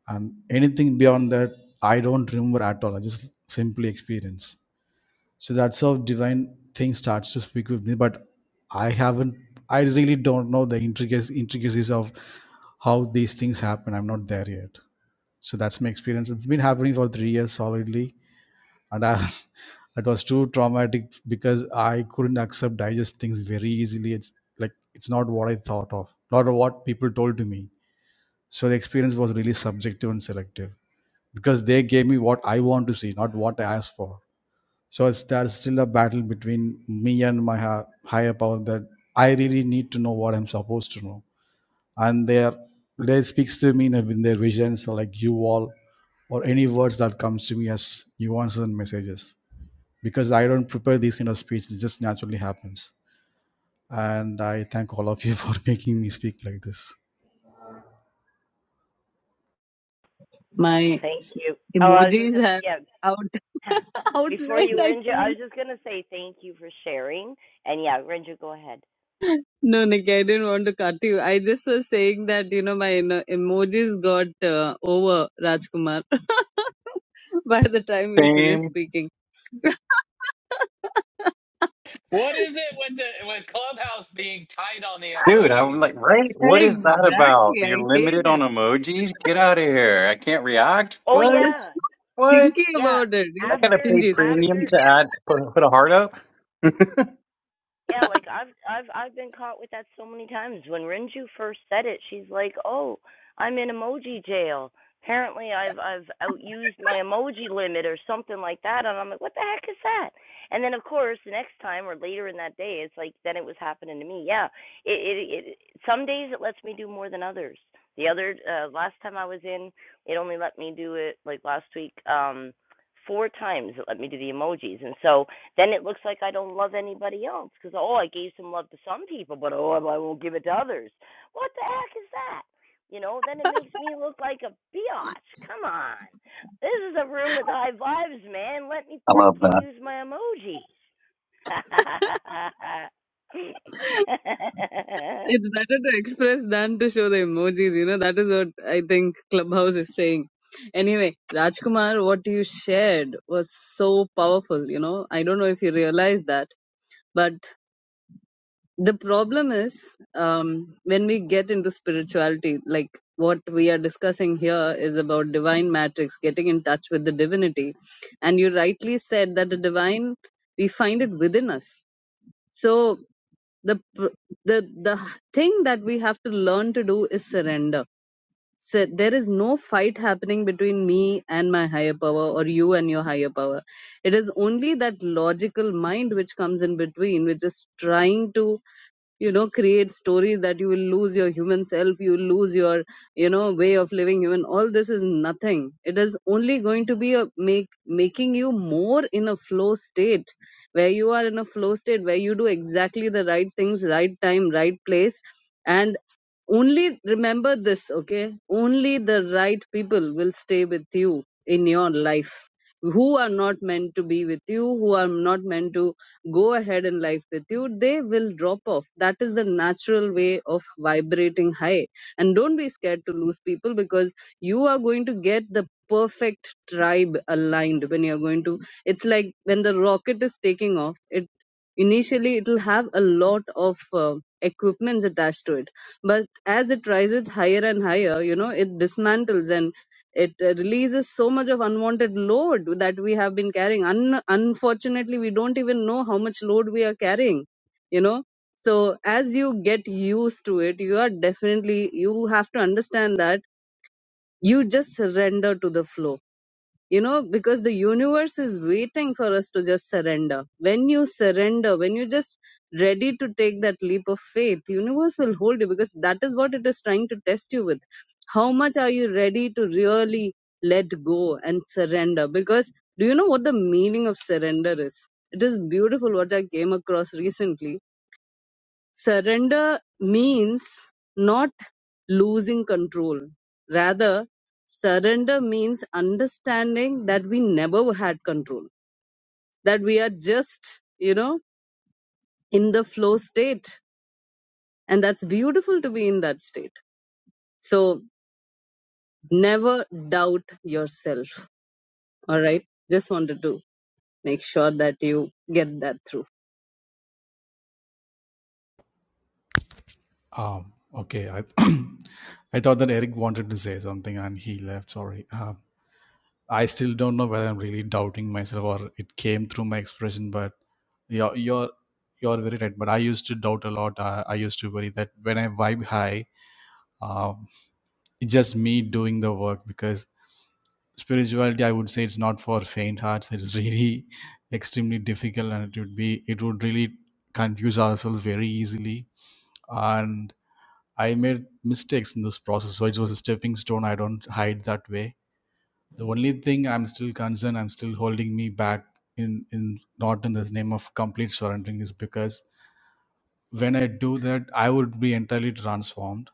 and anything beyond that i don't remember at all i just simply experience so that's how divine thing starts to speak with me but i haven't i really don't know the intricacies, intricacies of how these things happen i'm not there yet so that's my experience it's been happening for three years solidly and i (laughs) it was too traumatic because i couldn't accept digest things very easily it's like it's not what i thought of not what people told to me so the experience was really subjective and selective because they gave me what I want to see, not what I asked for. So it's, there's still a battle between me and my ha- higher power that I really need to know what I'm supposed to know. And they are, they speaks to me in, in their visions, like you all, or any words that comes to me as nuances and messages. Because I don't prepare these kind of speech, it just naturally happens. And I thank all of you (laughs) for making me speak like this.
Well,
my
thank you. Oh, I was just
emojis
going
have
to, yeah.
out (laughs)
(clears throat) Before you,
outlined
Rinja,
actually.
I was just going to say thank you for sharing. And yeah, Rinja, go ahead.
No, Nikki, I didn't want to cut you. I just was saying that, you know, my eno- emojis got uh, over Rajkumar (laughs) by the time we finished
Same.
speaking. (laughs)
what is it with the with Clubhouse being tight on the
Dude, I'm
emojis?
like, right? What is that about?
Exactly. I
You're
hate
limited on
it.
emojis? Get out of here. I can't react?
Oh,
What?
Just
yeah.
What?
thinking
Yeah.
about it.
I
Yeah.
gotta
After,
pay
Stingy, sorry.
premium
after
to add, put, put a heart up? (laughs) I
Yeah, like I've I've I've been caught with that so many times. When Renju first said it, she's like, "Oh, I'm in emoji jail. Apparently, I've I've outused
(laughs)
my emoji limit or something like that." And I'm like, "What the heck is that?" And then of course, the next time or later in that day, it's like then it was happening to me. Yeah, it it, it some days it lets me do more than others. The other uh, last time I was in, it only let me do it like last week. Um, four times it let me do the emojis, and so then it looks like I don't love anybody else because oh, I gave some love to some people, but oh, I won't give it to others. What the heck is that? You know, then it makes me look like a biatch. Come on, this is a room with high vibes, man. Let me
love that.
frickin' use my emojis.
It's better to express than to show the emojis. You know, that is what I think Clubhouse is saying. Anyway, Rajkumar, what you shared was so powerful. You know, I don't know if you realize that, but the problem is um, when we get into spirituality, like what we are discussing here is about divine matrix, getting in touch with the divinity. And you rightly said that the divine, we find it within us. So, the pr- the the thing that we have to learn to do is surrender so there is no fight happening between me and my higher power or you and your higher power it is only that logical mind which comes in between which is trying to you know create stories that you will lose your human self you will lose your you know way of living human all this is nothing it is only going to be a make making you more in a flow state where you are in a flow state where you do exactly the right things right time right place and only remember this, okay? Only the right people will stay with you in your life. Who are not meant to be with you, who are not meant to go ahead in life with you, they will drop off. That is the natural way of vibrating high. And don't be scared to lose people because you are going to get the perfect tribe aligned when you're going to. It's like when the rocket is taking off, it initially it'll have a lot of uh, equipments attached to it but as it rises higher and higher, you know, it dismantles and it uh, releases so much of unwanted load that we have been carrying. Un- unfortunately, we don't even know how much load we are carrying, you know. So as you get used to it, you are definitely, you have to understand that you just surrender to the flow you know because the universe is waiting for us to just surrender when you surrender when you just ready to take that leap of faith universe will hold you because that is what it is trying to test you with how much are you ready to really let go and surrender because do you know what the meaning of surrender is it is beautiful what i came across recently Surrender means not losing control. Rather, surrender means understanding that we never had control, that we are just, you know, in the flow state. And that's beautiful to be in that state. So never doubt yourself. All right. Just wanted to make sure that you get that through.
Um, okay, I, (clears throat) I thought that Eric wanted to say something and he left. Sorry. Uh, I still don't know whether I'm really doubting myself or it came through my expression. But you're you're you're very right. But I used to doubt a lot. I, I used to worry that when I vibe high, um, it's just me doing the work because spirituality. I would say it's not for faint hearts. It's really (laughs) extremely difficult, and it would be it would really confuse ourselves very easily. And I made mistakes in this process, so it was a stepping stone. I don't hide that way the only thing i'm still concerned i'm still holding me back in in not in the name of complete surrendering is because when i do that i would be entirely transformed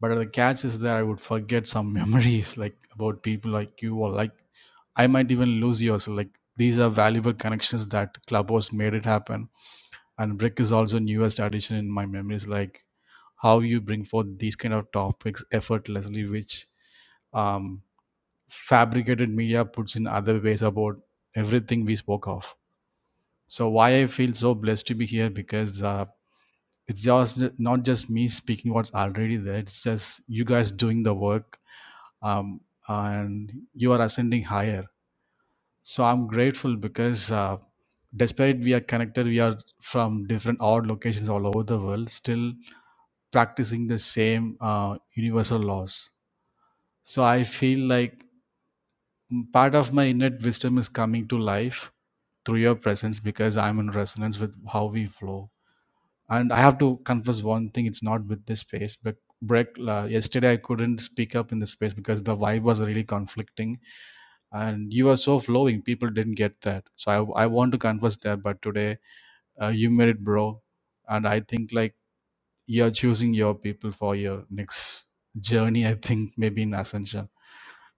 but the catch is that i would forget some (laughs) memories like about people like you or like i might even lose you. yours like these are valuable connections that clubhouse made it happen and brick is also newest addition in my memories like how you bring forth these kind of topics effortlessly which um. fabricated media puts in other ways about everything we spoke of. So why I feel so blessed to be here because uh, it's just not just me speaking what's already there. It's just you guys doing the work, um, and you are ascending higher. So I'm grateful because uh, despite we are connected, we are from different odd locations all over the world, still practicing the same uh, universal laws. So I feel like part of my innate wisdom is coming to life through your presence because I'm in resonance with how we flow. And I have to confess one thing: it's not with this space. But Breck, uh, yesterday I couldn't speak up in the space because the vibe was really conflicting, and you were so flowing. People didn't get that, so I I want to confess that. But today, uh, you made it, bro, and I think like you're choosing your people for your next journey. I think maybe in ascension.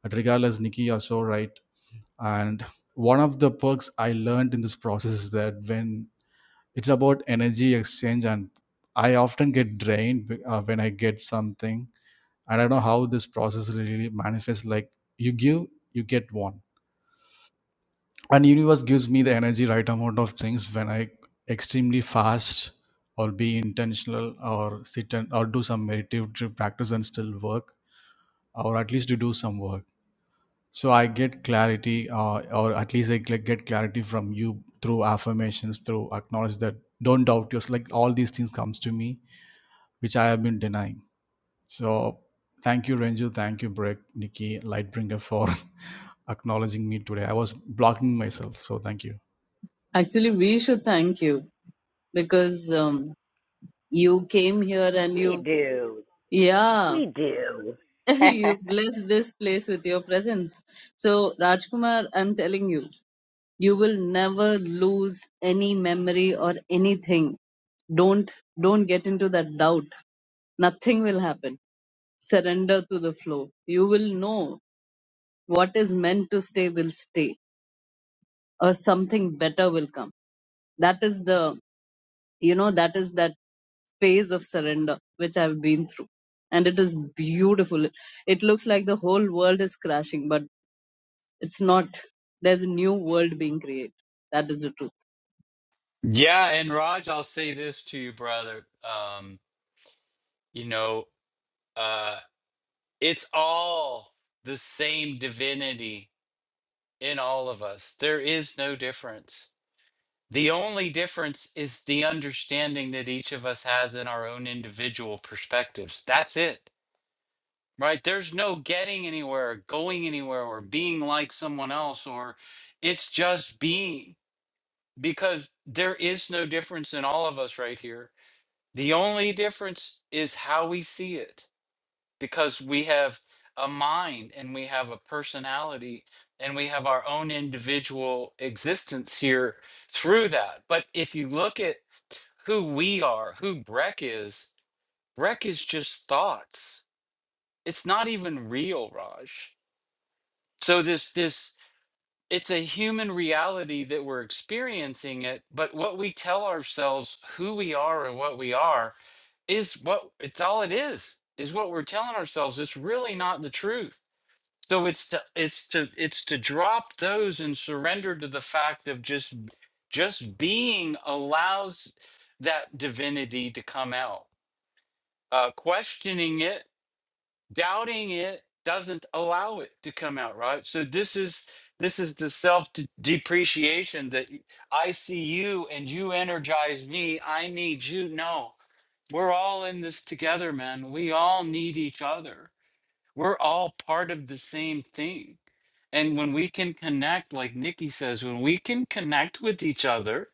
But regardless, Nikki, you're so right. And one of the perks I learned in this process is that when it's about energy exchange and i often get drained be- uh, when i get something and i don't know how this process really manifests like you give you get one and universe gives me the energy right amount of things when i extremely fast or be intentional or sit and or do some meditative practice and still work or at least to do some work so i get clarity uh, or at least i gl- get clarity from you through affirmations through acknowledge that don't doubt yourself like all these things comes to me which I have been denying. So thank you, Renju. Thank you, Breck, Nikki, Lightbringer, for (laughs) acknowledging me today. I was blocking myself. So thank you.
Actually, we should thank you because um, you came here
(laughs)
and
we
you,
do,
yeah
we do.
(laughs)
(laughs)
You bless this place with your presence. So, Rajkumar, I'm telling you, you will never lose any memory or anything. Don't don't get into that doubt. Nothing will happen. Surrender to the flow. You will know what is meant to stay will stay, or something better will come. That is the you know that is that phase of surrender which I've been through. And it is beautiful. It looks like the whole world is crashing, but It's not. There's a new world being created. That is the truth.
Yeah, and Raj, I'll say this to you, brother. Um, you know, uh it's all the same divinity in all of us. There is no difference The only difference is the understanding that each of us has in our own individual perspectives. That's it, right? There's no getting anywhere, going anywhere, or being like someone else, or it's just being because there is no difference in all of us right here. The only difference is how we see it because we have a mind and we have a personality and we have our own individual existence here through that. But if you look at who we are, who Breck is. Breck is just thoughts. It's not even real, Raj. So this this it's a human reality that we're experiencing it, but what we tell ourselves who we are and what we are is what it's all it is, is what we're telling ourselves. It's really not the truth. So it's to it's to it's to drop those and surrender to the fact of just just being allows that divinity to come out uh, questioning it, doubting it doesn't allow it to come out right. So this is this is the self de- depreciation that y- I see you and you energize me. I need you. No, we're all in this together, man. We all need each other. We're all part of the same thing. And when we can connect, like Nikki says, when we can connect with each other,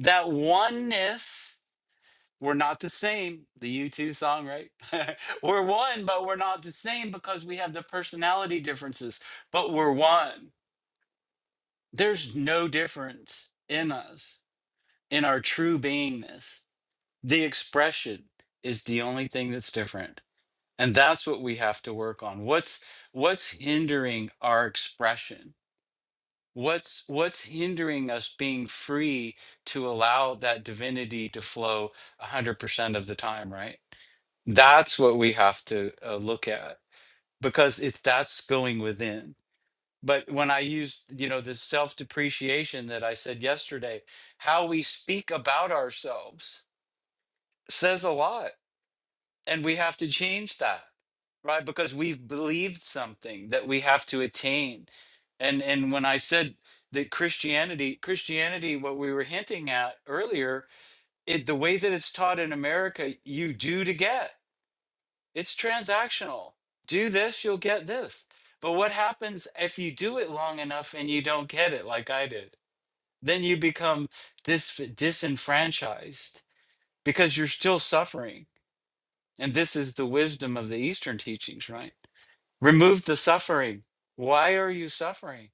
that oneness we're not the same. The U2 song, right? (laughs) we're one, but we're not the same because we have the personality differences, but we're one. There's no difference in us, in our true beingness. The expression is the only thing that's different. And that's what we have to work on. What's what's hindering our expression? What's what's hindering us being free to allow that divinity to flow 100% of the time, right? That's what we have to uh, look at because it's that's going within. But when I use, you know, this self depreciation that I said yesterday, how we speak about ourselves says a lot. And we have to change that, right? Because we've believed something that we have to attain. And and when I said that Christianity, Christianity, what we were hinting at earlier, it the way that it's taught in America, you do to get. It's transactional. Do this, you'll get this. But what happens if you do it long enough and you don't get it like I did? Then you become dis- disenfranchised because you're still suffering. And this is the wisdom of the Eastern teachings, right? Remove the suffering. Why are you suffering?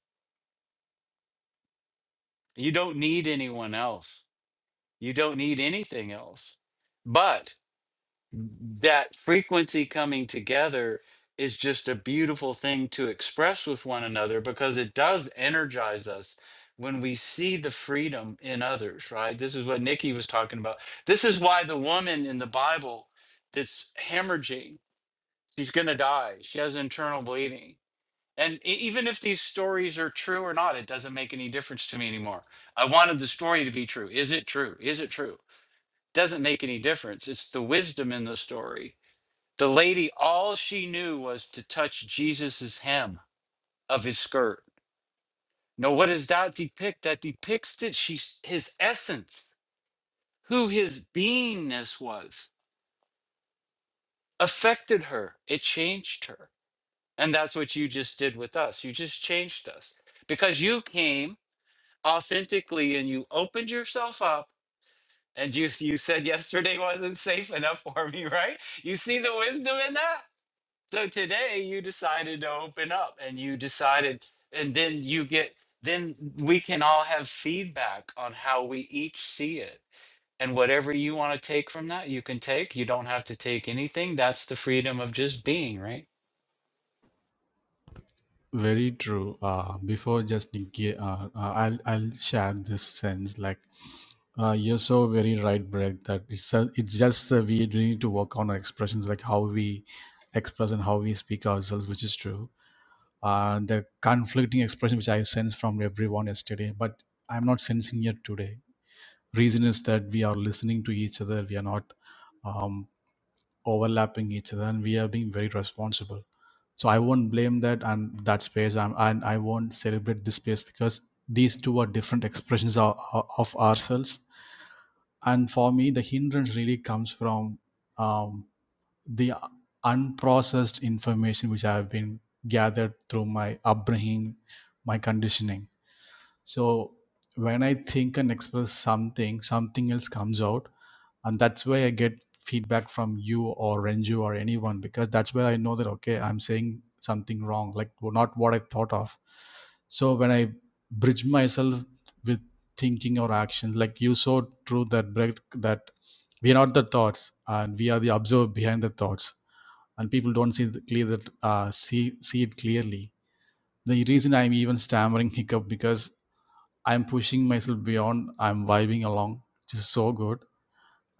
You don't need anyone else. You don't need anything else. But that frequency coming together is just a beautiful thing to express with one another because it does energize us when we see the freedom in others, right? This is what Nikki was talking about. This is why the woman in the Bible that's hemorrhaging, she's going to die. She has internal bleeding. And e- even if these stories are true or not, it doesn't make any difference to me anymore. I wanted the story to be true. Is it true? Is it true? Doesn't make any difference. It's the wisdom in the story the lady, all she knew was to touch Jesus's hem of his skirt. Now, what does that depict? That depicts that she, his essence, who his beingness was, affected her. It changed her. And that's what you just did with us. You just changed us because you came authentically and you opened yourself up. And you, you said yesterday wasn't safe enough for me, (laughs) right? You see the wisdom in that? So today you decided to open up and you decided, and then you get, then we can all have feedback on how we each see it. And whatever you want to take from that, you can take. You don't have to take anything. That's the freedom of just being, right?
Very true. Uh, before just Nikki, uh, uh, I'll, I'll share this sense like, uh, you're so very right, Breck, that it's, a, it's just that we do need to work on our expressions, like how we express and how we speak ourselves, which is true. Uh, the conflicting expression which I sense from everyone yesterday, but I'm not sensing it today reason is that we are listening to each other we are not um, overlapping each other and we are being very responsible so i won't blame that and that space I'm, and i won't celebrate this space because these two are different expressions of, of ourselves and for me the hindrance really comes from um, the unprocessed information which i have been gathered through my upbringing my conditioning so when i think and express something something else comes out and that's why i get feedback from you or renju or anyone because that's where i know that okay i'm saying something wrong like well, not what i thought of so when i bridge myself with thinking or actions like you so true that break that we are not the thoughts and we are the observer behind the thoughts and people don't see the clear that uh, see see it clearly the reason i'm even stammering (laughs) hiccup because i'm pushing myself beyond i'm vibing along which is so good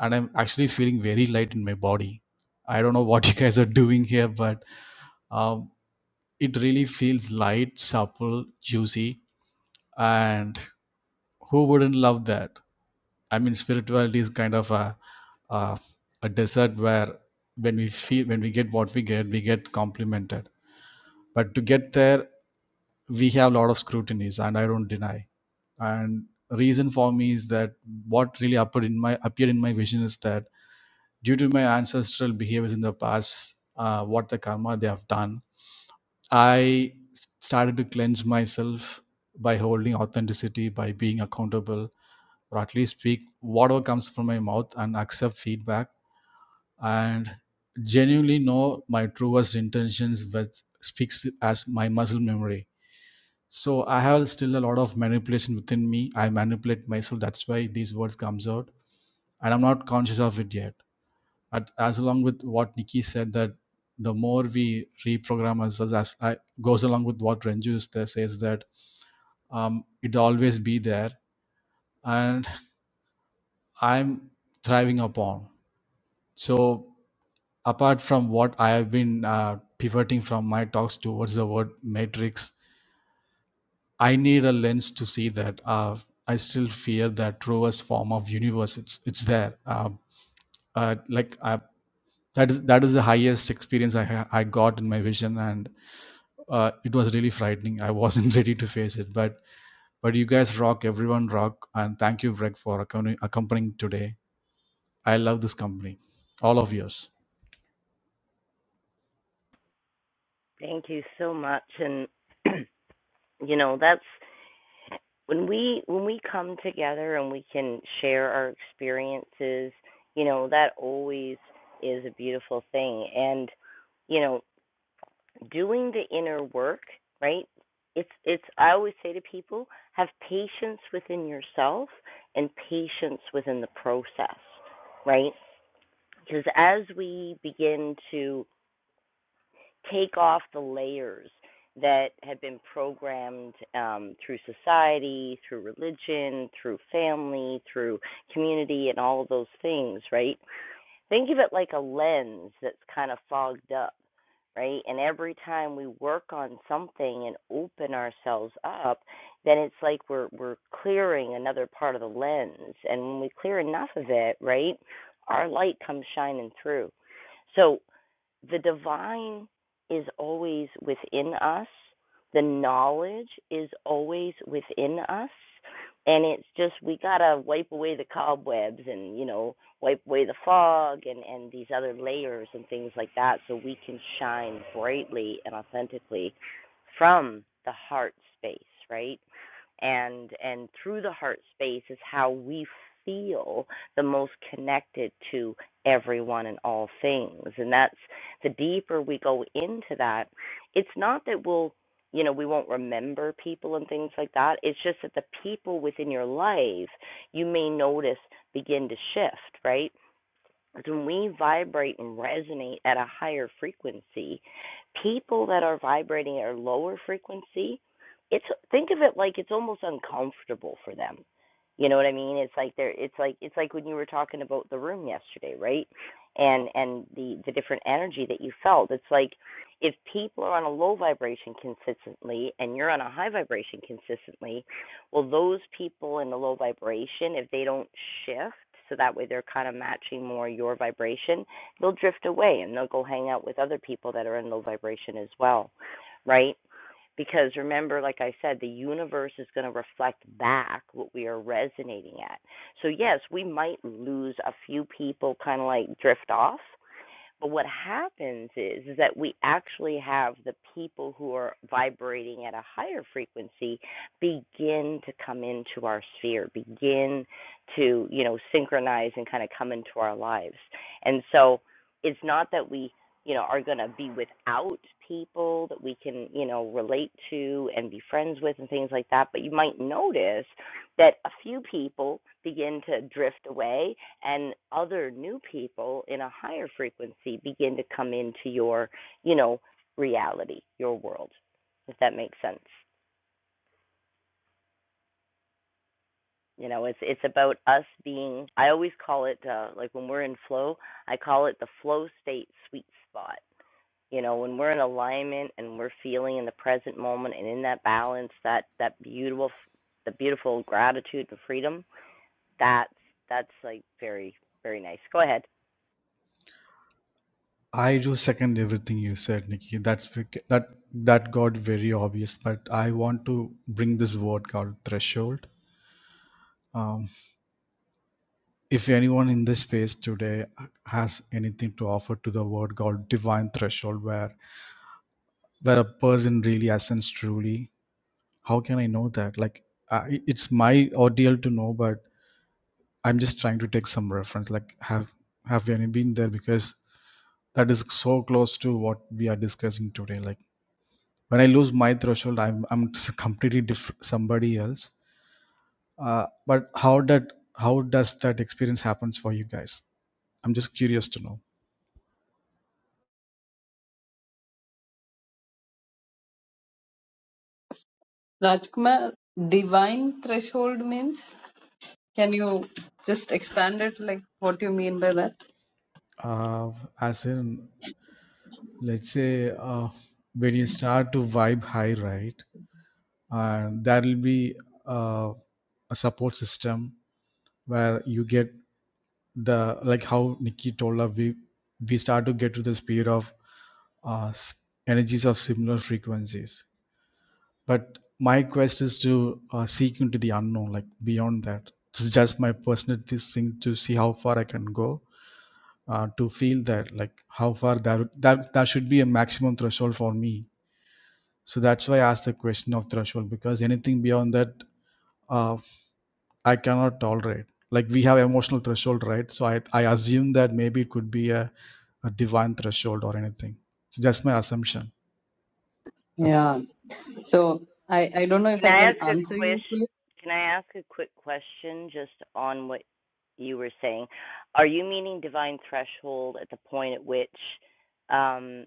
and I'm actually feeling very light in my body. I don't know what (laughs) you guys are doing here, but um, it really feels light, supple, juicy, and who wouldn't love that? I mean, spirituality is kind of a a, a desert where when we feel when we get what we get, we get complimented. But to get there, we have a lot of scrutinies, and I don't deny. And reason for me is that what really appeared in my appeared in my vision is that due to my ancestral behaviors in the past, uh, what the karma they have done, I s- started to cleanse myself by holding authenticity, by being accountable, or at least speak whatever comes from my mouth and accept feedback and genuinely know my truest intentions with speaks as my muscle memory. So I have still a lot of manipulation within me. I manipulate myself. That's why these words comes out, and I'm not conscious of it yet at, as along with what Nikki said that the more we reprogram ourselves as I, goes along with what Renju is there says that um, it always be there and I'm thriving upon. So apart from what I have been uh, pivoting from my talks towards the word matrix, I need a lens to see that. Uh, I still fear that truest form of universe. It's it's there. Um uh, like I, that is that is the highest experience I ha- I got in my vision, and. uh, it was really frightening. I wasn't (laughs) ready to face it, but but you guys rock, everyone rock, and thank you, Greg, for accom- accompanying today. I love this company, all of yours.
Thank you so much, and (clears throat) you know that's when we when we come together and we can share our experiences you know that always is a beautiful thing and you know doing the inner work right it's it's i always say to people have patience within yourself and patience within the process right because as we begin to take off the layers that have been programmed um, through society, through religion, through family, through community, and all of those things, right? Think of it like a lens that's kind of fogged up, right? And every time we work on something and open ourselves up, then it's like we're we're clearing another part of the lens, and when we clear enough of it, right, our light comes shining through. So the divine is always within us. The knowledge is always within us. And it's just we gotta wipe away the cobwebs and, you know, wipe away the fog and, and these other layers and things like that so we can shine brightly and authentically from the heart space, right? And and through the heart space is how we feel the most connected to everyone and all things. And that's the deeper we go into that, it's not that we'll, you know, we won't remember people and things like that. It's just that the people within your life you may notice begin to shift, right? when we vibrate and resonate at a higher frequency, people that are vibrating at a lower frequency, it's think of it like it's almost uncomfortable for them. You know what I mean? It's like they're it's like it's like when you were talking about the room yesterday, right? And and the the different energy that you felt. It's like if people are on a low vibration consistently and you're on a high vibration consistently, well, those people in the low vibration, if they don't shift, so that way they're kind of matching more your vibration, they'll drift away and they'll go hang out with other people that are in low vibration as well, right? Because remember, like I said, the universe is going to reflect back what we are resonating at. So, yes, we might lose a few people, kind of like drift off, but what happens is, is that we actually have the people who are vibrating at a higher frequency begin to come into our sphere, begin to, you know, synchronize and kind of come into our lives. And so it's not that we, you know, are going to be without people that we can, you know, relate to and be friends with and things like that, but you might notice that a few people begin to drift away and other new people in a higher frequency begin to come into your you know reality your world if that makes sense you know it's it's about us being i always call it uh, like when we're in flow i call it the flow state sweet spot you know when we're in alignment and we're feeling in the present moment and in that balance that that beautiful the beautiful gratitude and freedom That's that's like very very nice. Go ahead.
I do second everything you said, Nikki. That's vic- that that got very obvious, but I want to bring this word called threshold. Um, if anyone in this space today has anything to offer to the word called divine threshold, where that a person really ascends truly how can i know that like I, it's my ordeal to know but i'm just trying to take some reference like have have you any been there because that is so close to what we are discussing today like when i lose my threshold i'm i'm (laughs) s- completely different somebody else uh, but how that how does that experience happens for you guys i'm just curious to know
Rajkumar, divine threshold means? Can you just expand it, like what you mean by that?
uh, as in let's say uh, when you start to vibe high right and there will be uh, a support system where you get the like how Nikki told us we we start to get to the speed of uh, s- energies of similar frequencies. But my quest is to uh, seek into the unknown, like beyond that. It's just my personal this thing to see how far I can go. Uh, to feel that, like how far that that that should be a maximum threshold for me. So that's why I asked the question of threshold because anything beyond that uh, I cannot tolerate. Like we have emotional threshold, right? So I, I assume that maybe it could be a, a divine threshold or anything. So that's my assumption.
Yeah. So I, I don't know if
Can
I
I ask
can
a
answer
quick
you fully.
Can I ask a quick question just on what you were saying? Are you meaning divine threshold at the point at which, um,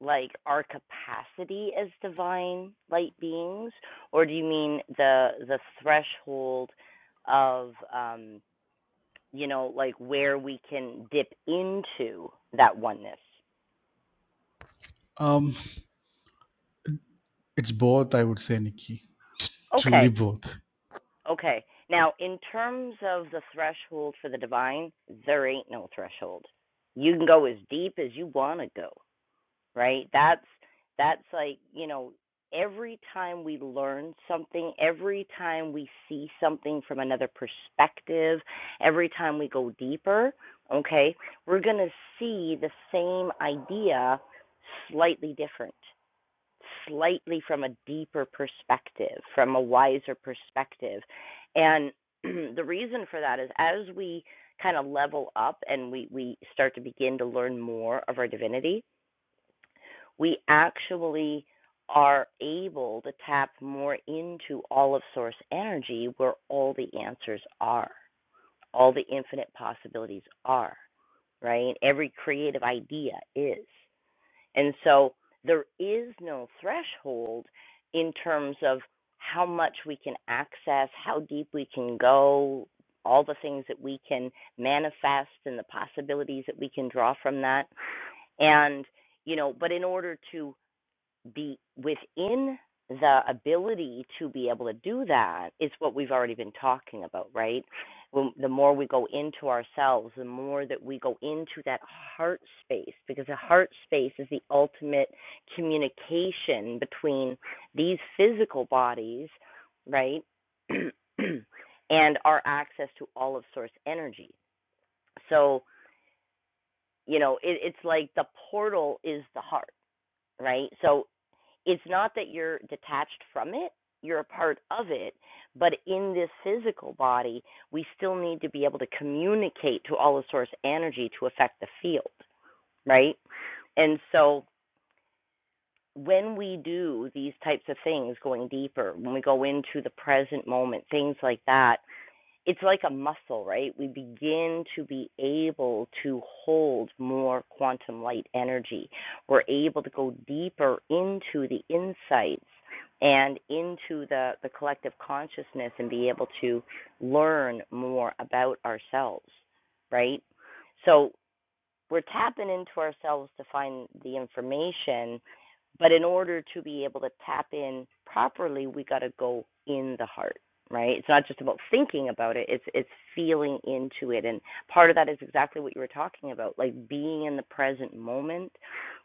like our capacity as divine light beings, or do you mean the the threshold of um, you know like where we can dip into that oneness?
Um, it's both, I would say, Nikki. T-
Okay.
Truly both.
Okay. Now, in terms of the threshold for the divine, there ain't no threshold. You can go as deep as you want to go, right? That's that's like, you know, every time we learn something, every time we see something from another perspective, every time we go deeper, okay? We're going to see the same idea slightly different slightly from a deeper perspective, from a wiser perspective. And (clears throat) the reason for that is as we kind of level up and we, we start to begin to learn more of our divinity, we actually are able to tap more into all of source energy where all the answers are, all the infinite possibilities are, right? Every creative idea is. And so there is no threshold in terms of how much we can access, how deep we can go, all the things that we can manifest and the possibilities that we can draw from that. And, you know, but in order to be within the ability to be able to do that is what we've already been talking about, right? When, the more we go into ourselves, the more that we go into that heart space, because the heart space is the ultimate communication between these physical bodies, right? (clears throat) and our access to all of source energy. So, you know, it, it's like the portal is the heart, right? So it's not that you're detached from it, you're a part of it, but in this physical body, we still need to be able to communicate to all the source energy to affect the field, right? And so when we do these types of things, going deeper, when we go into the present moment, things like that, it's like a muscle, right? We begin to be able to hold more quantum light energy. We're able to go deeper into the insights and into the, the collective consciousness and be able to learn more about ourselves, right? So we're tapping into ourselves to find the information but in order to be able to tap in properly we got to go in the heart right it's not just about thinking about it it's it's feeling into it and part of that is exactly what you were talking about like being in the present moment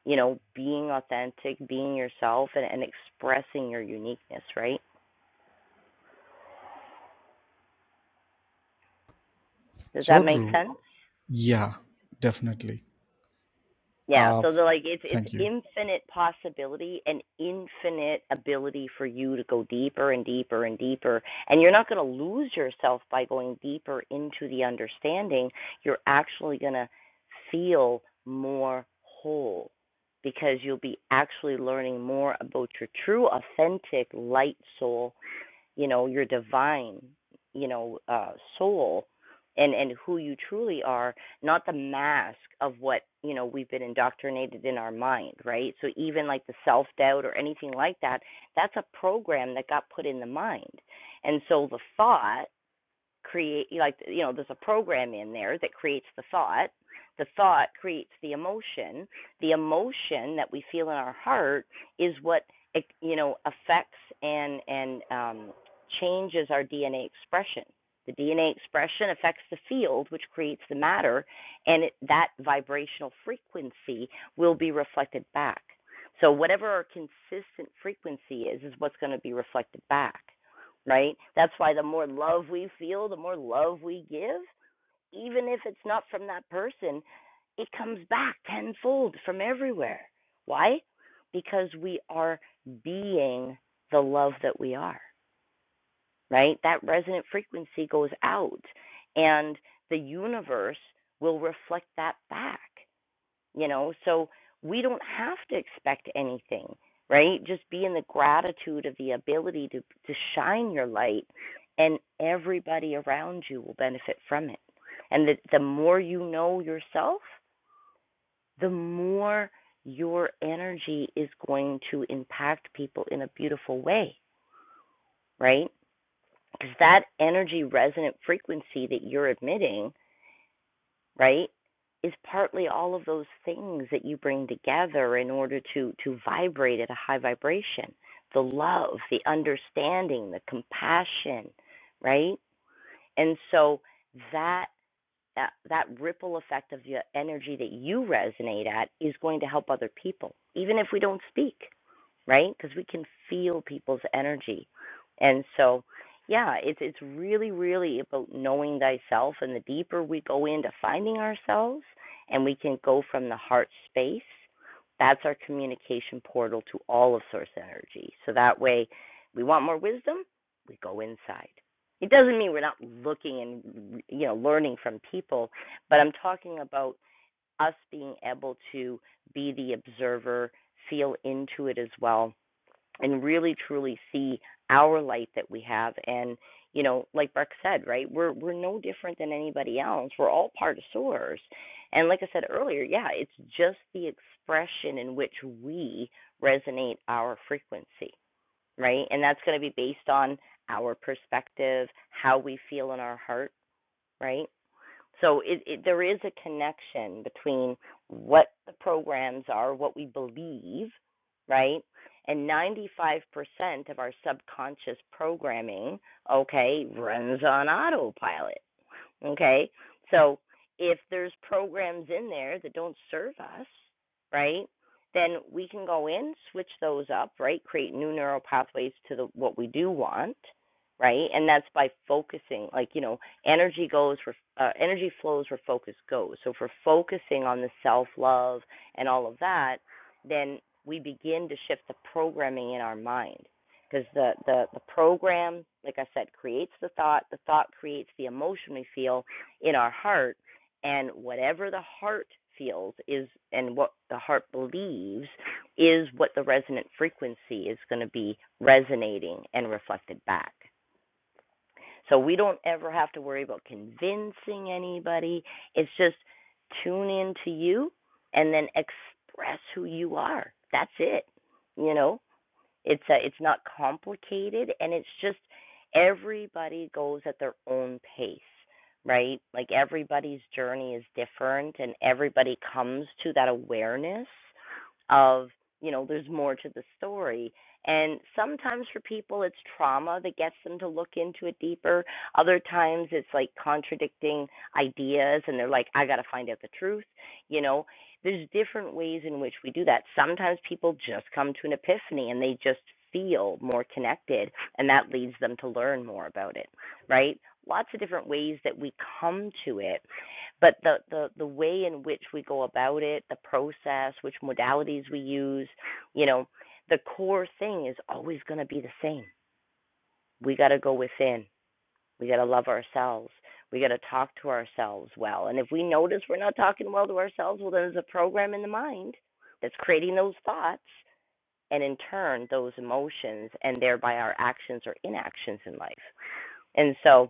you know being authentic being yourself and, and expressing your uniqueness right does that
So
make
true.
sense
Yeah, definitely.
Yeah,
Uh,
so they're like it's it's
thank you.
infinite possibility and infinite ability for you to go deeper and deeper and deeper. And you're not going to lose yourself by going deeper into the understanding. You're actually going to feel more whole because you'll be actually learning more about your true authentic light soul you know your divine you know uh soul and and who you truly are not the mask of what you know we've been indoctrinated in our mind right so even like the self doubt or anything like that that's a program that got put in the mind and so the thought create like you know there's a program in there that creates the thought the thought creates the emotion the emotion that we feel in our heart is what eh, you know affects and and um changes our DNA expression the DNA expression affects the field which creates the matter and it, that vibrational frequency will be reflected back so whatever our consistent frequency is is what's going to be reflected back right? That's why the more love we feel, the more love we give, even if it's not from that person, it comes back tenfold from everywhere. Why? Because we are being the love that we are, right? That resonant frequency goes out and the universe will reflect that back you know so we don't have to expect anything right just be in the gratitude of the ability to to shine your light and everybody around you will benefit from it and the, the more you know yourself the more your energy is going to impact people in a beautiful way right because that energy resonant frequency that you're emitting right is partly all of those things that you bring together in order to to vibrate at a high vibration the love the understanding the compassion right and so that that, that ripple effect of the energy that you resonate at is going to help other people even if we don't speak right? Because we can feel people's energy. And so, yeah, it's it's really really about knowing thyself and the deeper we go into finding ourselves and we can go from the heart space, that's our communication portal to all of source energy. So that way we want more wisdom, we go inside. It doesn't mean we're not looking and you know learning from people, but I'm talking about us being able to be the observer, feel into it as well and really truly see our light that we have and you know like Breck said right we're we're no different than anybody else we're all part of source and like I said earlier yeah it's just the expression in which we resonate our frequency right and that's going to be based on our perspective how we feel in our heart right so it, it, there is a connection between what the programs are, what we believe, right? And 95% of our subconscious programming, okay, runs on autopilot. Okay. So if there's programs in there that don't serve us, right, then we can go in, switch those up, right, create new neural pathways to the, what we do want, right, and that's by focusing. Like you know, energy goes where uh, energy flows where focus goes. So if we're focusing on the self love and all of that, then we begin to shift the programming in our mind because the, the the program like i said creates the thought the thought creates the emotion we feel in our heart and whatever the heart feels is and what the heart believes is what the resonant frequency is going to be resonating and reflected back so we don't ever have to worry about convincing anybody it's just tune in to you and then express who you are that's it you know it's a, it's not complicated, and it's just everybody goes at their own pace, right? Like everybody's journey is different, and everybody comes to that awareness of you know there's more to the story and sometimes for people it's trauma that gets them to look into it deeper other times it's like contradicting ideas and they're like i got to find out the truth you know there's different ways in which we do that. Sometimes people just come to an epiphany and they just feel more connected, and that leads them to learn more about it, right? Lots of different ways that we come to it, but the, the, the way in which we go about it, the process, which modalities we use, you know, the core thing is always going to be the same. We got to go within we got to love ourselves. We got to talk to ourselves well. And if we notice we're not talking well to ourselves, well, there's a program in the mind that's creating those thoughts and in turn those emotions and thereby our actions or inactions in life. And so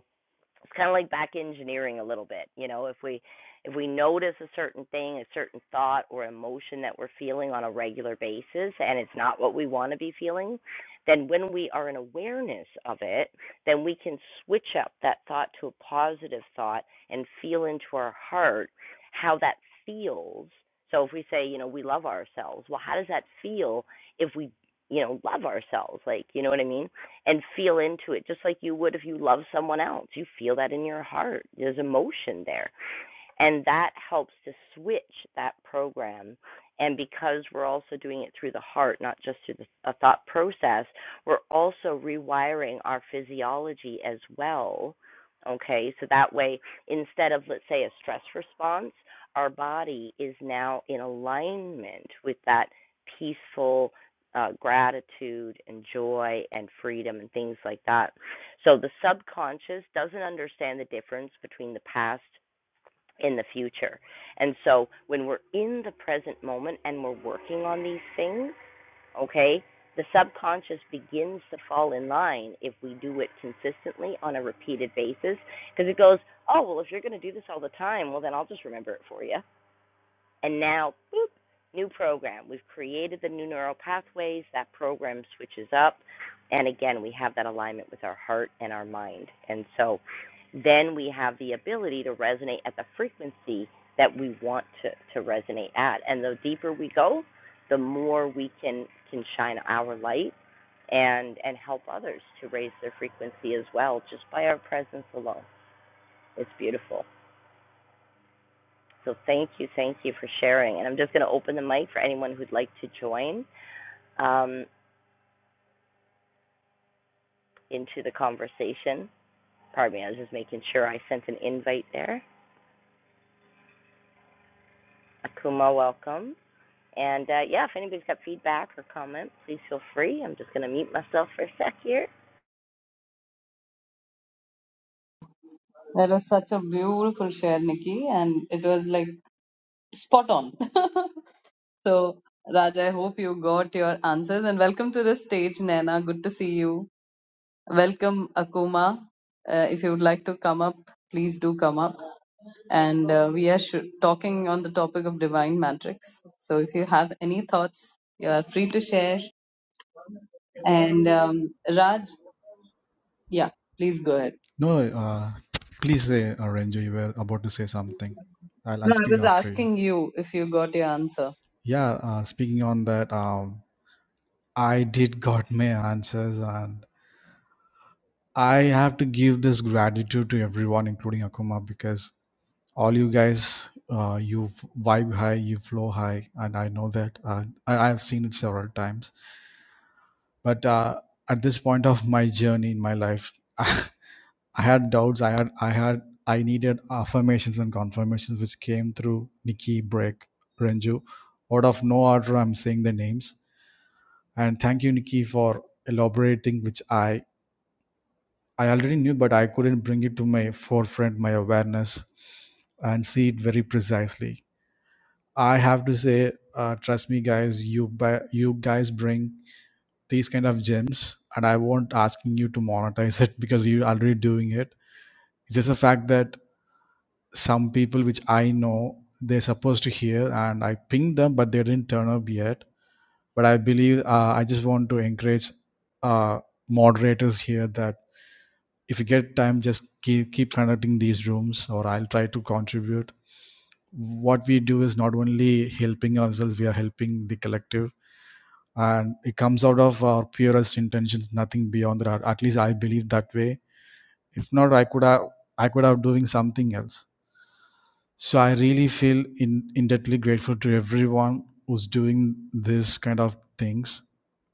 it's kind of like back engineering a little bit you know if we if we notice a certain thing a certain thought or emotion that we're feeling on a regular basis and it's not what we want to be feeling then when we are in awareness of it then we can switch up that thought to a positive thought and feel into our heart how that feels so if we say you know we love ourselves well how does that feel if we you know love ourselves like you know what i mean and feel into it just like you would if you love someone else. You feel that in your heart. There's emotion there. And that helps to switch that program. And because we're also doing it through the heart, not just through the, a thought process, we're also rewiring our physiology as well. Okay, so that way, instead of, let's say, a stress response, our body is now in alignment with that peaceful uh, gratitude and joy and freedom and things like that. So the subconscious doesn't understand the difference between the past in the future. And so when we're in the present moment and we're working on these things, okay, the subconscious begins to fall in line if we do it consistently on a repeated basis because it goes, oh, well, if you're going to do this all the time, well, then I'll just remember it for you. And now, boop, new program. We've created the new neural pathways. That program switches up. And again, we have that alignment with our heart and our mind. And so then we have the ability to resonate at the frequency that we want to, to resonate at. And the deeper we go, the more we can, can shine our light and, and help others to raise their frequency as well just by our presence alone. It's beautiful. So thank you, thank you for sharing. And I'm just going to open the mic for anyone who'd like to join um, into the conversation. Pardon me, I was just making sure I sent an invite there. Akuma, welcome. And uh, yeah, if anybody's got feedback or comments, please feel free. I'm just going to mute myself for a sec here.
That was such a beautiful share, Nikki, and it was like spot on. (laughs) so Raj, I hope you got your answers and welcome to the stage, Naina. Good to see you. Welcome, Akuma. Uh, if you would like to come up, please do come up. And uh, we are sh- talking on the topic of divine matrix. So if you have any thoughts, you are free to share. And um, Raj, yeah, please go ahead.
No, uh, please say, uh, Renju, you were about to say something. I'll, I'll
No, I
speak
was
after you.
asking you if you got your answer.
Yeah, uh, speaking on that, um, I did got my answers and I have to give this gratitude to everyone, including Akuma, because all you guys, uh, you f- vibe high, you flow high, and I know that. Uh, I, I have seen it several times. But uh, at this point of my journey in my life, (laughs) I had doubts. I had, I had, I needed affirmations and confirmations, which came through Nikki, Break, Renju. Out of no order, I'm saying the names. And thank you, Nikki, for elaborating, which I I already knew, but I couldn't bring it to my forefront, my awareness, and see it very precisely. I have to say, uh, trust me, guys, you buy, you guys bring these kind of gems, and I won't asking you to monetize (laughs) it because you're already doing it. It's just the fact that some people which I know they're supposed to hear, and I pinged them, but they didn't turn up yet. But I believe uh, I just want to encourage uh, moderators here that if you get time just keep, keep conducting these rooms or i'll try to contribute what we do is not only helping ourselves we are helping the collective and it comes out of our purest intentions nothing beyond that at least i believe that way if not i could have i could have doing something else so I really feel in, indebtedly grateful to everyone who's doing this kind of things,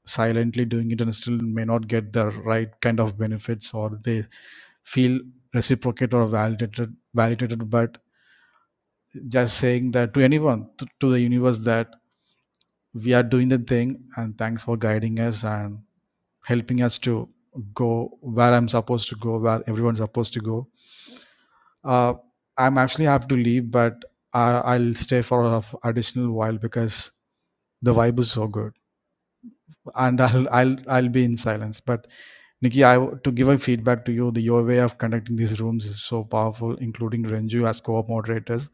silently doing it and still may not get the right kind of benefits or they feel reciprocated or validated validated but just saying that to anyone to, to the universe that we are doing the thing and thanks for guiding us and helping us to go where i'm supposed to go where everyone's supposed to go Uh, I'm actually have to leave, but I, I'll stay for an additional while because the vibe is so good, and (laughs) I'll I'll I'll be in silence. But Nikki, I w- to give a feedback to you, the your way of conducting these rooms is so powerful, including Renju as co-op moderators,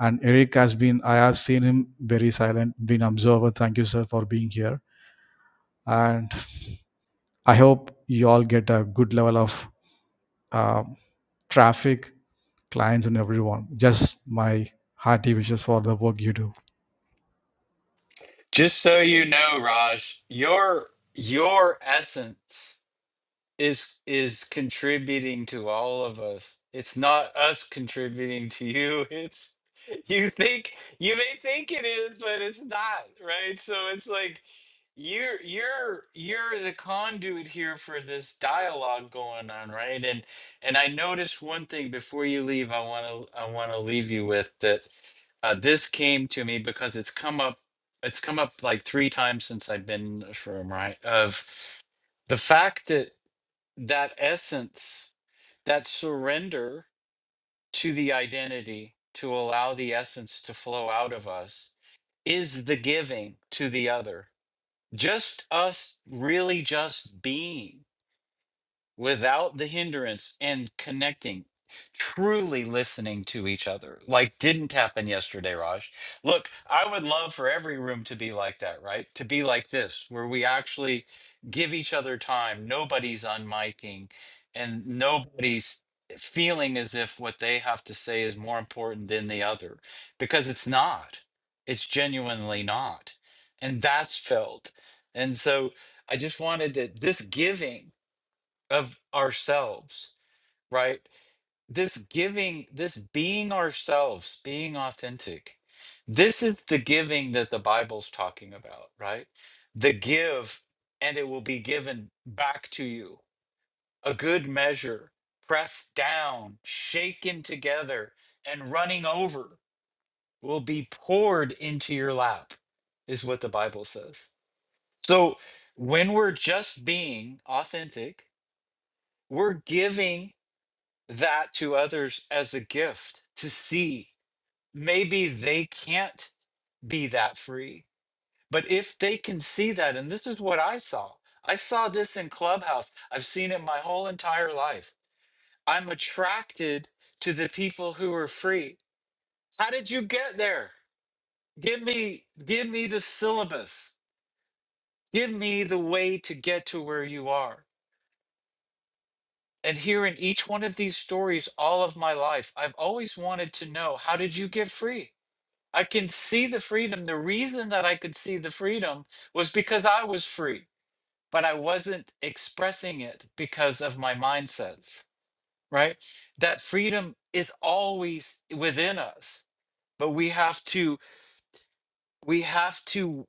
and Eric has been. I have seen him very silent, been observer. Thank you, sir, for being here, and I hope you all get a good level of uh, traffic, clients, and everyone. Just my hearty wishes for the work you do.
Just so you know, Raj, your your essence is is contributing to all of us. It's not us contributing to you. (laughs) It's you think you may think it is, but it's not, right? So it's like you're you're you're the conduit here for this dialogue going on, right? And and I noticed one thing before you leave. I want to I want to leave you with that. Uh, this came to me because it's come up. It's come up like three times since I've been in this room, right? Of the fact that that essence, that surrender to the identity, to allow the essence to flow out of us, is the giving to the other. Just us really just being without the hindrance and connecting, truly listening to each other, like didn't happen yesterday, Raj. Look, I would love for every room to be like that, right? To be like this, where we actually give each other time. Nobody's unmiking and nobody's feeling as if what they have to say is more important than the other because it's not. It's genuinely not. And that's felt. And so I just wanted to, this giving of ourselves, right? This giving, this being ourselves, being authentic. This is the giving that the Bible's talking about, right? The give, and it will be given back to you. A good measure, pressed down, shaken together, and running over will be poured into your lap, is what the Bible says. So when we're just being authentic, we're giving that to others as a gift to see maybe they can't be that free. But if they can see that, and this is what I saw I saw this in Clubhouse, I've seen it my whole entire life. I'm attracted to the people who are free. How did you get there? Give me give me the syllabus. Give me the way to get to where you are. And here in each one of these stories all of my life, I've always wanted to know how did you get free? I can see the freedom. The reason that I could see the freedom was because I was free, but I wasn't expressing it because of my mindsets, right? That freedom is always within us, but we have to we have to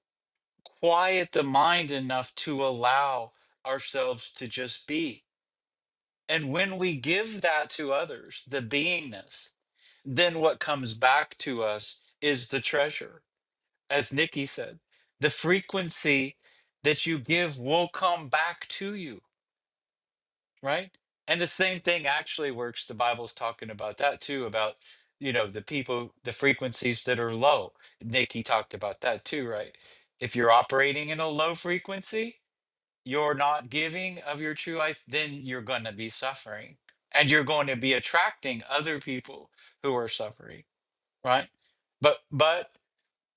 quiet the mind enough to allow ourselves to just be. And when we give that to others, the beingness, then what comes back to us is the treasure as Nikki said, the frequency that you give will come back to you, right? And the same thing actually works. The Bible's talking about that too, about you know the people, the frequencies that are low. Nikki talked about that too, right? If you're operating in a low frequency, you're not giving of your true life, then you're going to be suffering, and you're going to be attracting other people who are suffering, right? But but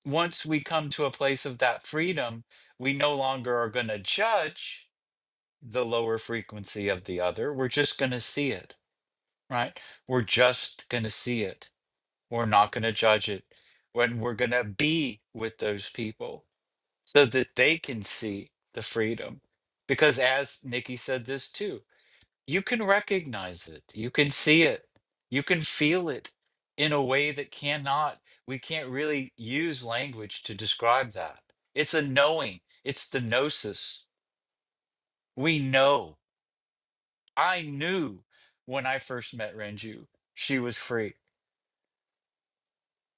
once we come to a place of that freedom, we no longer are going to judge the lower frequency of the other. We're just going to see it, right? We're just going to see it. We're not going to judge it. When we're going to be with those people so that they can see the freedom. Because as Nikki said this too, you can recognize it. You can see it. You can feel it in a way that cannot, we can't really use language to describe that. It's a knowing, it's the gnosis. We know. I knew when I first met Renju, she was free,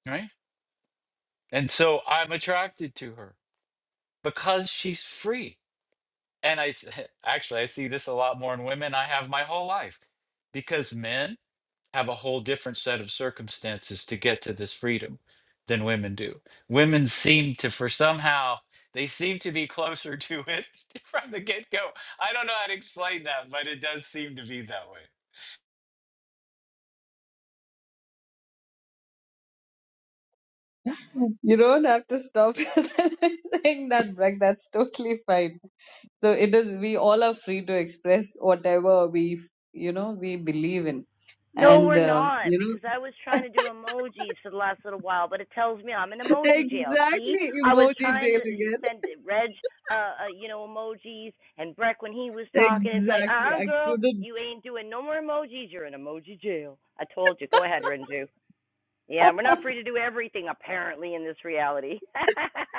right? And so I'm attracted to her because she's free And I s- (laughs) actually I see this a lot more in women. I have my whole life because men have a whole different set of circumstances to get to this freedom than women do. Women seem to, for somehow, they seem to be closer to it (laughs) from the get go. I don't know how to explain that, but it does seem to be that way.
You don't have to stop (laughs) saying that, Greg. That's totally fine. So it is. We all are free to express whatever we, you know, we believe in
No,
and
we're
uh,
not,
you know
because I was trying to do emojis for the last little while, but it tells me I'm in emoji jail. See,
Exactly,
I was
emoji
trying
jail
to
again.
send Reg, uh, uh you know, emojis, and Breck when he was talking. It's like,
Exactly,
uh, uh
I
girl,
couldn't.
you ain't doing no more emojis. You're in emoji jail. I told you. Go ahead, Renju. Yeah, we're not free
(laughs)
to do everything apparently in this reality. (laughs)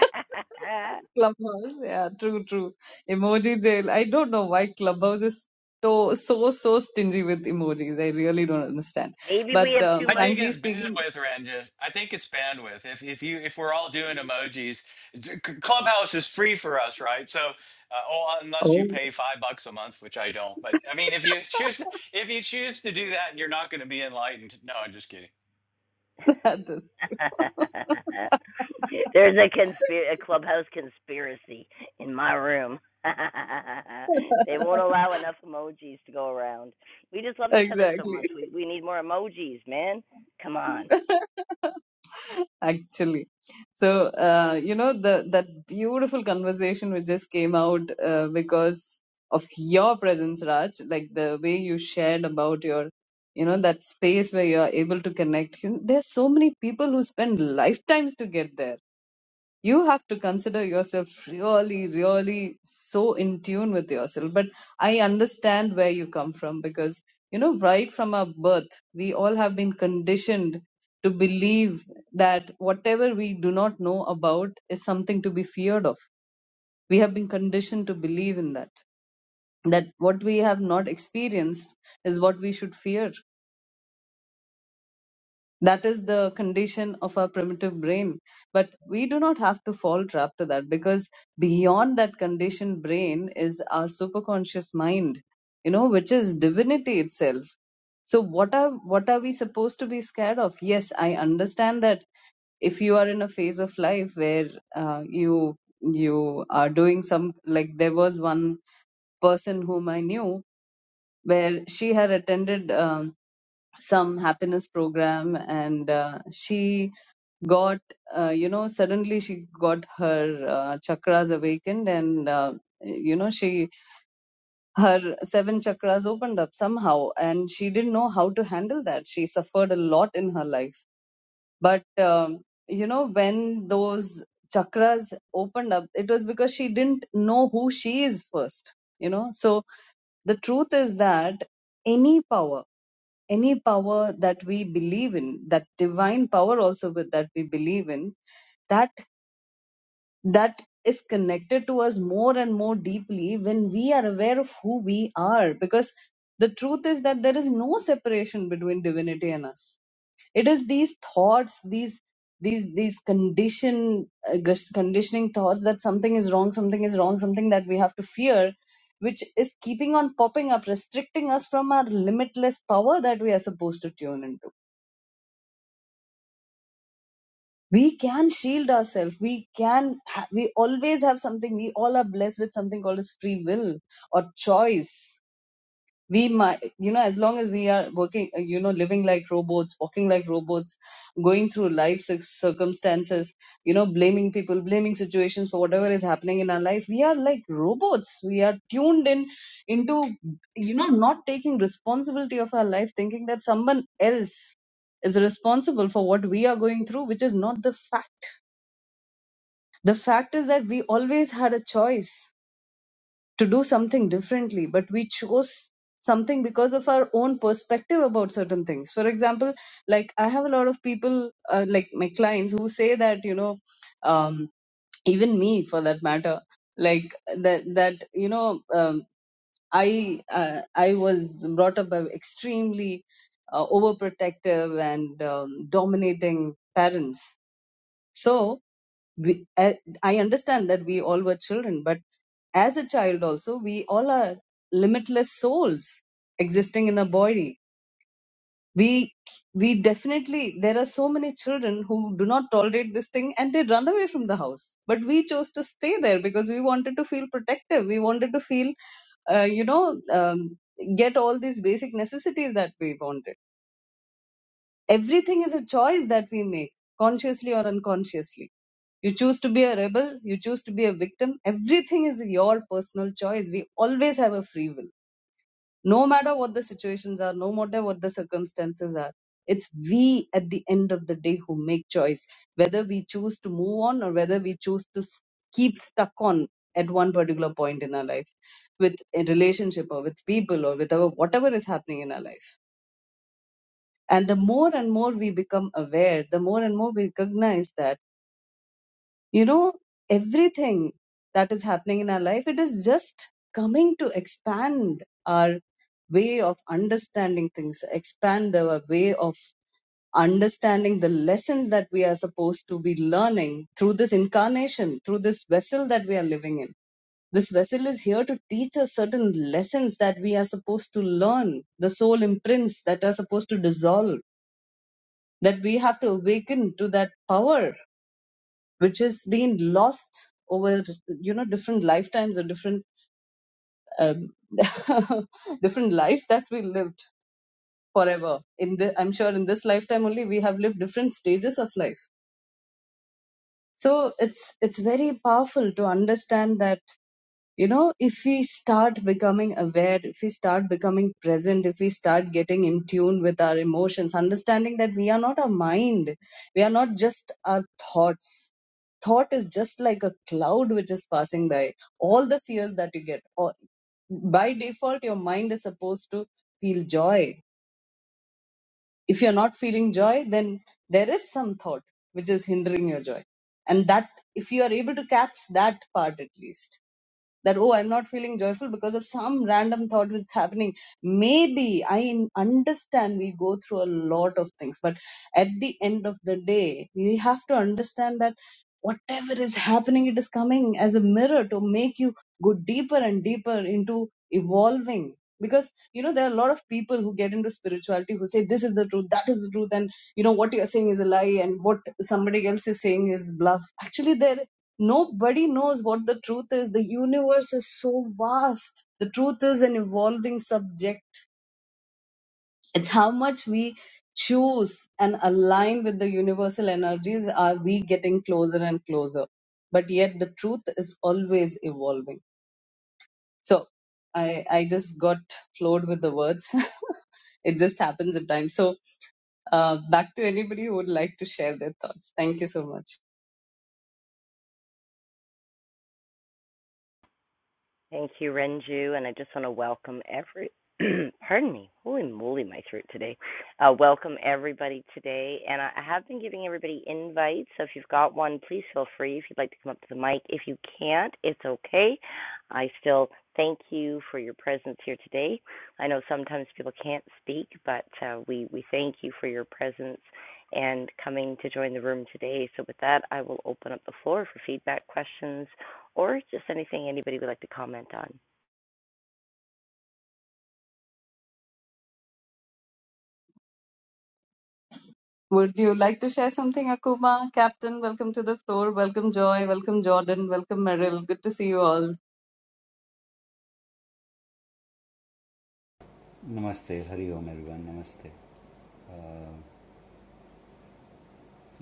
Clubhouse, yeah, true, true. Emoji jail. I don't know why Clubhouse is so so so stingy with emojis. I really don't understand.
Maybe we
But
have
uh,
too
I
much
think
frankly
it's
speaking,
bandwidth, Ranjan. I think it's bandwidth. If if you if we're all doing emojis, c- Clubhouse is free for us, right? So, uh, oh, uh, unless you
oh,
pay five bucks a month, which I don't. But I mean, if you (laughs) choose if you choose to do that, you're not going to be enlightened. No, I'm just kidding.
(laughs) that is
(laughs) There's a conspir- a clubhouse conspiracy in my room. (laughs) they won't allow enough emojis to go around. We just love each other so
exactly.
much. We we need more emojis, man. Come on.
actually so uh, you know the that beautiful conversation which just came out uh, because of your presence raj like the way you shared about your you know that space where you are able to connect you know, there's so many people who spend lifetimes to get there you have to consider yourself really really so in tune with yourself but i understand where you come from because you know right from our birth we all have been conditioned to believe that whatever we do not know about is something to be feared of we have been conditioned to believe in that that what we have not experienced is what we should fear that is the condition of our primitive brain but we do not have to fall trap to that because beyond that conditioned brain is our superconscious mind you know which is divinity itself so what are what are we supposed to be scared of yes i understand that if you are in a phase of life where uh, you you are doing some like there was one person whom i knew where she had attended um, some happiness program and uh, she got uh, you know suddenly she got her uh, chakras awakened and uh, you know she her seven chakras opened up somehow and she didn't know how to handle that she suffered a lot in her life but um, you know when those chakras opened up it was because she didn't know who she is first you know so the truth is that any power any power that we believe in that divine power also with that we believe in that. that is connected to us more and more deeply when we are aware of who we are because the truth is that there is no separation between divinity and us it is these thoughts these these these condition uh, gus- conditioning thoughts that something is wrong something is wrong something that we have to fear which is keeping on popping up restricting us from our limitless power that we are supposed to tune into we can shield ourselves we can ha- we always have something we all are blessed with something called as free will or choice we might you know as long as we are working uh, you know living like robots walking like robots going through life cir- circumstances you know blaming people blaming situations for whatever is happening in our life we are like robots we are tuned in into you know not taking responsibility of our life thinking that someone else is responsible for what we are going through which is not the fact the fact is that we always had a choice to do something differently, but we chose something because of our own perspective about certain things. For example, like I have a lot of people, uh, like my clients, who say that, you know, um, even me for that matter, like that, that you know, um, I uh, I was brought up by extremely uh, overprotective and um, dominating parents. So we, I I understand that we all were children, but as a child also we all are limitless souls existing in a body we we definitely there are so many children who do not tolerate this thing and they run away from the house but we chose to stay there because we wanted to feel protective we wanted to feel uh, you know um, get all these basic necessities that we wanted everything is a choice that we make consciously or unconsciously you choose to be a rebel you choose to be a victim everything is your personal choice we always have a free will no matter what the situations are, no matter what the circumstances are. It's we at the end of the day who make choice, whether we choose to move on or whether we choose to s- keep stuck on at one particular point in our life with a relationship or with people or with our whatever is happening in our life. And the more and more we become aware, the more and more we recognize that you know everything that is happening in our life it is just coming to expand our way of understanding things expand our way of understanding the lessons that we are supposed to be learning through this incarnation through this vessel that we are living in this vessel is here to teach us certain lessons that we are supposed to learn the soul imprints that are supposed to dissolve that we have to awaken to that power which has been lost over you know different lifetimes or different um, (laughs) different lives that we lived forever in the i'm sure in this lifetime only we have lived different stages of life so it's it's very powerful to understand that you know if we start becoming aware if we start becoming present if we start getting in tune with our emotions understanding that we are not our mind we are not just our thoughts thought is just like a cloud which is passing by all the fears that you get or by default your mind is supposed to feel joy if you're not feeling joy then there is some thought which is hindering your joy and that if you are able to catch that part at least that oh i'm not feeling joyful because of some random thought which is happening maybe i understand we go through a lot of things but at the end of the day we have to understand that whatever is happening it is coming as a mirror to make you go deeper and deeper into evolving because you know there are a lot of people who get into spirituality who say this is the truth that is the truth and you know what you are saying is a lie and what somebody else is saying is bluff actually there nobody knows what the truth is. The universe is so vast. The truth is an evolving subject. It's how much we choose and align with the universal energies are we getting closer and closer. But yet the truth is always evolving. So I, I just got flowed with the words. (laughs) it just happens at times. So uh, back to anybody who would like to share their thoughts. Thank you so much.
Thank you, Renju, and I just want to welcome every. (clears throat) Pardon me. Holy moly, my throat today. Uh, welcome everybody today, and I have been giving everybody invites. So if you've got one, please feel free. If you'd like to come up to the mic, if you can't, it's okay. I still thank you for your presence here today. I know sometimes people can't speak, but uh, we we thank you for your presence and coming to join the room today. So, with that, I will open up the floor for feedback, questions, or just anything anybody would like to comment on.
Would you like to share something, Akuma? Captain, welcome to the floor. Welcome, Joy. Welcome, Jordan. Welcome, Merrill. Good to see you all.
Namaste, Hari Om, everyone. Namaste. Uh,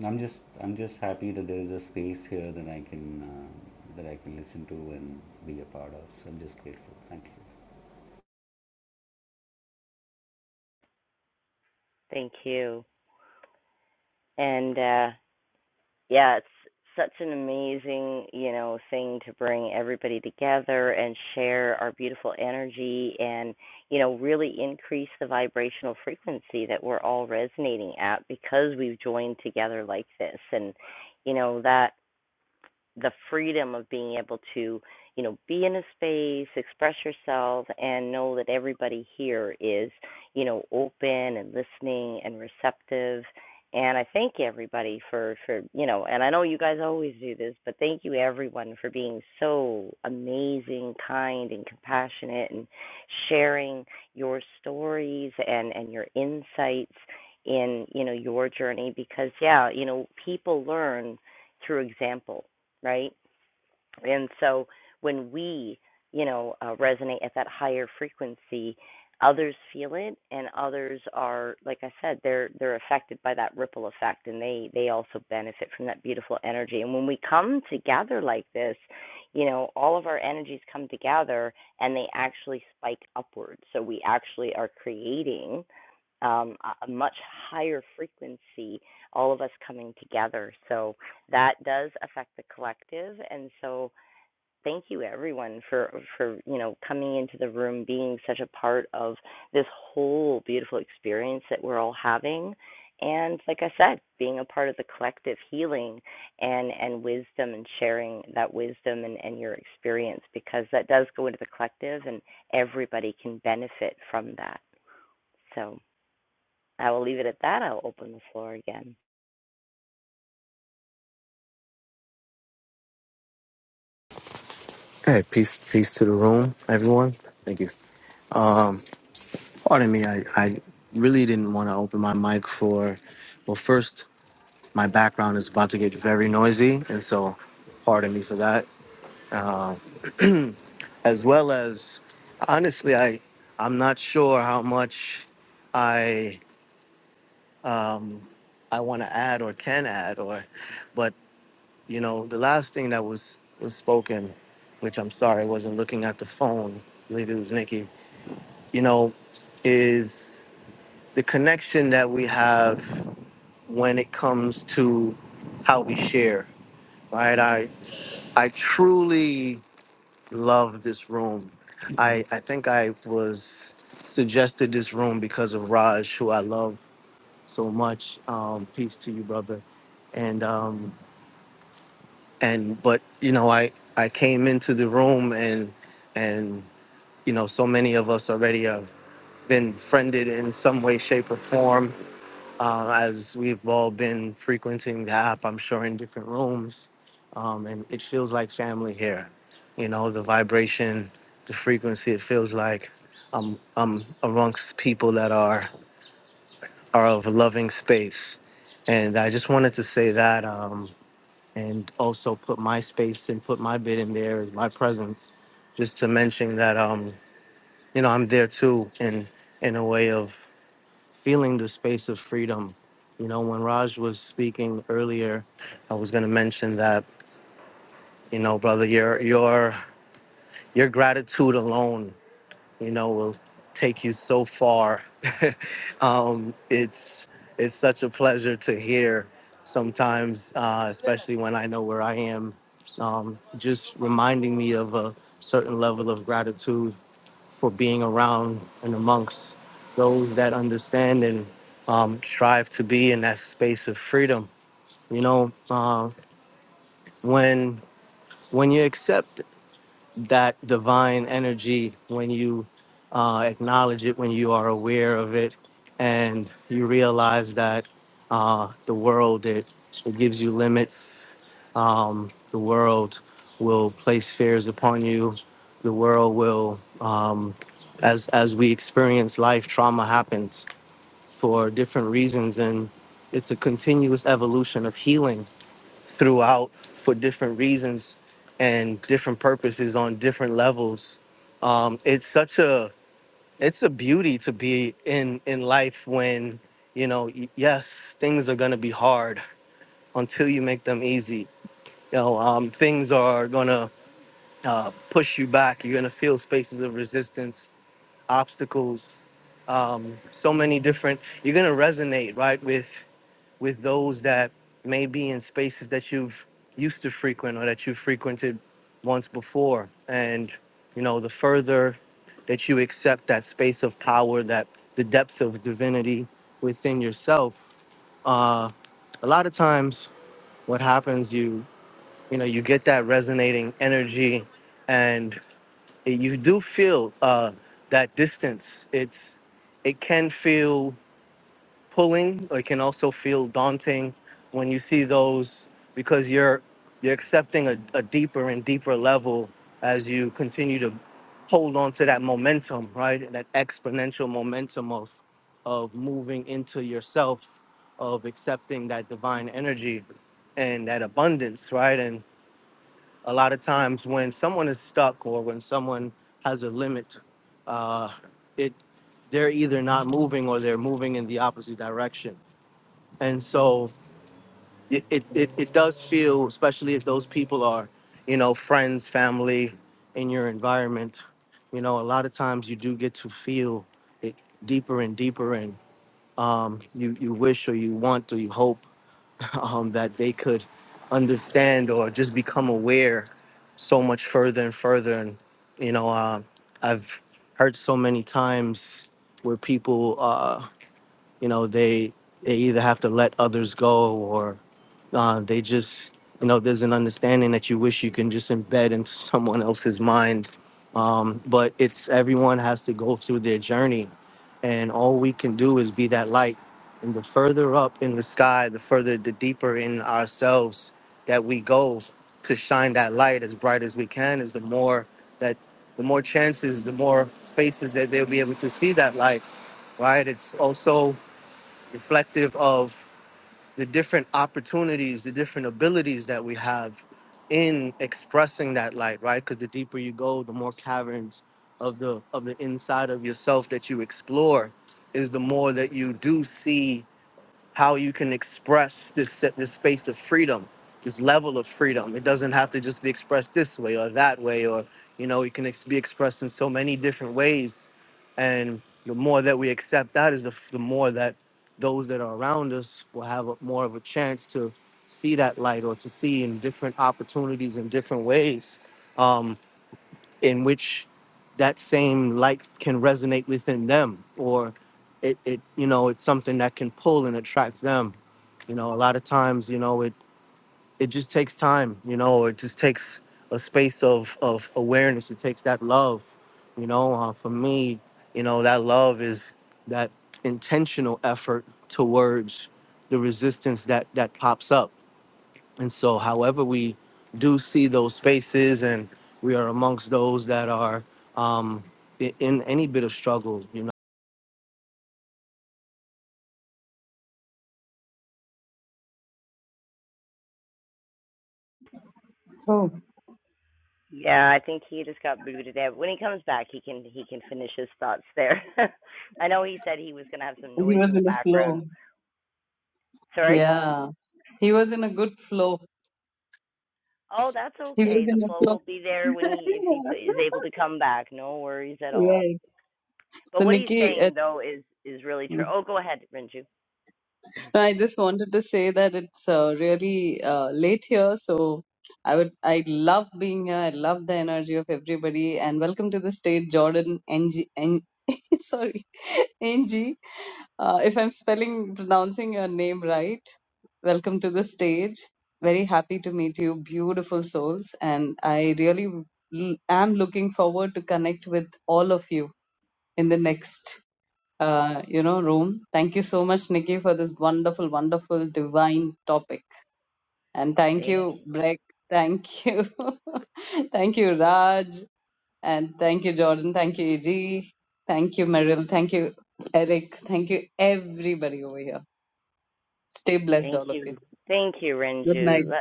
I'm just I'm just happy that there is a space here that I can uh, that I can listen to and be a part of. So I'm just grateful. Thank you.
Thank you. And uh, yeah, it's such an amazing, you know, thing to bring everybody together and share our beautiful energy and, you know, really increase the vibrational frequency that we're all resonating at because we've joined together like this. And, you know, that the freedom of being able to, you know, be in a space, express yourself, and know that everybody here is, you know, open and listening and receptive. And I thank everybody for, for you know, and I know you guys always do this, but thank you everyone for being so amazing, kind, and compassionate, and sharing your stories and and your insights in you know your journey because yeah, you know, people learn through example right? And so when we, you know, uh, resonate at that higher frequency, others feel it, and others are, like I said, they're they're affected by that ripple effect, and they they also benefit from that beautiful energy. And when we come together like this, you know, all of our energies come together, and they actually spike upward. So we actually are creating um, a a much higher frequency, all of us coming together. So that does affect the collective and so thank you everyone for for you know coming into the room being such a part of this whole beautiful experience that we're all having and like i said being a part of the collective healing and and wisdom and sharing that wisdom and, and your experience because that does go into the collective and everybody can benefit from that so i will leave it at that i'll open the floor again
Hey, peace, peace to the room, everyone. Thank you. Pardon me, I, I really didn't want to open my mic for. Well, first, my background is about to get very noisy, and so pardon me for that. As well as, honestly, I I'm not sure how much I um I want to add or can add or, but you know, the last thing that was was spoken, which I'm sorry, I wasn't looking at the phone. I believe it was Nikki. You know, is the connection that we have when it comes to how we share right i i truly love this room i i think i was suggested this room because of raj who i love so much um peace to you brother and um and but you know i i came into the room and and you know so many of us already have been friended in some way shape or form uh, as we've all been frequenting the app, I'm sure in different rooms, um, and it feels like family here. You know, the vibration, the frequency. It feels like I'm I'm amongst people that are are of a loving space, and I just wanted to say that, um, and also put my space and put my bit in there, my presence, just to mention that um, you know I'm there too, in in a way of feeling the space of freedom. You know, when Raj was speaking earlier, I was going to mention that, you know, brother, your your your gratitude alone, you know, will take you so far. (laughs) um, it's it's such a pleasure to hear sometimes, uh, especially when I know where I am. Um, just reminding me of a certain level of gratitude for being around and amongst those that understand and um, strive to be in that space of freedom. You know, uh, when when you accept that divine energy when you uh, acknowledge it, when you are aware of it, and you realize that uh, the world it, it gives you limits. Um, the world will place fears upon you. The world will, um, as as we experience life, trauma happens for different reasons, and it's a continuous evolution of healing throughout for different reasons and different purposes on different levels. Um, it's such a it's a beauty to be in in life when you know y- yes things are gonna be hard until you make them easy. You know um, things are gonna uh, push you back. You're gonna feel spaces of resistance, obstacles, um, so many different. You're gonna resonate right with with those that may be in spaces that you've used to frequent or that you frequented once before. And, you know, the further that you accept that space of power, that the depth of divinity within yourself, uh, a lot of times what happens, you, you know, you get that resonating energy and you do feel uh, that distance. It's, it can feel pulling it can also feel daunting when you see those because you're you're accepting a, a deeper and deeper level as you continue to hold on to that momentum right that exponential momentum of of moving into yourself of accepting that divine energy and that abundance right and a lot of times when someone is stuck or when someone has a limit uh, it they're either not moving or they're moving in the opposite direction and so it, it, it, it does feel, especially if those people are, you know, friends, family in your environment, you know, a lot of times you do get to feel it deeper and deeper and um, you, you wish or you want or you hope (laughs) um, that they could understand or just become aware so much further and further. And, you know, uh, I've heard so many times where people, uh, you know they they either have to let others go or uh, they just you know there's an understanding that you wish you can just embed into (laughs) someone else's mind um, but it's everyone has to go through their journey and all we can do is be that light and the further up in the sky the further the deeper in ourselves that we go to shine that light as bright as we can is the more that the more chances the more spaces that they'll be able to see that light right? It's also reflective of the different opportunities, the different abilities that we have in expressing that light, right? Because the deeper you go, the more caverns of the of the inside of yourself that you explore is the more that you do see how you can express this this space of freedom, this level of freedom. It doesn't have to just be expressed this way or that way, or you know, it can ex- be expressed in so many different ways. And the more that we accept that, is the f- the more that those that are around us will have a, more of a chance to see that light or to see in different opportunities in different ways. Um, in which that same light can resonate within them or it, it you know it's something that can pull and attract them you know a lot of times you know it it just takes time you know it just takes a space of of awareness it takes that love you know uh, for me you know that love is that intentional effort towards the resistance that that pops up and so, however, we do see those spaces, and we are amongst those that are um, i- in any bit of struggle, you know.
Oh,
Yeah, I think he just got booted out. When he comes back, he can he can finish his thoughts there. (laughs) I know he said he was going to have some
he
noise
was
in the
in a
background.
flow.
Sorry.
Yeah. He was in a good flow.
Oh, that's
He was
okay. The
in a
flow
flow.
will be there when he if he is able to
(laughs)
come back. No worries at all.
Right.
But
So,
what he's
Nikki,
saying though
it's.
is is really true.
Mm.
Oh, go ahead, Renju.
No, I just wanted to say that it's uh, really uh, late here. So, I would. I love being here. I love the energy of everybody. And welcome to the stage, Jordan. NG. N- (laughs) sorry, (laughs) NG. Uh, if I'm spelling, pronouncing your name right, welcome to the stage. Very happy to meet you, beautiful souls. And I really l- am looking forward to connect with all of you in the next, uh, you know, room. Thank you so much, Nikki, for this wonderful, wonderful, divine topic. And thank
Thank
you,
you.
Breck. Thank you. (laughs) thank you, Raj. And thank you, Jordan. Thank you, AG. Thank you, Meryl. Thank you, Eric. Thank you, everybody over here. Stay blessed,
Thank
all of you.
you. Thank you,
Good
Renju.
night.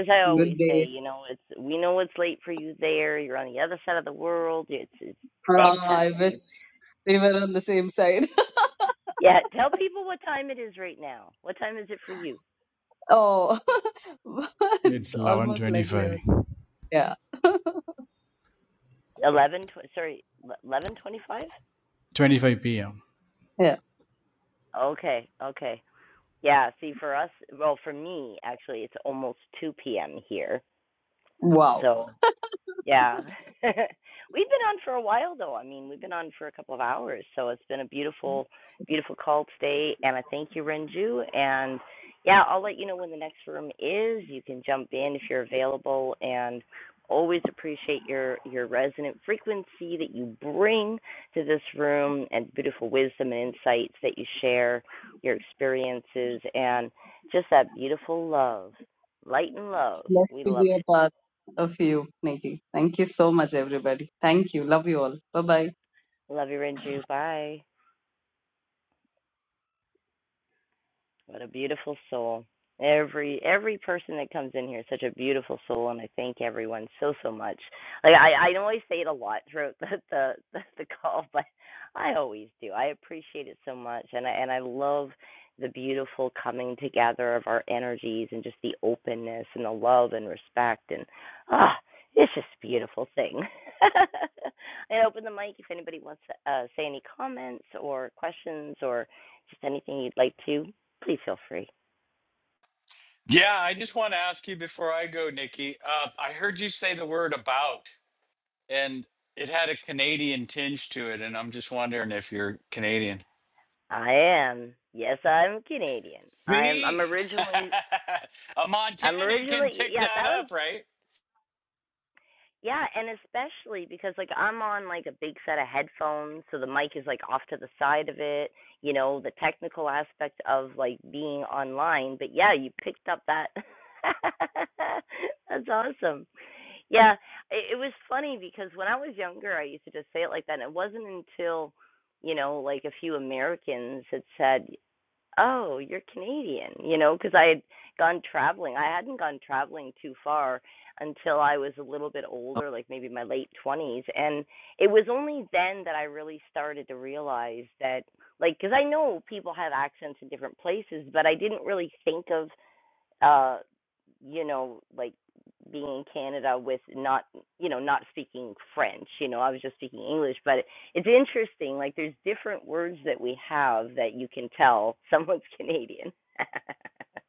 As I always
Good
say,
day.
you know, it's we know it's late for you there. You're on the other side of the world. It's it's
Ah,
bedtime,
I wish
man
we were on the same side.
Yeah, tell people what time it is right now. What time is it for you?
(laughs) oh, (laughs) it's
It's
almost like
11:25,
level. Yeah. (laughs)
Eleven. Tw- sorry, eleven twenty-five.
25 p.m.
yeah.
Okay, okay. Yeah. See, for us, well, for me actually, it's almost two p.m. here.
Wow.
So Yeah. (laughs) we've been on for a while though. I mean, we've been on for a couple of hours, so it's been a beautiful beautiful call today and I thank you Renju and yeah, I'll let you know when the next room is. You can jump in if you're available and always appreciate your your resonant frequency that you bring to this room and beautiful wisdom and insights that you share, your experiences and just that beautiful love. Light and love.
Blessed
We
to
love
be
it.
a part of you, Nikki. Thank you so much, everybody. Thank you. Love you all. Bye bye.
Love you, Renju. Bye. What a beautiful soul. Every every person that comes in here is such a beautiful soul and I thank everyone so so much. Like I, I always say it a lot throughout (laughs) the, the the the call, but I always do. I appreciate it so much and I and I love the beautiful coming together of our energies and just the openness and the love and respect and ah it's just a beautiful thing. (laughs) and open the mic if anybody wants to uh, say any comments or questions or just anything you'd like to. Please feel free.
Yeah, I just want to ask you before I go, Nikki. Uh, I heard you say the word about, and it had a Canadian tinge to it, and I'm just wondering if you're Canadian.
I am. Yes, I'm Canadian. I'm I'm
See,
originally
(laughs) a
I'm
Montanan can
originally
pick
yeah,
that
that
up,
was
right?
yeah, and especially because like I'm on like a big set of headphones, so the mic is like off to the side of it, you know, the technical aspect of like being online, but yeah, you picked up that (laughs) That's awesome. Yeah, it, it was funny because when I was younger, I used to just say it like that. And it wasn't until, you know, like a few Americans had said, oh, you're Canadian, you know, because I had gone traveling. I hadn't gone traveling too far until I was a little bit older, like maybe my late 20s. And it was only then that I really started to realize that, like, because I know people have accents in different places, but I didn't really think of uh you know like being in canada with not you know not speaking french you know i was just speaking english but it, it's interesting like there's different words that we have that you can tell someone's canadian (laughs)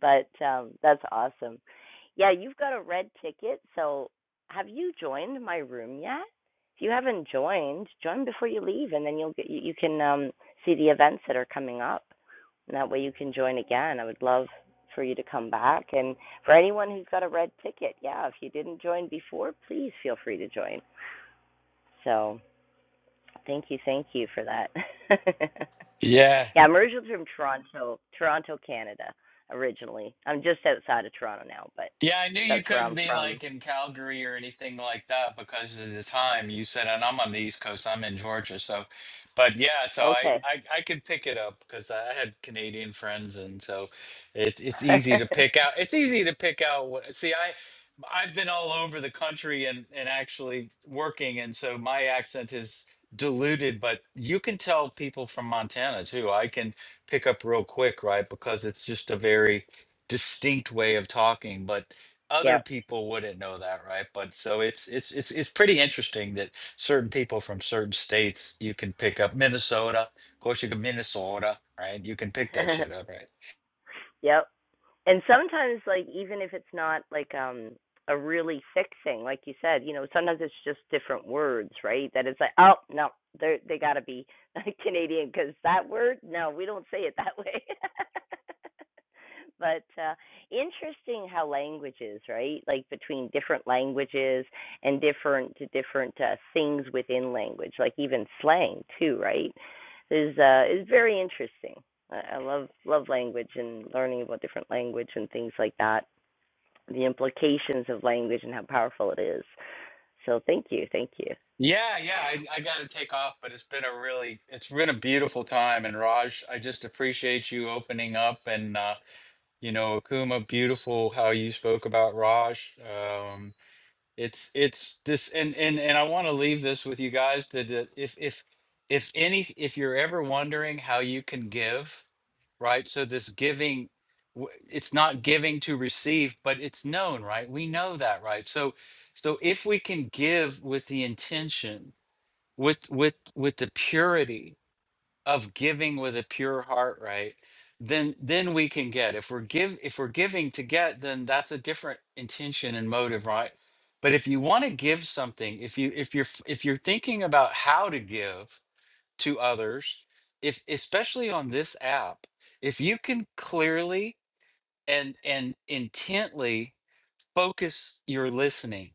But um, that's awesome. Yeah, you've got a red ticket. So have you joined my room yet? If you haven't joined, join before you leave, and then you'll get you, can um, see the events that are coming up. And that way you can join again. I would love for you to come back. And for anyone who's got a red ticket, yeah, if you didn't join before, please feel free to join. So thank you, thank you for that. (laughs)
Yeah.
Yeah, I'm originally from Toronto, Toronto, Canada. Originally, I'm just outside of Toronto now, but
Yeah, I knew you
that's where
couldn't
I'm
be
from.
like in Calgary or anything like that because of the time you said, and I'm on the East Coast, I'm in Georgia. So, but yeah, so I,
Okay.
I, I could pick it up because I had Canadian friends. And so it's, it's easy to pick
(laughs)
out. It's easy to pick out what, see, I, I've been all over the country and, and actually working. And so my accent is diluted, but you can tell people from Montana too. I can pick up real quick, right? Because it's just a very, distinct way of talking but other
yep.
people wouldn't know that right but so it's it's it's it's pretty interesting that certain people from certain states you can pick up Minnesota of course you can Minnesota right you can pick that shit
(laughs)
up right
yep. and sometimes like even if it's not like um a really thick thing like you said you know sometimes it's just different words right that it's like oh no they they got to be (laughs) canadian because that word no we don't say it that way (laughs) but uh interesting how languages right like between different languages and different different uh, things within language like even slang too right is uh is very interesting I, love love language and learning about different language and things like that. The implications of language and how powerful it is. So thank you, thank you.
yeah yeah I, I gotta take off but it's been a really it's been a beautiful time and Raj I just appreciate you opening up and uh you know Akuma beautiful how you spoke about Raj Um, It's it's this and and and I want to leave this with you guys that uh, if if if any if you're ever wondering how you can give, right? So this giving w- it's not giving to receive, but it's known, right? We know that, right? So so if we can give with the intention, with with with the purity of giving with a pure heart right then then we can get if we're give if we're giving to get then that's a different intention and motive right but if you want to give something if you if you're f- if you're thinking about how to give to others if especially on this app if you can clearly and and intently focus your listening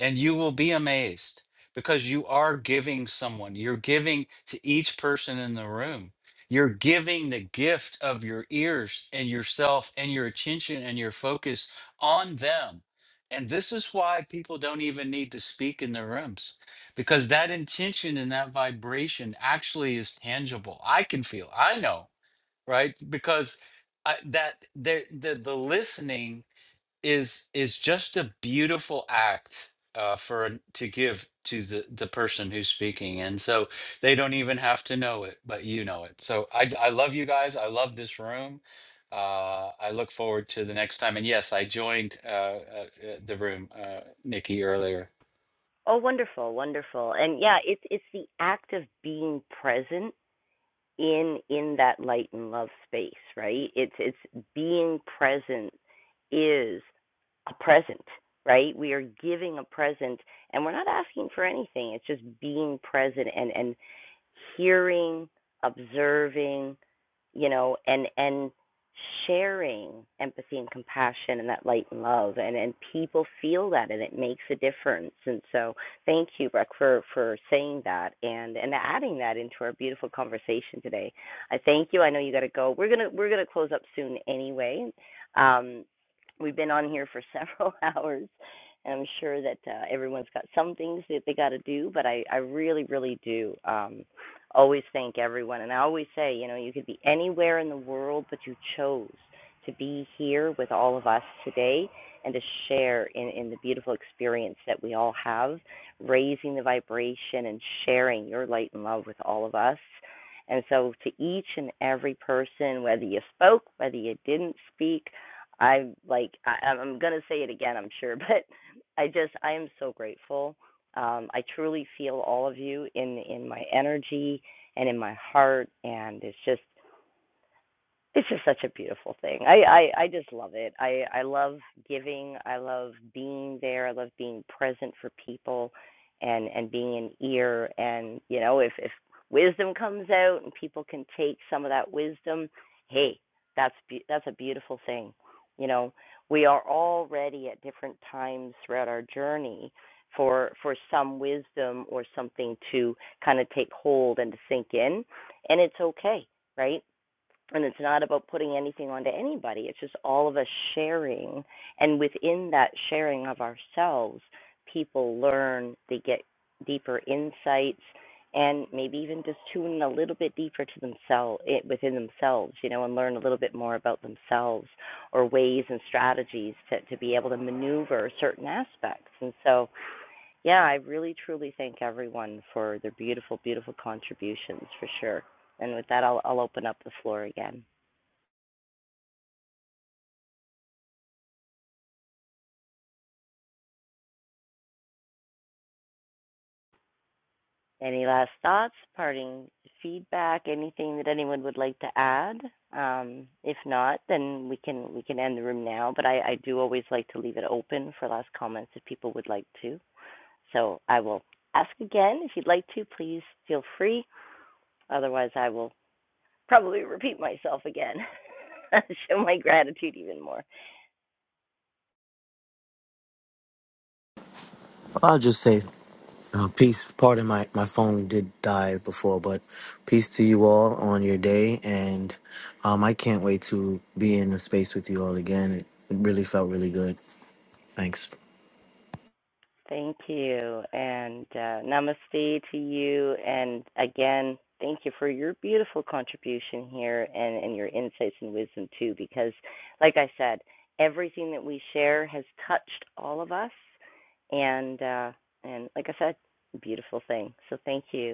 and you will be amazed because you are giving someone, you're giving to each person in the room. You're giving the gift of your ears and yourself and your attention and your focus on them. And this is why people don't even need to speak in their rooms because that intention and that vibration actually is tangible. I can feel, I know, right? Because I, that there- the, the listening is is just a beautiful act uh, for an- to give to the the person who's speaking, and so they don't even have to know it, but you know it. So I d- I love you guys. I love this room. Uh, I look forward to the next time. And yes, I joined uh, uh, uh, the room, uh, Nikki earlier.
Oh, wonderful, wonderful. And yeah, it's it's the act of being present in in that light and love space, right? It's it's being present is a present, right? We are giving a present and we're not asking for anything. It's just being present and and hearing, observing, you know, and and sharing empathy and compassion and that light and love and and people feel that and it makes a difference and so thank you Breck for for saying that and and adding that into our beautiful conversation today I thank you I know you got to go we're gonna we're gonna close up soon anyway um we've been on here for (laughs) several hours and I'm sure that uh, everyone's got some things that they got to do but I I really really do um always thank everyone. And I always say, you know, you could be anywhere in the world, but you chose to be here with all of us today and to share in, in the beautiful experience that we all have, raising the vibration and sharing your light and love with all of us. And so, to each and every person, whether you spoke, whether you didn't speak, I like I, I'm gonna say it again, I'm sure, (laughs) but I just I am so grateful um, I truly feel all of you in in my energy and in my heart, and it's just it's just such a beautiful thing. I, I I just love it. I I love giving. I love being there. I love being present for people, and and being an ear. And you know, if if wisdom comes out and people can take some of that wisdom, hey, that's be- that's a beautiful thing. You know, we are all ready at different times throughout our journey for for some wisdom or something to kind of take hold and to sink in, and it's okay right? and it's not about putting anything onto anybody. It's just all of us sharing, and within that sharing of ourselves, people learn, they get deeper insights, and maybe even just tune in a little bit deeper to themselves it, within themselves, you know, and learn a little bit more about themselves or ways and strategies to to be able to maneuver certain aspects. And so, yeah, I really truly thank everyone for their beautiful, beautiful contributions for sure. And with that, I'll, I'll open up the floor again. Any last thoughts, parting feedback, anything that anyone would like to add? Um, if not, then we can we can end the room now. But I, I do always like to leave it open for last comments if people would like to. So I will ask again if you'd like to. Please feel free. Otherwise, I will probably repeat myself again. (laughs) Show my gratitude even more.
I'll just say uh, peace. Pardon my, my phone did die before, but peace to you all on your day. And um, I can't wait to be in the space with you all again. It, it really felt really good. Thanks.
Thank you. And uh, namaste to you. And again, thank you for your beautiful contribution here and, and your insights and wisdom, too, because, like I said, everything that we share has touched all of us. And, uh, and like I said, beautiful thing. So thank you.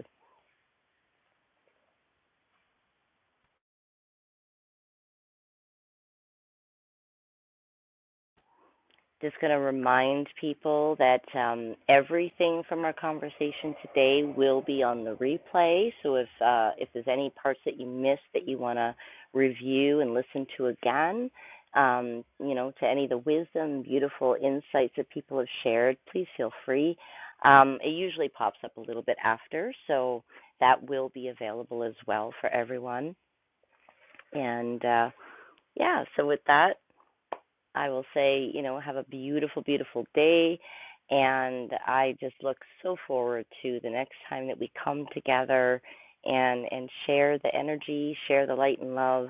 just going to remind people that um, everything from our conversation today will be on the replay. So if uh, if there's any parts that you missed that you want to review and listen to again, um, you know, to any of the wisdom, beautiful insights that people have shared, please feel free. Um, it usually pops up a little bit after, so that will be available as well for everyone. And uh, yeah, so with that, I will say, you know, have a beautiful, beautiful day. And I just look so forward to the next time that we come together and and share the energy, share the light and love.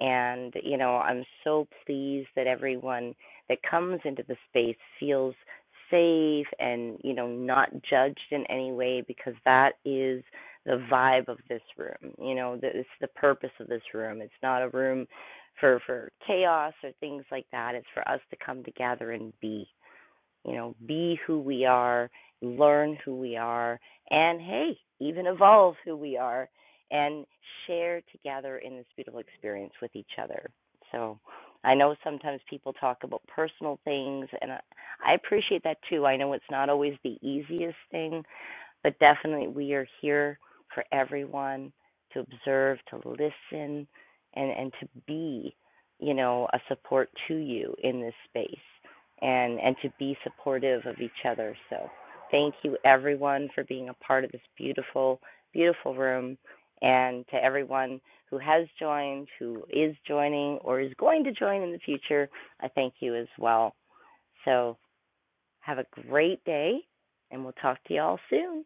And you know, I'm so pleased that everyone that comes into the space feels safe and you know not judged in any way because that is the vibe of this room. You know, it's the purpose of this room. It's not a room for for chaos or things like that. It's for us to come together and be, you know, be who we are, learn who we are, and hey, even evolve who we are and share together in this beautiful experience with each other. So I know sometimes people talk about personal things, and I I appreciate that too. I know it's not always the easiest thing, but definitely, we are here for everyone to observe, to listen, and, and to be, you know, a support to you in this space and, and to be supportive of each other. So, thank you everyone for being a part of this beautiful, beautiful room. And to everyone who has joined, who is joining, or is going to join in the future, I thank you as well. So, have a great day, and we'll talk to you all soon.